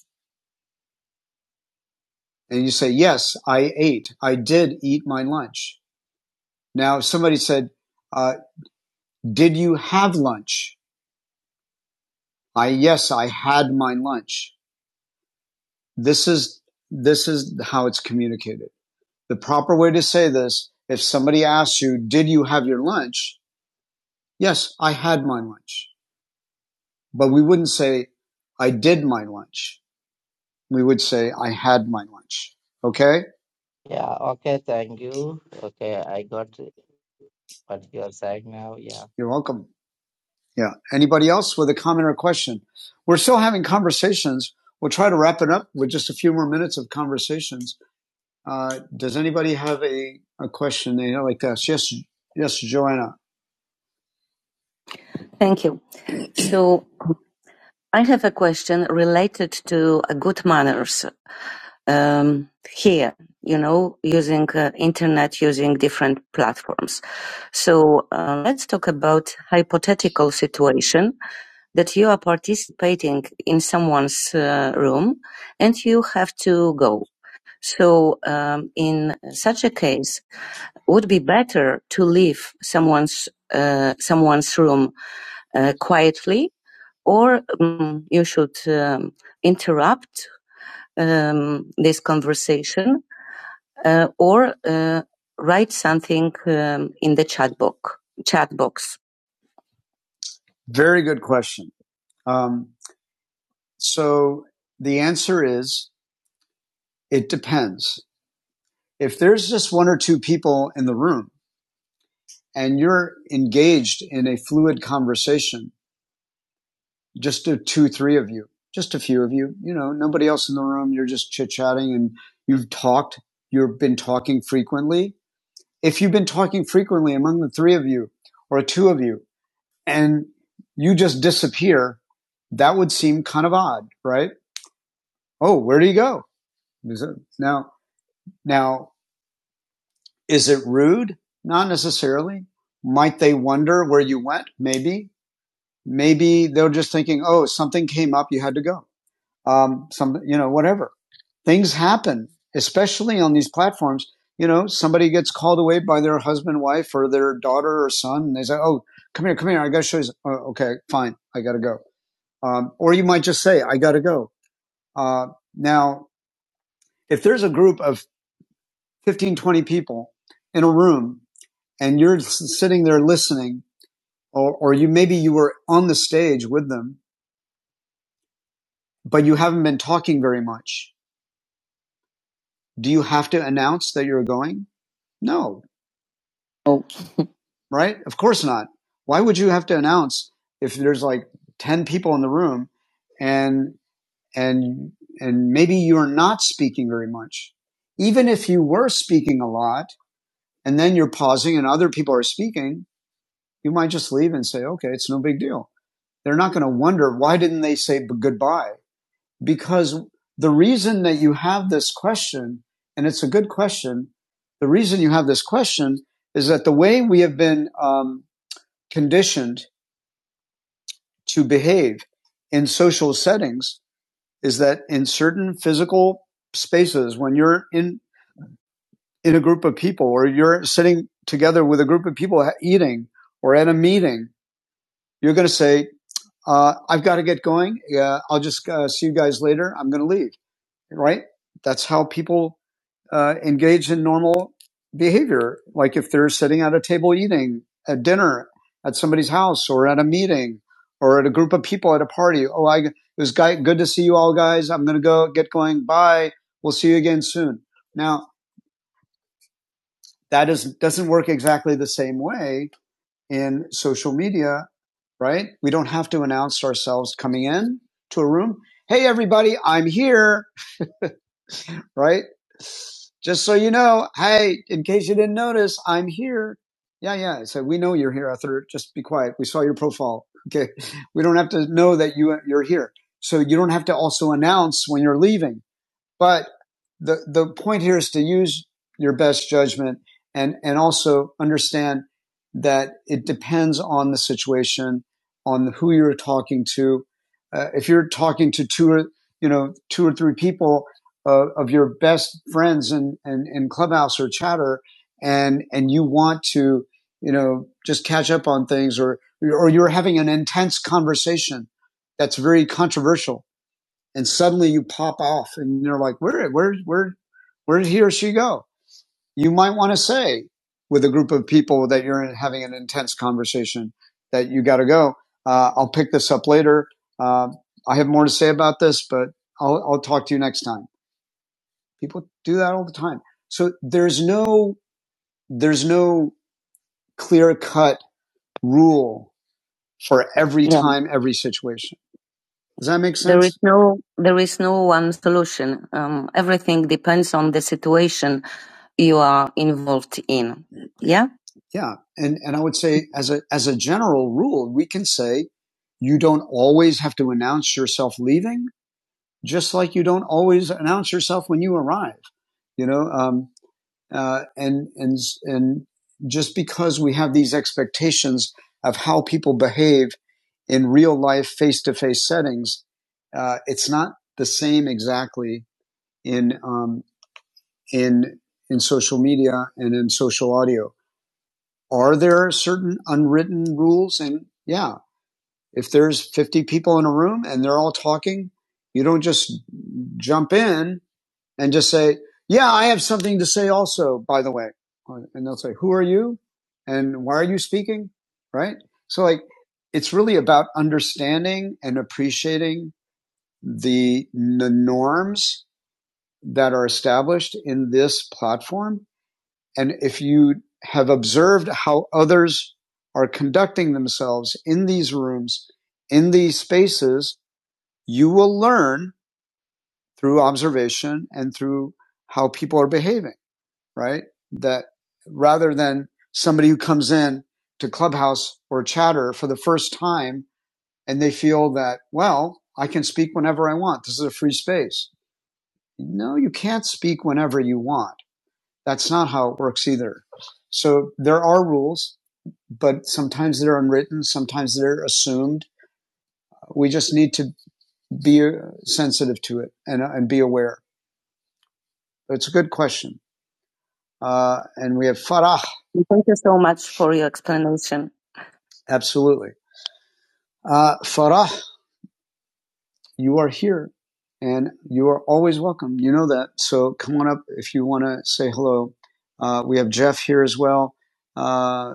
A: and you say yes i ate i did eat my lunch now if somebody said uh, did you have lunch i yes i had my lunch this is this is how it's communicated the proper way to say this if somebody asks you did you have your lunch Yes, I had my lunch, but we wouldn't say I did my lunch. We would say I had my lunch. Okay.
B: Yeah, okay, thank you. Okay, I got what you're saying now. Yeah.
A: You're welcome. Yeah. Anybody else with a comment or question? We're still having conversations. We'll try to wrap it up with just a few more minutes of conversations. Uh, does anybody have a, a question they like to ask? Yes. Yes, Joanna. Thank you. So I have a question related to uh, good manners. Um, here, you know, using uh, internet, using different platforms. So uh, let's talk about hypothetical situation that you are participating in someone's uh, room and you have to go. So um, in such a case, would be better to leave someone's uh, someone's room uh, quietly or um, you should um, interrupt um, this conversation uh, or uh, write something um, in the chat box. Chat box. Very good question. Um, so the answer is it depends. If there's just one or two people in the room and you're engaged in a fluid conversation, just do two, three of you, just a few of you, you know, nobody else in the room. You're just chit chatting and you've talked, you've been talking frequently. If you've been talking frequently among the three of you or two of you and you just disappear, that would seem kind of odd, right? Oh, where do you go? Is it, now, now, is it rude? Not necessarily. Might they wonder where you went? Maybe. Maybe they're just thinking, oh, something came up, you had to go. um, some, you know, whatever. Things happen, especially on these platforms. You know, somebody gets called away by their husband, wife, or their daughter or son, and they say, "Oh, come here, come here, I got to show you." Oh, okay, fine, I got to go. Um, or you might just say, "I got to go." Uh, now, if there's a group of 15, 20 people in a room, and you're s- sitting there listening, or, or you maybe you were on the stage with them, but you haven't been talking very much. Do you have to announce that you're going? No, Oh, right? Of course not. Why would you have to announce if there's like 10 people in the room and and and maybe you're not speaking very much. Even if you were speaking a lot and then you're pausing and other people are speaking, you might just leave and say, "Okay, it's no big deal." They're not going to wonder why didn't they say goodbye? Because the reason that you have this question, and it's a good question, the reason you have this question is that the way we have been um, conditioned to behave in social settings is that in certain physical spaces, when you're in, in a group of people or you're sitting together with a group of people eating or at a meeting, you're going to say, uh, I've got to get going. Yeah, I'll just uh, see you guys later. I'm going to leave. Right? That's how people uh, engage in normal behavior. Like if they're sitting at a table eating at dinner at somebody's house or at a meeting or at a group of people at a party. Oh, I, it was good to see you all guys. I'm going to go get going. Bye. We'll see you again soon. Now that is, doesn't work exactly the same way in social media, right? We don't have to announce ourselves coming in to a room. Hey, everybody, I'm here. right? Just so you know, hey, in case you didn't notice, I'm here. Yeah, yeah. I said, we know you're here, Arthur. Just be quiet. We saw your profile. Okay. We don't have to know that you, you're here. So you don't have to also announce when you're leaving. But the the point here is to use your best judgment and and also understand that it depends on the situation, on who you're talking to. Uh, if you're talking to two or you know two or three people uh, of your best friends in, in in Clubhouse or Chatter, and and you want to you know just catch up on things, or or you're having an intense conversation that's very controversial and suddenly you pop off and you're like, where, where, where, where did he or she go? You might want to say with a group of people that you're having an intense conversation that you got to go. Uh, I'll pick this up later. Uh, I have more to say about this, but I'll, I'll talk to you next time. People do that all the time. So there's no, there's no clear cut rule for every Yeah. time, every situation. Does that make sense? There is no, there is no one solution. Um, everything depends on the situation you are involved in. Yeah. Yeah. And, and I would say as a, as a general rule, we can say you don't always have to announce yourself leaving, just like you don't always announce yourself when you arrive. You know, um, uh, and and and just because we have these expectations of how people behave in real life face to face settings, uh, it's not the same exactly in um, in in social media and in social audio. Are there certain unwritten rules? And yeah, if there's 50 people in a room and they're all talking, you don't just jump in and just say, yeah, I have something to say also, by the way. And they'll say, who are you? And why are you speaking? Right. So like, it's really about understanding and appreciating the, the norms that are established in this platform. And if you have observed how others are conducting themselves in these rooms, in these spaces, you will learn through observation and through how people are behaving. right? That rather than somebody who comes in to Clubhouse or Chatter for the first time and they feel that, well, I can speak whenever I want. This is a free space. No, you can't speak whenever you want. That's not how it works either. So there are rules, but sometimes they're unwritten, sometimes they're assumed. We just need to be uh, sensitive to it and, uh, and be aware. It's a good question. Uh, and we have Farah. Thank you so much for your explanation. Absolutely. Uh, Farah, you are here and you are always welcome. You know that. So come on up if you want to say hello. Uh, we have Jeff here as well. Uh,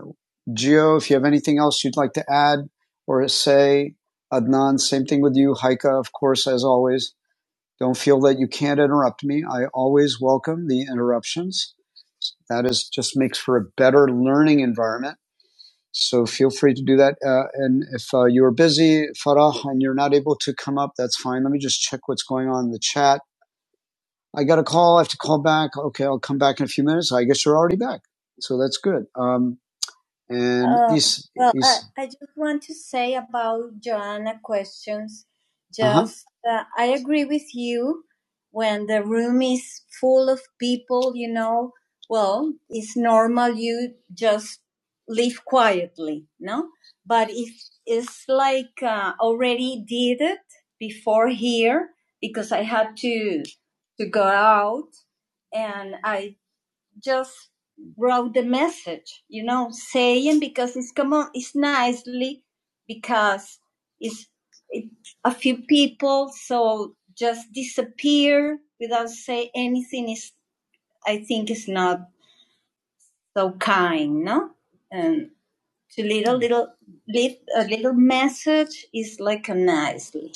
A: Gio, if you have anything else you'd like to add or say, Adnan, same thing with you. Haika, of course, as always. Don't feel that you can't interrupt me. I always welcome the interruptions. That is just makes for a better learning environment So feel free to do that. Uh, and if uh, you're busy, Farah, and you're not able to come up, that's fine. Let me just check what's going on in the chat. I got a call. I have to call back. Okay, I'll come back in a few minutes. I guess you're already back. So that's good. Um, and Uh, is well, I, is I I just want to say about Joanna questions. uh-huh. Just, uh-huh. uh, I agree with you when the room is full of people, you know, well, it's normal you just live quietly, no? But if it's like uh, already did it before here, because I had to to go out and I just wrote the message, you know, saying because it's common, it's nicely because it's it, a few people so just disappear without say anything is I think is not so kind, no? And to little little leave a little message is like a nicely.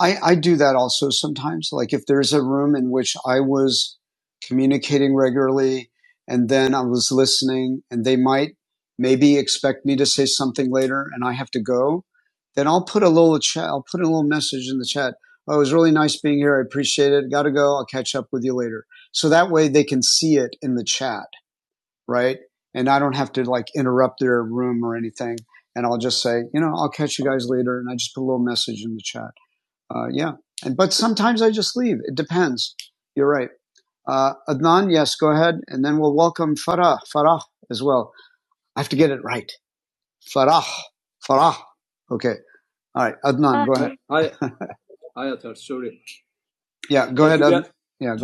A: I, I do that also sometimes. Like if there's a room in which I was communicating regularly and then I was listening and they might maybe expect me to say something later and I have to go, then I'll put a little chat, I'll put a little message in the chat. Oh, it was really nice being here. I appreciate it. Gotta go. I'll catch up with you later. So that way they can see it in the chat, right? And I don't have to like interrupt their room or anything. And I'll just say, you know, I'll catch you guys later. And I just put a little message in the chat. Uh, yeah. And, but sometimes I just leave. It depends. You're right. Uh, Adnan, yes, go ahead. And then we'll welcome Farah, Farah as well. I have to get it right. Farah, Farah. Okay. All right. Adnan, go ahead. Yeah. Yeah.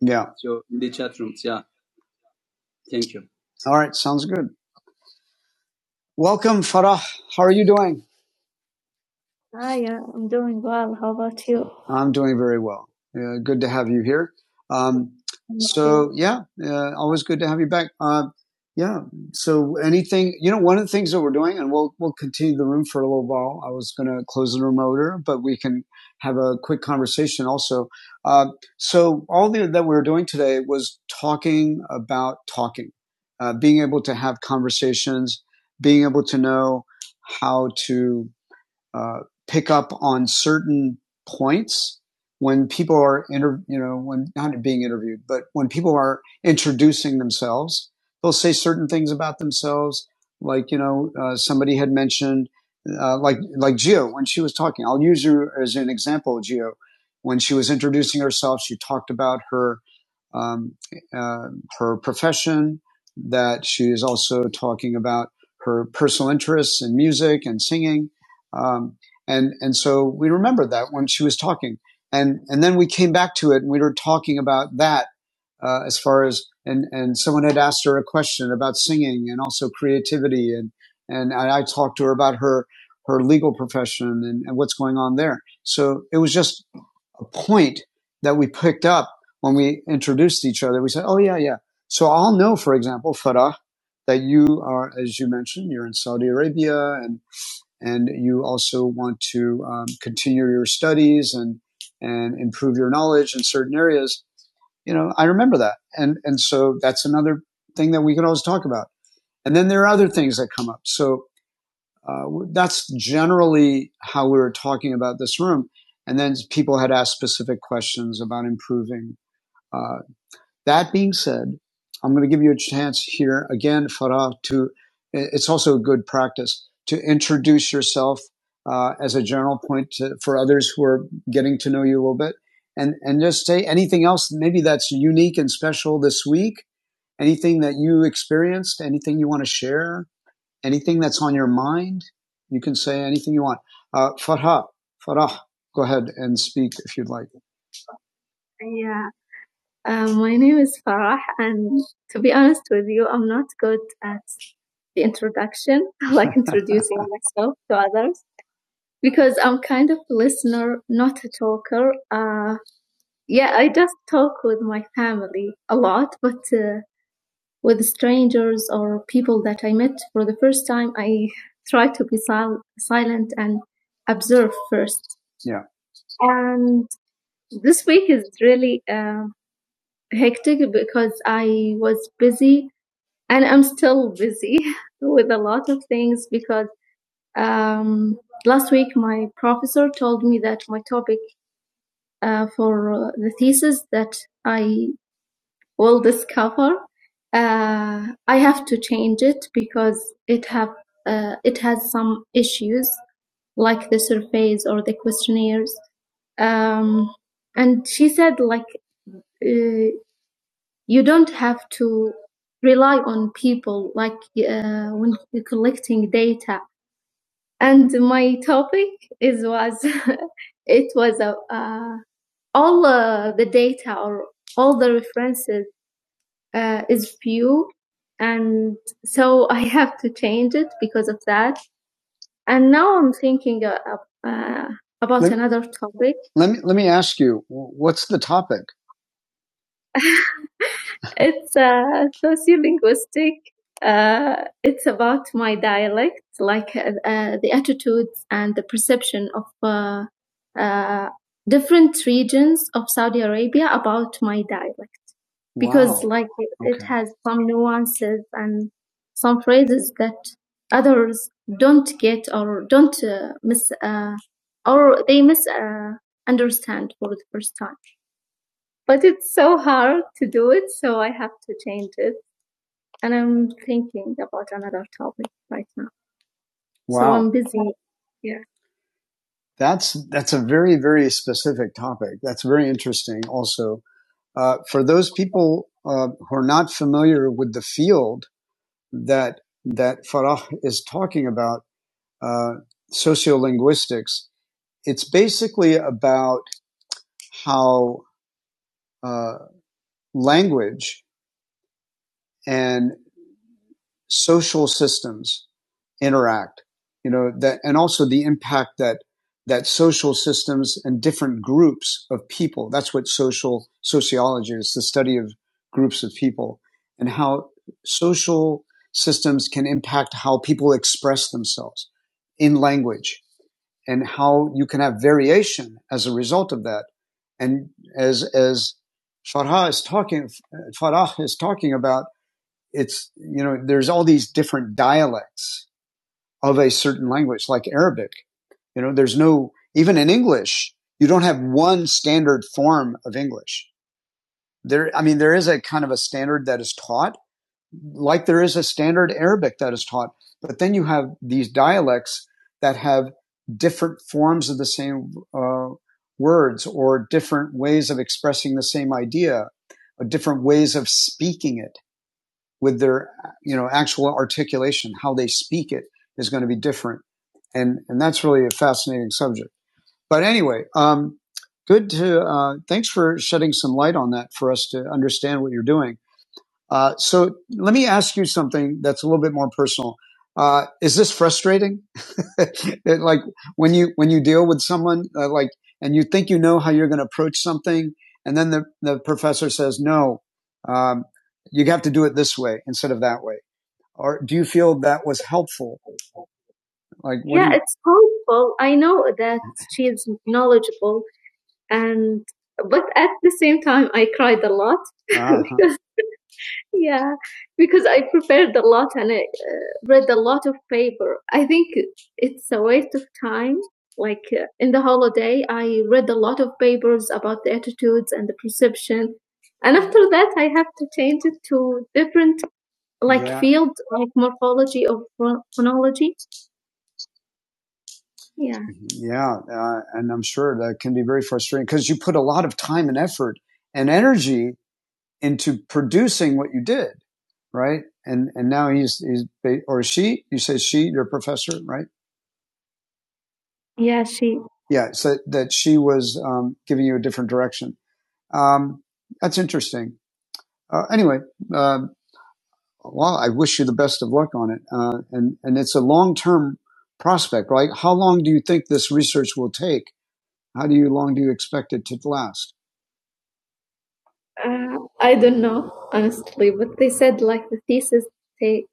A: Yeah. All right. Sounds good. Welcome, Farah. How are you doing? Hi, yeah, I'm doing well. How about you? I'm doing very well. Uh, good to have you here. Um, so yeah, uh, always good to have you back. Uh, yeah. So anything, you know, one of the things that we're doing, and we'll we'll continue the room for a little while. I was going to close the room earlier, but we can have a quick conversation also. Uh, so all the, that we were doing today was talking about talking, uh, being able to have conversations, being able to know how to uh, pick up on certain points when people are inter- you know when not being interviewed but when people are introducing themselves they'll say certain things about themselves like you know uh, somebody had mentioned uh, like like Gio when she was talking I'll use her as an example Gio when she was introducing herself she talked about her um, uh, her profession that she is also talking about her personal interests in music and singing um, and and so we remembered that when she was talking, and and then we came back to it, and we were talking about that uh, as far as and and someone had asked her a question about singing and also creativity, and and I, I talked to her about her her legal profession and, and what's going on there. So it was just a point that we picked up when we introduced each other. We said, "Oh yeah, yeah." So I'll know, for example, Farah, that you are, as you mentioned, you're in Saudi Arabia, and and you also want to um, continue your studies and and improve your knowledge in certain areas, you know, I remember that. And and so that's another thing that we can always talk about. And then there are other things that come up. So uh, that's generally how we were talking about this room. And then people had asked specific questions about improving uh, that being said, I'm going to give you a chance here again, Farah, to, it's also a good practice to introduce yourself uh, as a general point to, for others who are getting to know you a little bit. And, and just say anything else, maybe that's unique and special this week, anything that you experienced, anything you want to share, anything that's on your mind. You can say anything you want. Uh, Farah, Farah, go ahead and speak if you'd like. Yeah. Uh, my name is Farah, and to be honest with you, I'm not good self to others because I'm kind of listener, not a talker. Uh, yeah, I just talk with my family a lot, but uh, with strangers or people that I met for the first time, I try to be sil- silent, observe first. Yeah. And this week is really um hectic because I was, um, last week my problem that I will discover. Uh, I have to uh, it's some and she said like uh, you don't have to rely on people like uh, when you're collecting data and my topic is was it was a, uh, all uh, the data or all the references uh, is few and so i have to change it because of that and now i'm thinking uh, uh, about Let, another let me let me ask you, what's the topic? it's, uh, I think it was it's uh, like uh, attitudes and the perception of uh, uh, agents of my because Wow. like okay. it Okay. has and doesn't get or don't uh, miss uh, or they miss uh, understand for the first time but it's so hard to do it so i have to change it and i'm thinking about another topic right now Wow, so Wow. i'm busy yeah That's that's a very very specific topic. That's very interesting also. Uh, for those people uh, who are not familiar with the field that that Farah is talking about, uh, sociolinguistics, it's basically about how uh, language and social systems interact you know that and also the impact that that social systems and different groups of people that's what social sociology is the study of groups of people and how social systems can impact how people express themselves in language and how you can have variation as a result of that and as as Farah is talking Farah is talking about it's you know there's all these different dialects of a certain language like arabic you know there's no even in english you don't have one standard form of english there i mean there is a kind of a standard that is taught like there is a standard arabic that is taught but then you have these dialects that have different forms of the same uh, words or different ways of expressing the same idea or different ways of speaking it with their you know actual articulation how they speak it is going to be different and and that's really a fascinating subject but anyway um good to uh thanks for shedding some light on that for us to understand what you're doing uh, so let me ask you something that's a little bit more personal. Uh, is this frustrating? It, like when you when you deal with someone uh, like and you think you know how you're going to approach something, and then the the professor says no, um, you have to do it this way instead of that way. Or do you feel that was helpful? Like what yeah, do you- no, that Uh-huh. like yeah. fear phonology. Yeah. Yeah, uh, and I'm sure that can be very frustrating because you put a lot of time and effort and energy into producing what you did, right? And and now he's he's or she. You say she, your professor, right? Yeah, she. Yeah, so that she was um, giving you a different direction. Um, that's interesting. Uh, anyway, uh, well, I wish you the best of luck on it, uh, and and it's a long term prospect, right? How long do you think this research will take? How do you long do you expect it to last? Uh, I don't know honestly, but they said like the thesis take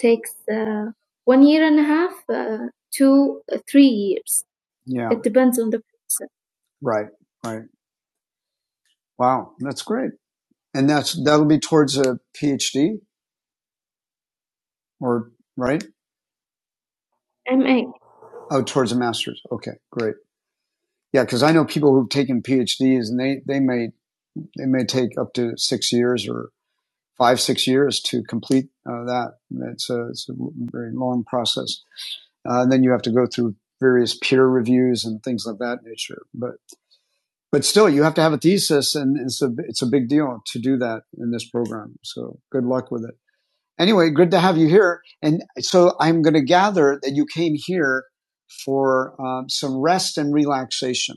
A: takes uh, one year and a half uh, to uh, three years. Yeah. It depends on the person. Right. Right. Wow. That's great. And that's, that'll be towards a PhD or, right? MA. Oh, towards a master's. Okay. Great. Yeah. Cause I know people who've taken PhDs and they, they may, they may take up to six years or. five six years to complete uh, that. It's a, it's a very long process, uh, and then you have to go through various peer reviews and things of that nature. But but still, you have to have a thesis, and it's a it's a big deal to do that in this program. So good luck with it. Anyway, good to have you here. And so I'm going to gather that you came here for um, some rest and relaxation,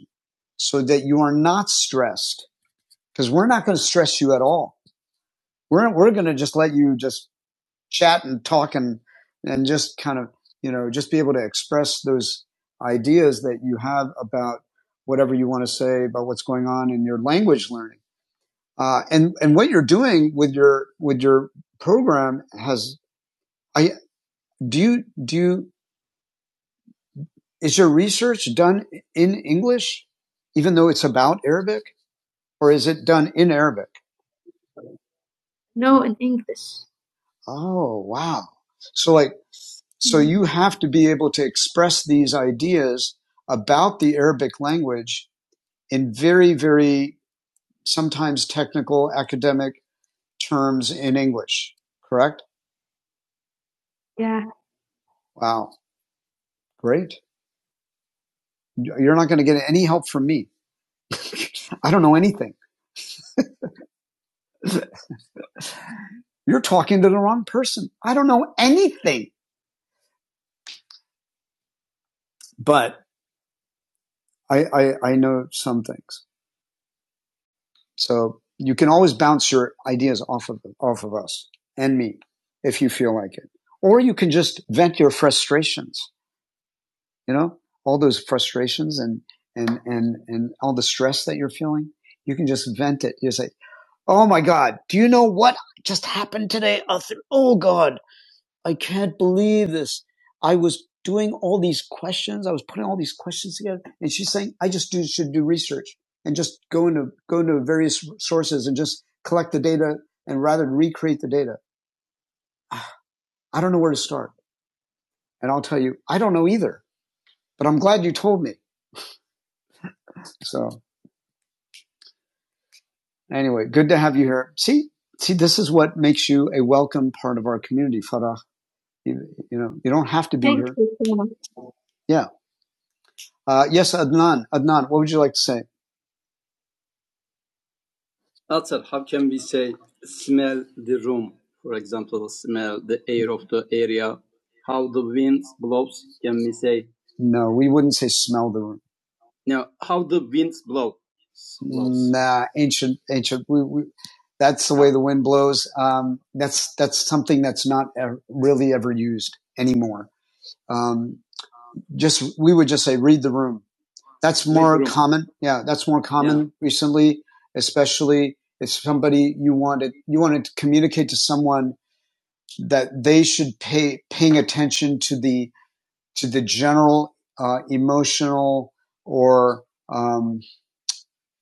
A: so that you are not stressed because we're not going to stress you at all. We're we're going to just let you just chat and talk and, and just kind of, you know, just be able to express those ideas that you have about whatever you want to say about what's going on in your language learning. Uh, and, and what you're doing with your, with your program has, I, do you, do you, is your research done in English, even though it's about Arabic or is it done in Arabic? No, in English. Oh, wow. So like, so Mhm. you have to be able to express these ideas about the Arabic language in very, very sometimes technical academic terms in English, correct? Yeah. Wow. Great. You're not going to get any help from me. I don't know anything. You're talking to the wrong person. I don't know anything, but I, I, I know some things. So you can always bounce your ideas off of off of us and me if you feel like it, or you can just vent your frustrations. You know, all those frustrations and and and and all the stress that you're feeling, you can just vent it. You say, "Oh my God, do you know what just happened today, Arthur? Oh God." I can't believe this. I was doing all these questions. I was putting all these questions together. And she's saying, I just do, should do research and just go into, go into various sources and just collect the data and rather than recreate the data. I don't know where to start. And I'll tell you, I don't know either, but I'm glad you told me. So anyway, good to have you here. See, see, this is what makes you a welcome part of our community, Farah. You, you know, you don't have to be Thank here. You. Yeah. Uh, yes, Adnan, Adnan, what would you like to say? No, we wouldn't say smell the room. Uh, ancient, ancient. We, we, that's the way the wind blows. Um, that's that's something that's not ever, really ever used anymore. Um, just we would just say read the room. That's common. Yeah, that's more common recently, especially if somebody you wanted you wanted to communicate to someone that they should pay paying attention to the to the general uh, emotional or um.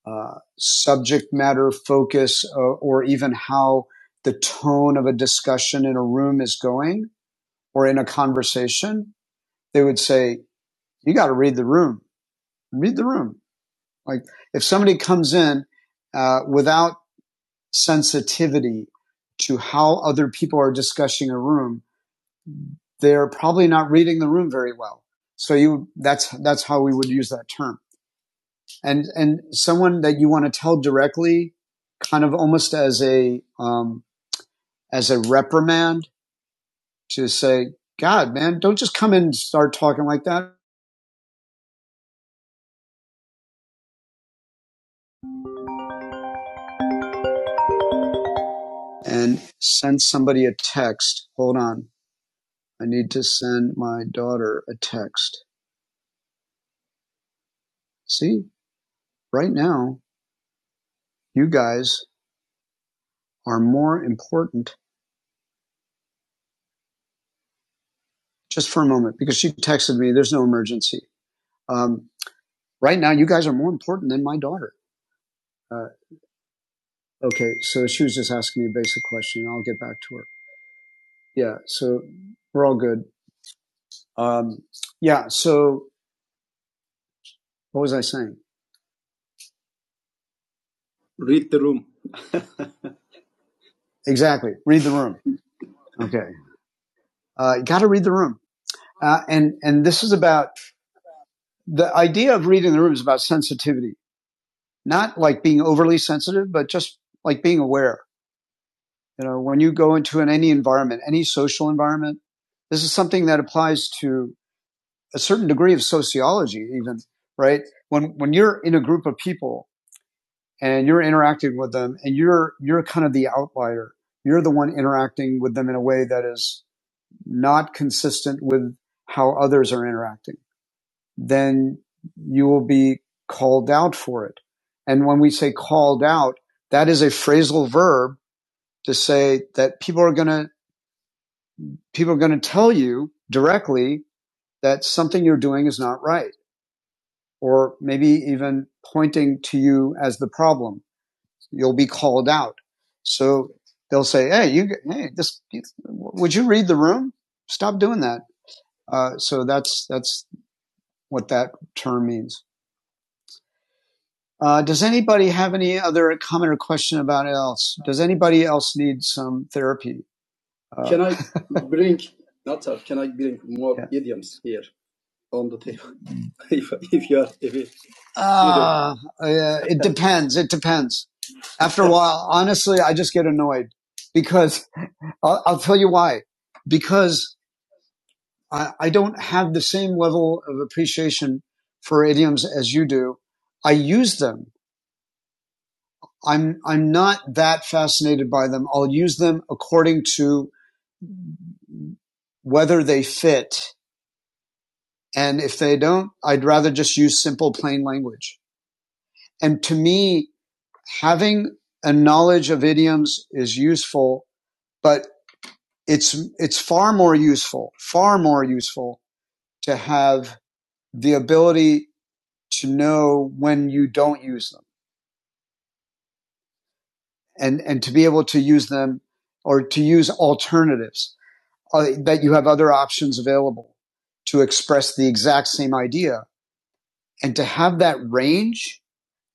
A: uh, subject matter focus uh, or even how the tone of a discussion in a room is going or in a conversation, they would say, you got to read the room, read the room. Like if somebody comes in uh, without sensitivity to how other people are discussing a room, they're probably not reading the room very well. So you, that's, that's how we would use that term. and and someone that you want to tell directly, kind of almost as a um, as a reprimand to say, God, man, don't just come in and start talking like that. And send somebody a text. Hold on, I need to send my daughter a text. See, right now, you guys are more important just for a moment because she texted me, there's no emergency. Um, right now, you guys are more important than my daughter. Uh, okay, so she was just asking me a basic question, and I'll get back to her. Yeah, so we're all good. Um, yeah, so what was I saying? Exactly. Read the room. Okay. Uh, Got to read the room. Uh, and, and this is about the idea of reading the room is about sensitivity, not like being overly sensitive, but just like being aware. You know, when you go into an, any environment, any social environment, this is something that applies to a certain degree of sociology, even right. When when you're in a group of people and you're interacting with them, and you're you're kind of the outlier, you're the one interacting with them in a way that is not consistent with how others are interacting, then you will be called out for it. And when we say called out, that is a phrasal verb to say that people are going to people are going to tell you directly that something you're doing is not right, or maybe even pointing to you as the problem. You'll be called out. So they'll say, "Hey, you, hey, this, would you read the room? Stop doing that." Uh, so that's that's what that term means. Uh, does anybody have any other comment or question about else? Does anybody else need some therapy? Uh, uh, uh, it depends. It depends. After a while, honestly, I just get annoyed because I'll, I'll tell you why. Because I, I don't have the same level of appreciation for idioms as you do. I use them. I'm, I'm not that fascinated by them. I'll use them according to whether they fit. And if they don't, I'd rather just use simple, plain language. And to me, having a knowledge of idioms is useful, but it's it's far more useful, far more useful to have the ability to know when you don't use them and and to be able to use them or to use alternatives uh, that you have other options available to express the exact same idea and to have that range,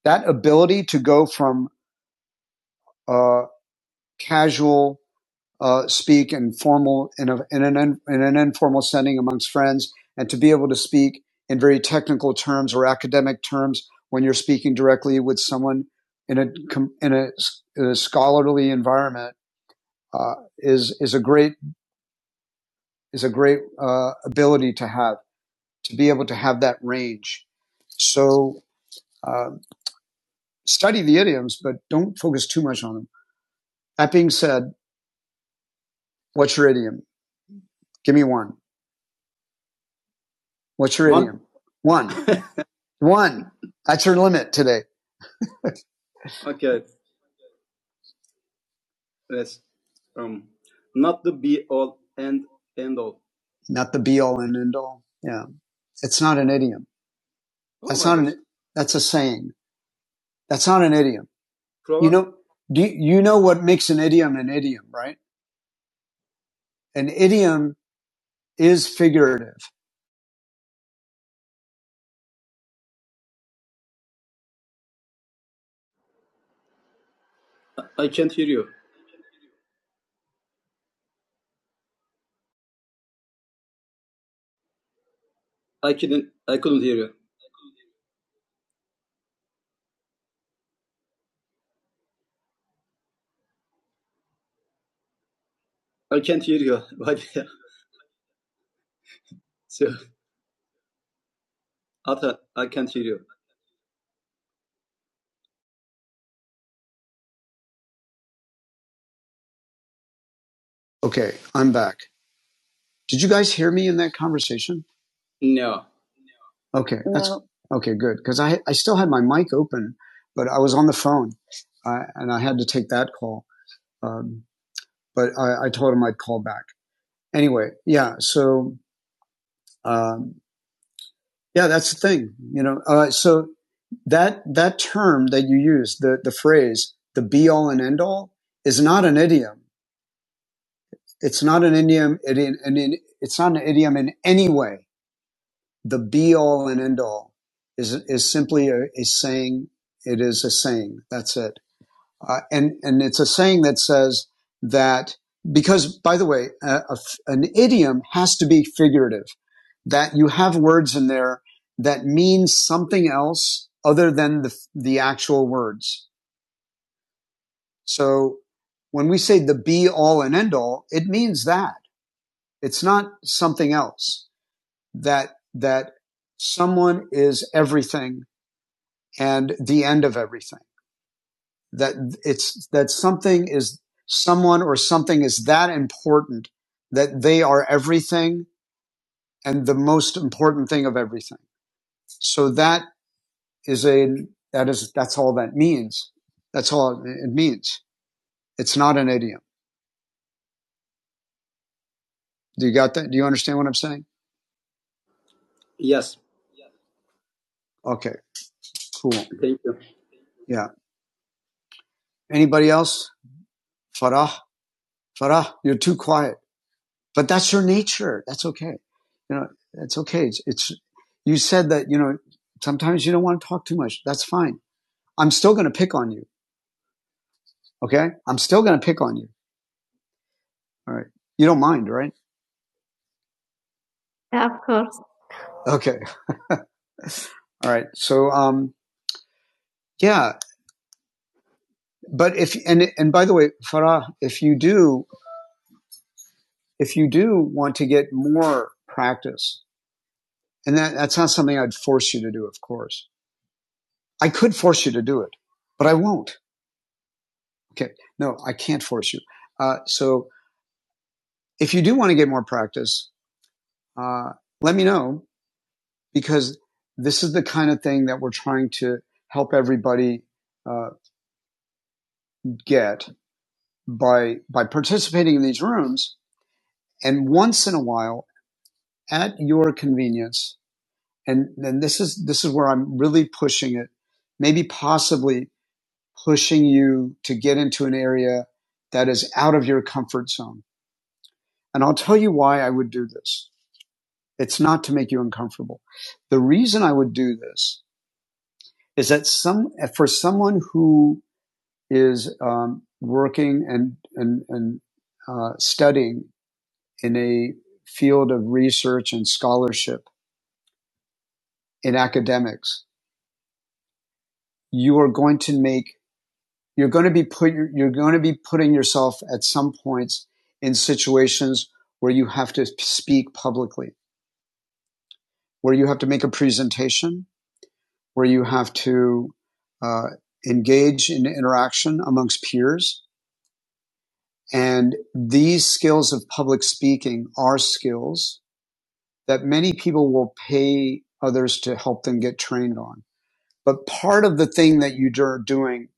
A: that ability to go from uh, casual uh, speak in formal in, a, in, an, in in an informal setting amongst friends and to be able to speak in very technical terms or academic terms when you're speaking directly with someone in a in a, s- in a scholarly environment uh, is is a great is a great uh, ability to have to be able to have that range so uh, study the idioms but don't focus too much on them that being said what's your idiom give me one what's your idiom? one One. That's your limit today. Not the be all and end all. Yeah. It's not an idiom. That's a saying. That's not an idiom. Do you, you know what makes an idiom an idiom, right? An idiom is figurative. Okay. I'm back. Did you guys hear me in that conversation? Okay. That's no. okay. Good. Cause I, I still had my mic open, but I was on the phone I, and I had to take that call. Um, but I, I told him I'd call back anyway. Yeah. So, um, Yeah, that's the thing. You know, uh, so that that term that you use, the the phrase, the be all and end all, is not an idiom. It's not an idiom. It, in, an in- it's not an idiom in any way. The be all and end all is is simply a, a saying. It is a saying. That's it. Uh, and, and it's a saying that says that because, by the way, a, a f- an idiom has to be figurative, that you have words in there that mean something else other than the, the actual words. So when we say the be all and end all, it means that it's not something else that, that someone is everything and the end of everything. that it's that something is someone or something is that important that they are everything and the most important thing of everything. So that is a that is that's all that means. That's all it means. It's not an idiom. Do you got that? Do you understand what I'm saying? Okay, cool. Yeah. Anybody else? Farah, Farah, you're too quiet. But that's your nature. That's okay. You know, it's okay. It's, it's you said that, you know, sometimes you don't want to talk too much. That's fine. I'm still going to pick on you. Okay. I'm still going to pick on you. All right. You don't mind, right? Yeah, of course. Okay. All right. So, um, yeah, but if, and, and by the way, Farah, if you do, if you do want to get more practice, and that, that's not something I'd force you to do, of course. I could force you to do it, but I won't. Okay. No, I can't force you. Uh, so if you do want to get more practice, uh, let me know because this is the kind of thing that we're trying to help everybody uh, get by by participating in these rooms and once in a while at your convenience and and this is this is where I'm really pushing it maybe possibly pushing you to get into an area that is out of your comfort zone and I'll tell you why I would do this it's not to make you uncomfortable the reason I would do this is that some for someone who is um, working and and, and uh, studying in a field of research and scholarship in academics, you are going to make you're going to be put you're going to be putting yourself at some points in situations where you have to speak publicly, where you have to make a presentation, where you have to uh, engage in interaction amongst peers. And these skills of public speaking are skills that many people will pay others to help them get trained on. But part of the thing that you are doing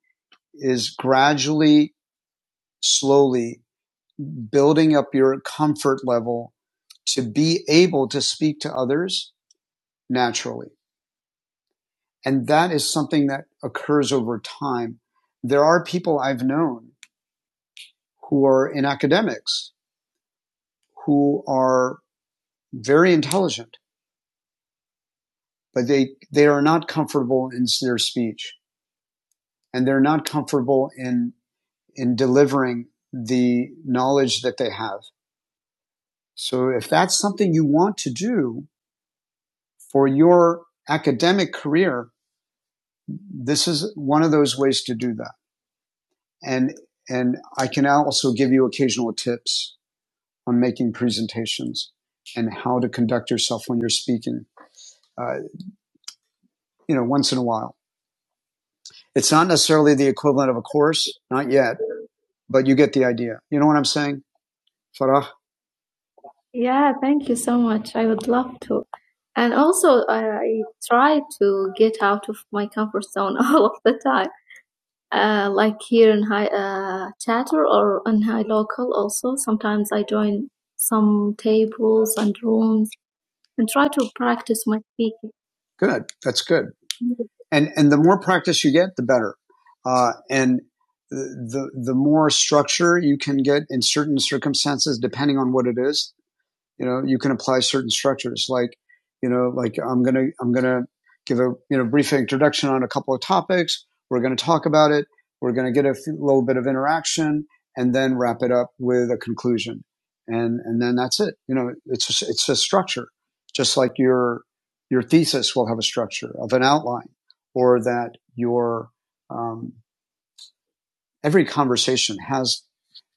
A: is gradually, slowly building up your comfort level to be able to speak to others naturally. And that is something that occurs over time. There are people I've known who are in academics who are very intelligent, but they, they are not comfortable in their speech and they're not comfortable in in delivering the knowledge that they have. So if that's something you want to do for your academic career, this is one of those ways to do that. And, and I can also give you occasional tips on making presentations and how to conduct yourself when you're speaking, uh, you know, once in a while. It's not necessarily the equivalent of a course, not yet, but you get the idea. You know what I'm saying, Farah? Yeah, thank you so much. I would love to. And also, I try to get out of my comfort zone all of the time. Uh, like here in High uh, Chatter or in High Local, also sometimes I join some tables and rooms and try to practice my speaking. Good, that's good. And and the more practice you get, the better. Uh, and the the the more structure you can get in certain circumstances, depending on what it is, you know you can apply certain structures like you know like i'm gonna i'm gonna give a you know brief introduction on a couple of topics we're gonna talk about it we're gonna get a f- little bit of interaction and then wrap it up with a conclusion and and then that's it you know it's just, it's a structure just like your your thesis will have a structure of an outline or that your um, every conversation has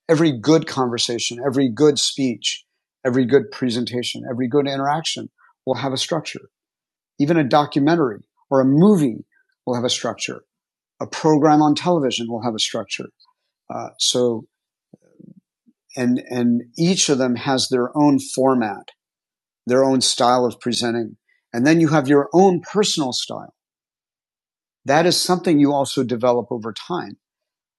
A: every good conversation, every good speech, every good presentation, every good interaction will have a structure. Even a documentary or a movie will have a structure. A program on television will have a structure. Uh, so, and and each of them has their own format, their own style of presenting, and then you have your own personal style. That is something you also develop over time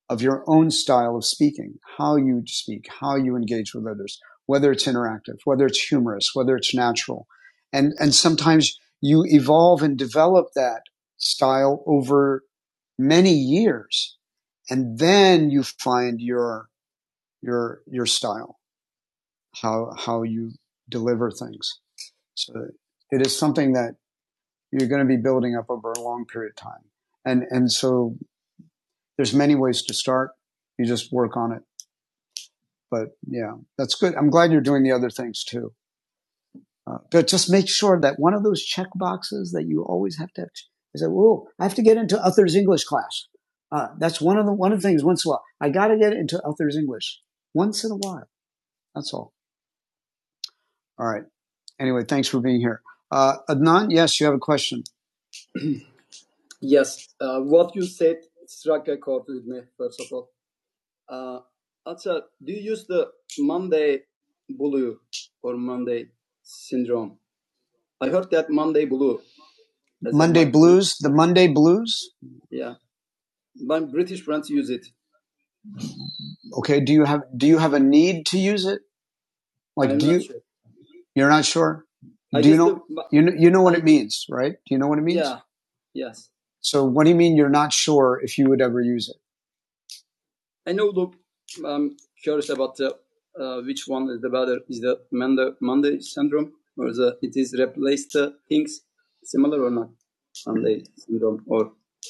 A: of your own style of speaking, how you speak, how you engage with others, whether it's interactive, whether it's humorous, whether it's natural. And, and sometimes you evolve and develop that style over many years. And then you find your, your, your style, how, how you deliver things. So it is something that you're going to be building up over a long period of time. And, and so there's many ways to start. You just work on it but yeah, that's good. I'm glad you're doing the other things too. Uh, but just make sure that one of those check boxes that you always have to have is that, whoa, I have to get into Uther's English class. Uh, that's one of the, one of the things once in a while. I got to get into Uther's English once in a while. That's all. All right. Anyway, thanks for being here. Uh, Adnan, yes, you have a question. The Monday blues. Okay. Do you have, do you have a need to use it? Like, you're not sure? You know, you know what it means, right? Do you know what it means? So what do you mean you're not sure if you would ever use it?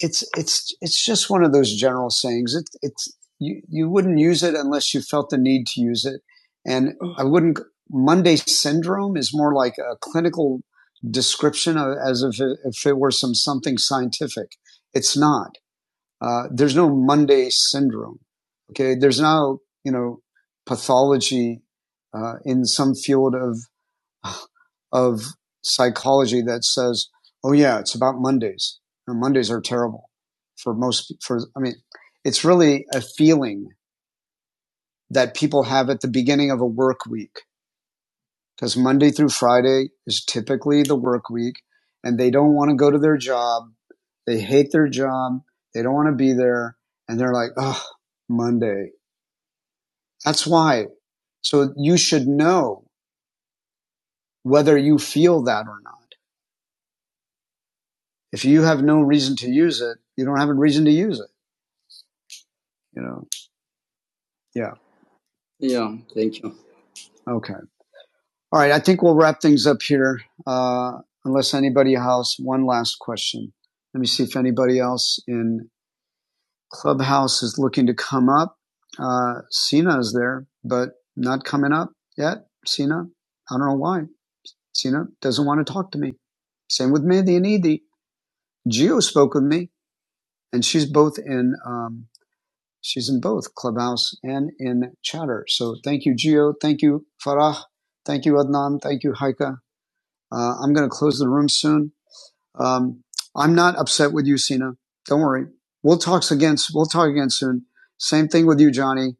A: it's it's it's just one of those general sayings. It, it's you you wouldn't use it unless you felt the need to use it, and I wouldn't. Monday syndrome is more like a clinical description of, as if it, if it were some something scientific. It's not. Uh, there's no Monday syndrome. Okay, there's no you know pathology uh, in some field of of psychology that says, "Oh yeah, it's about Mondays. And Mondays are terrible for most." For I mean, it's really a feeling that people have at the beginning of a work week because Monday through Friday is typically the work week, and they don't want to go to their job. They hate their job. They don't want to be there, and they're like, "Oh, Monday." That's why. So you should know whether you feel that or not. if you have no reason to use it, you don't have a reason to use it. You know. Yeah. Okay. All right. I think we'll wrap things up here, uh, unless anybody else. One last question. Let me see if anybody else in Clubhouse is looking to come up. Uh, Sina is there, but not coming up yet. Sina, I don't know why. Sina doesn't want to talk to me. Same with Mandy and Edie. Geo spoke with me, and she's both in um, She's in both Clubhouse and in Chatter. So thank you, Gio. Thank you, Farah. Thank you, Adnan. Thank you, Haika. Uh, I'm going to close the room soon. Um, I'm not upset with you, Sina. Don't worry. We'll talk again. We'll talk again soon. Same thing with you, Johnny,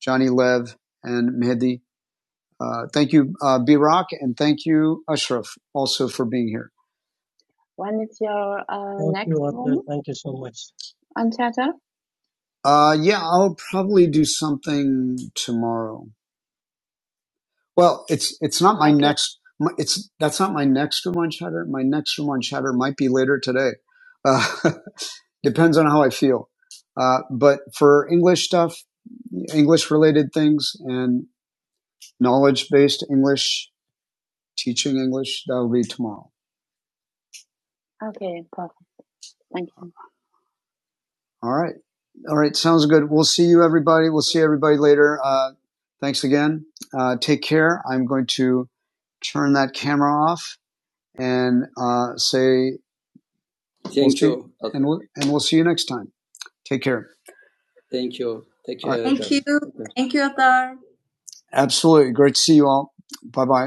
A: Johnny Lev, and Mehdi. Uh, thank you, uh, Birak, and thank you, Ashraf, also for being here. When is your uh,
C: Thank
A: next
C: you, Arthur.
A: room
C: Thank you so much.
A: on Chatter? Uh, yeah, I'll probably do something tomorrow. Well, it's it's not my next. It's that's not my next Ramon Shatter. My next Ramon Shatter might be later today. Uh, depends on how I feel. Uh, but for English stuff, English related things, and knowledge based English teaching English, that'll be tomorrow. Okay, perfect. Thank you. All right, all right, sounds good. We'll see you everybody. We'll see everybody later. Uh, thanks again. Uh, take care. I'm going to turn that camera off. and uh, say, and we'll, and we'll see you next time. Take care. Thank you, Thank you, Atar. Absolutely. Great to see you all. Bye bye.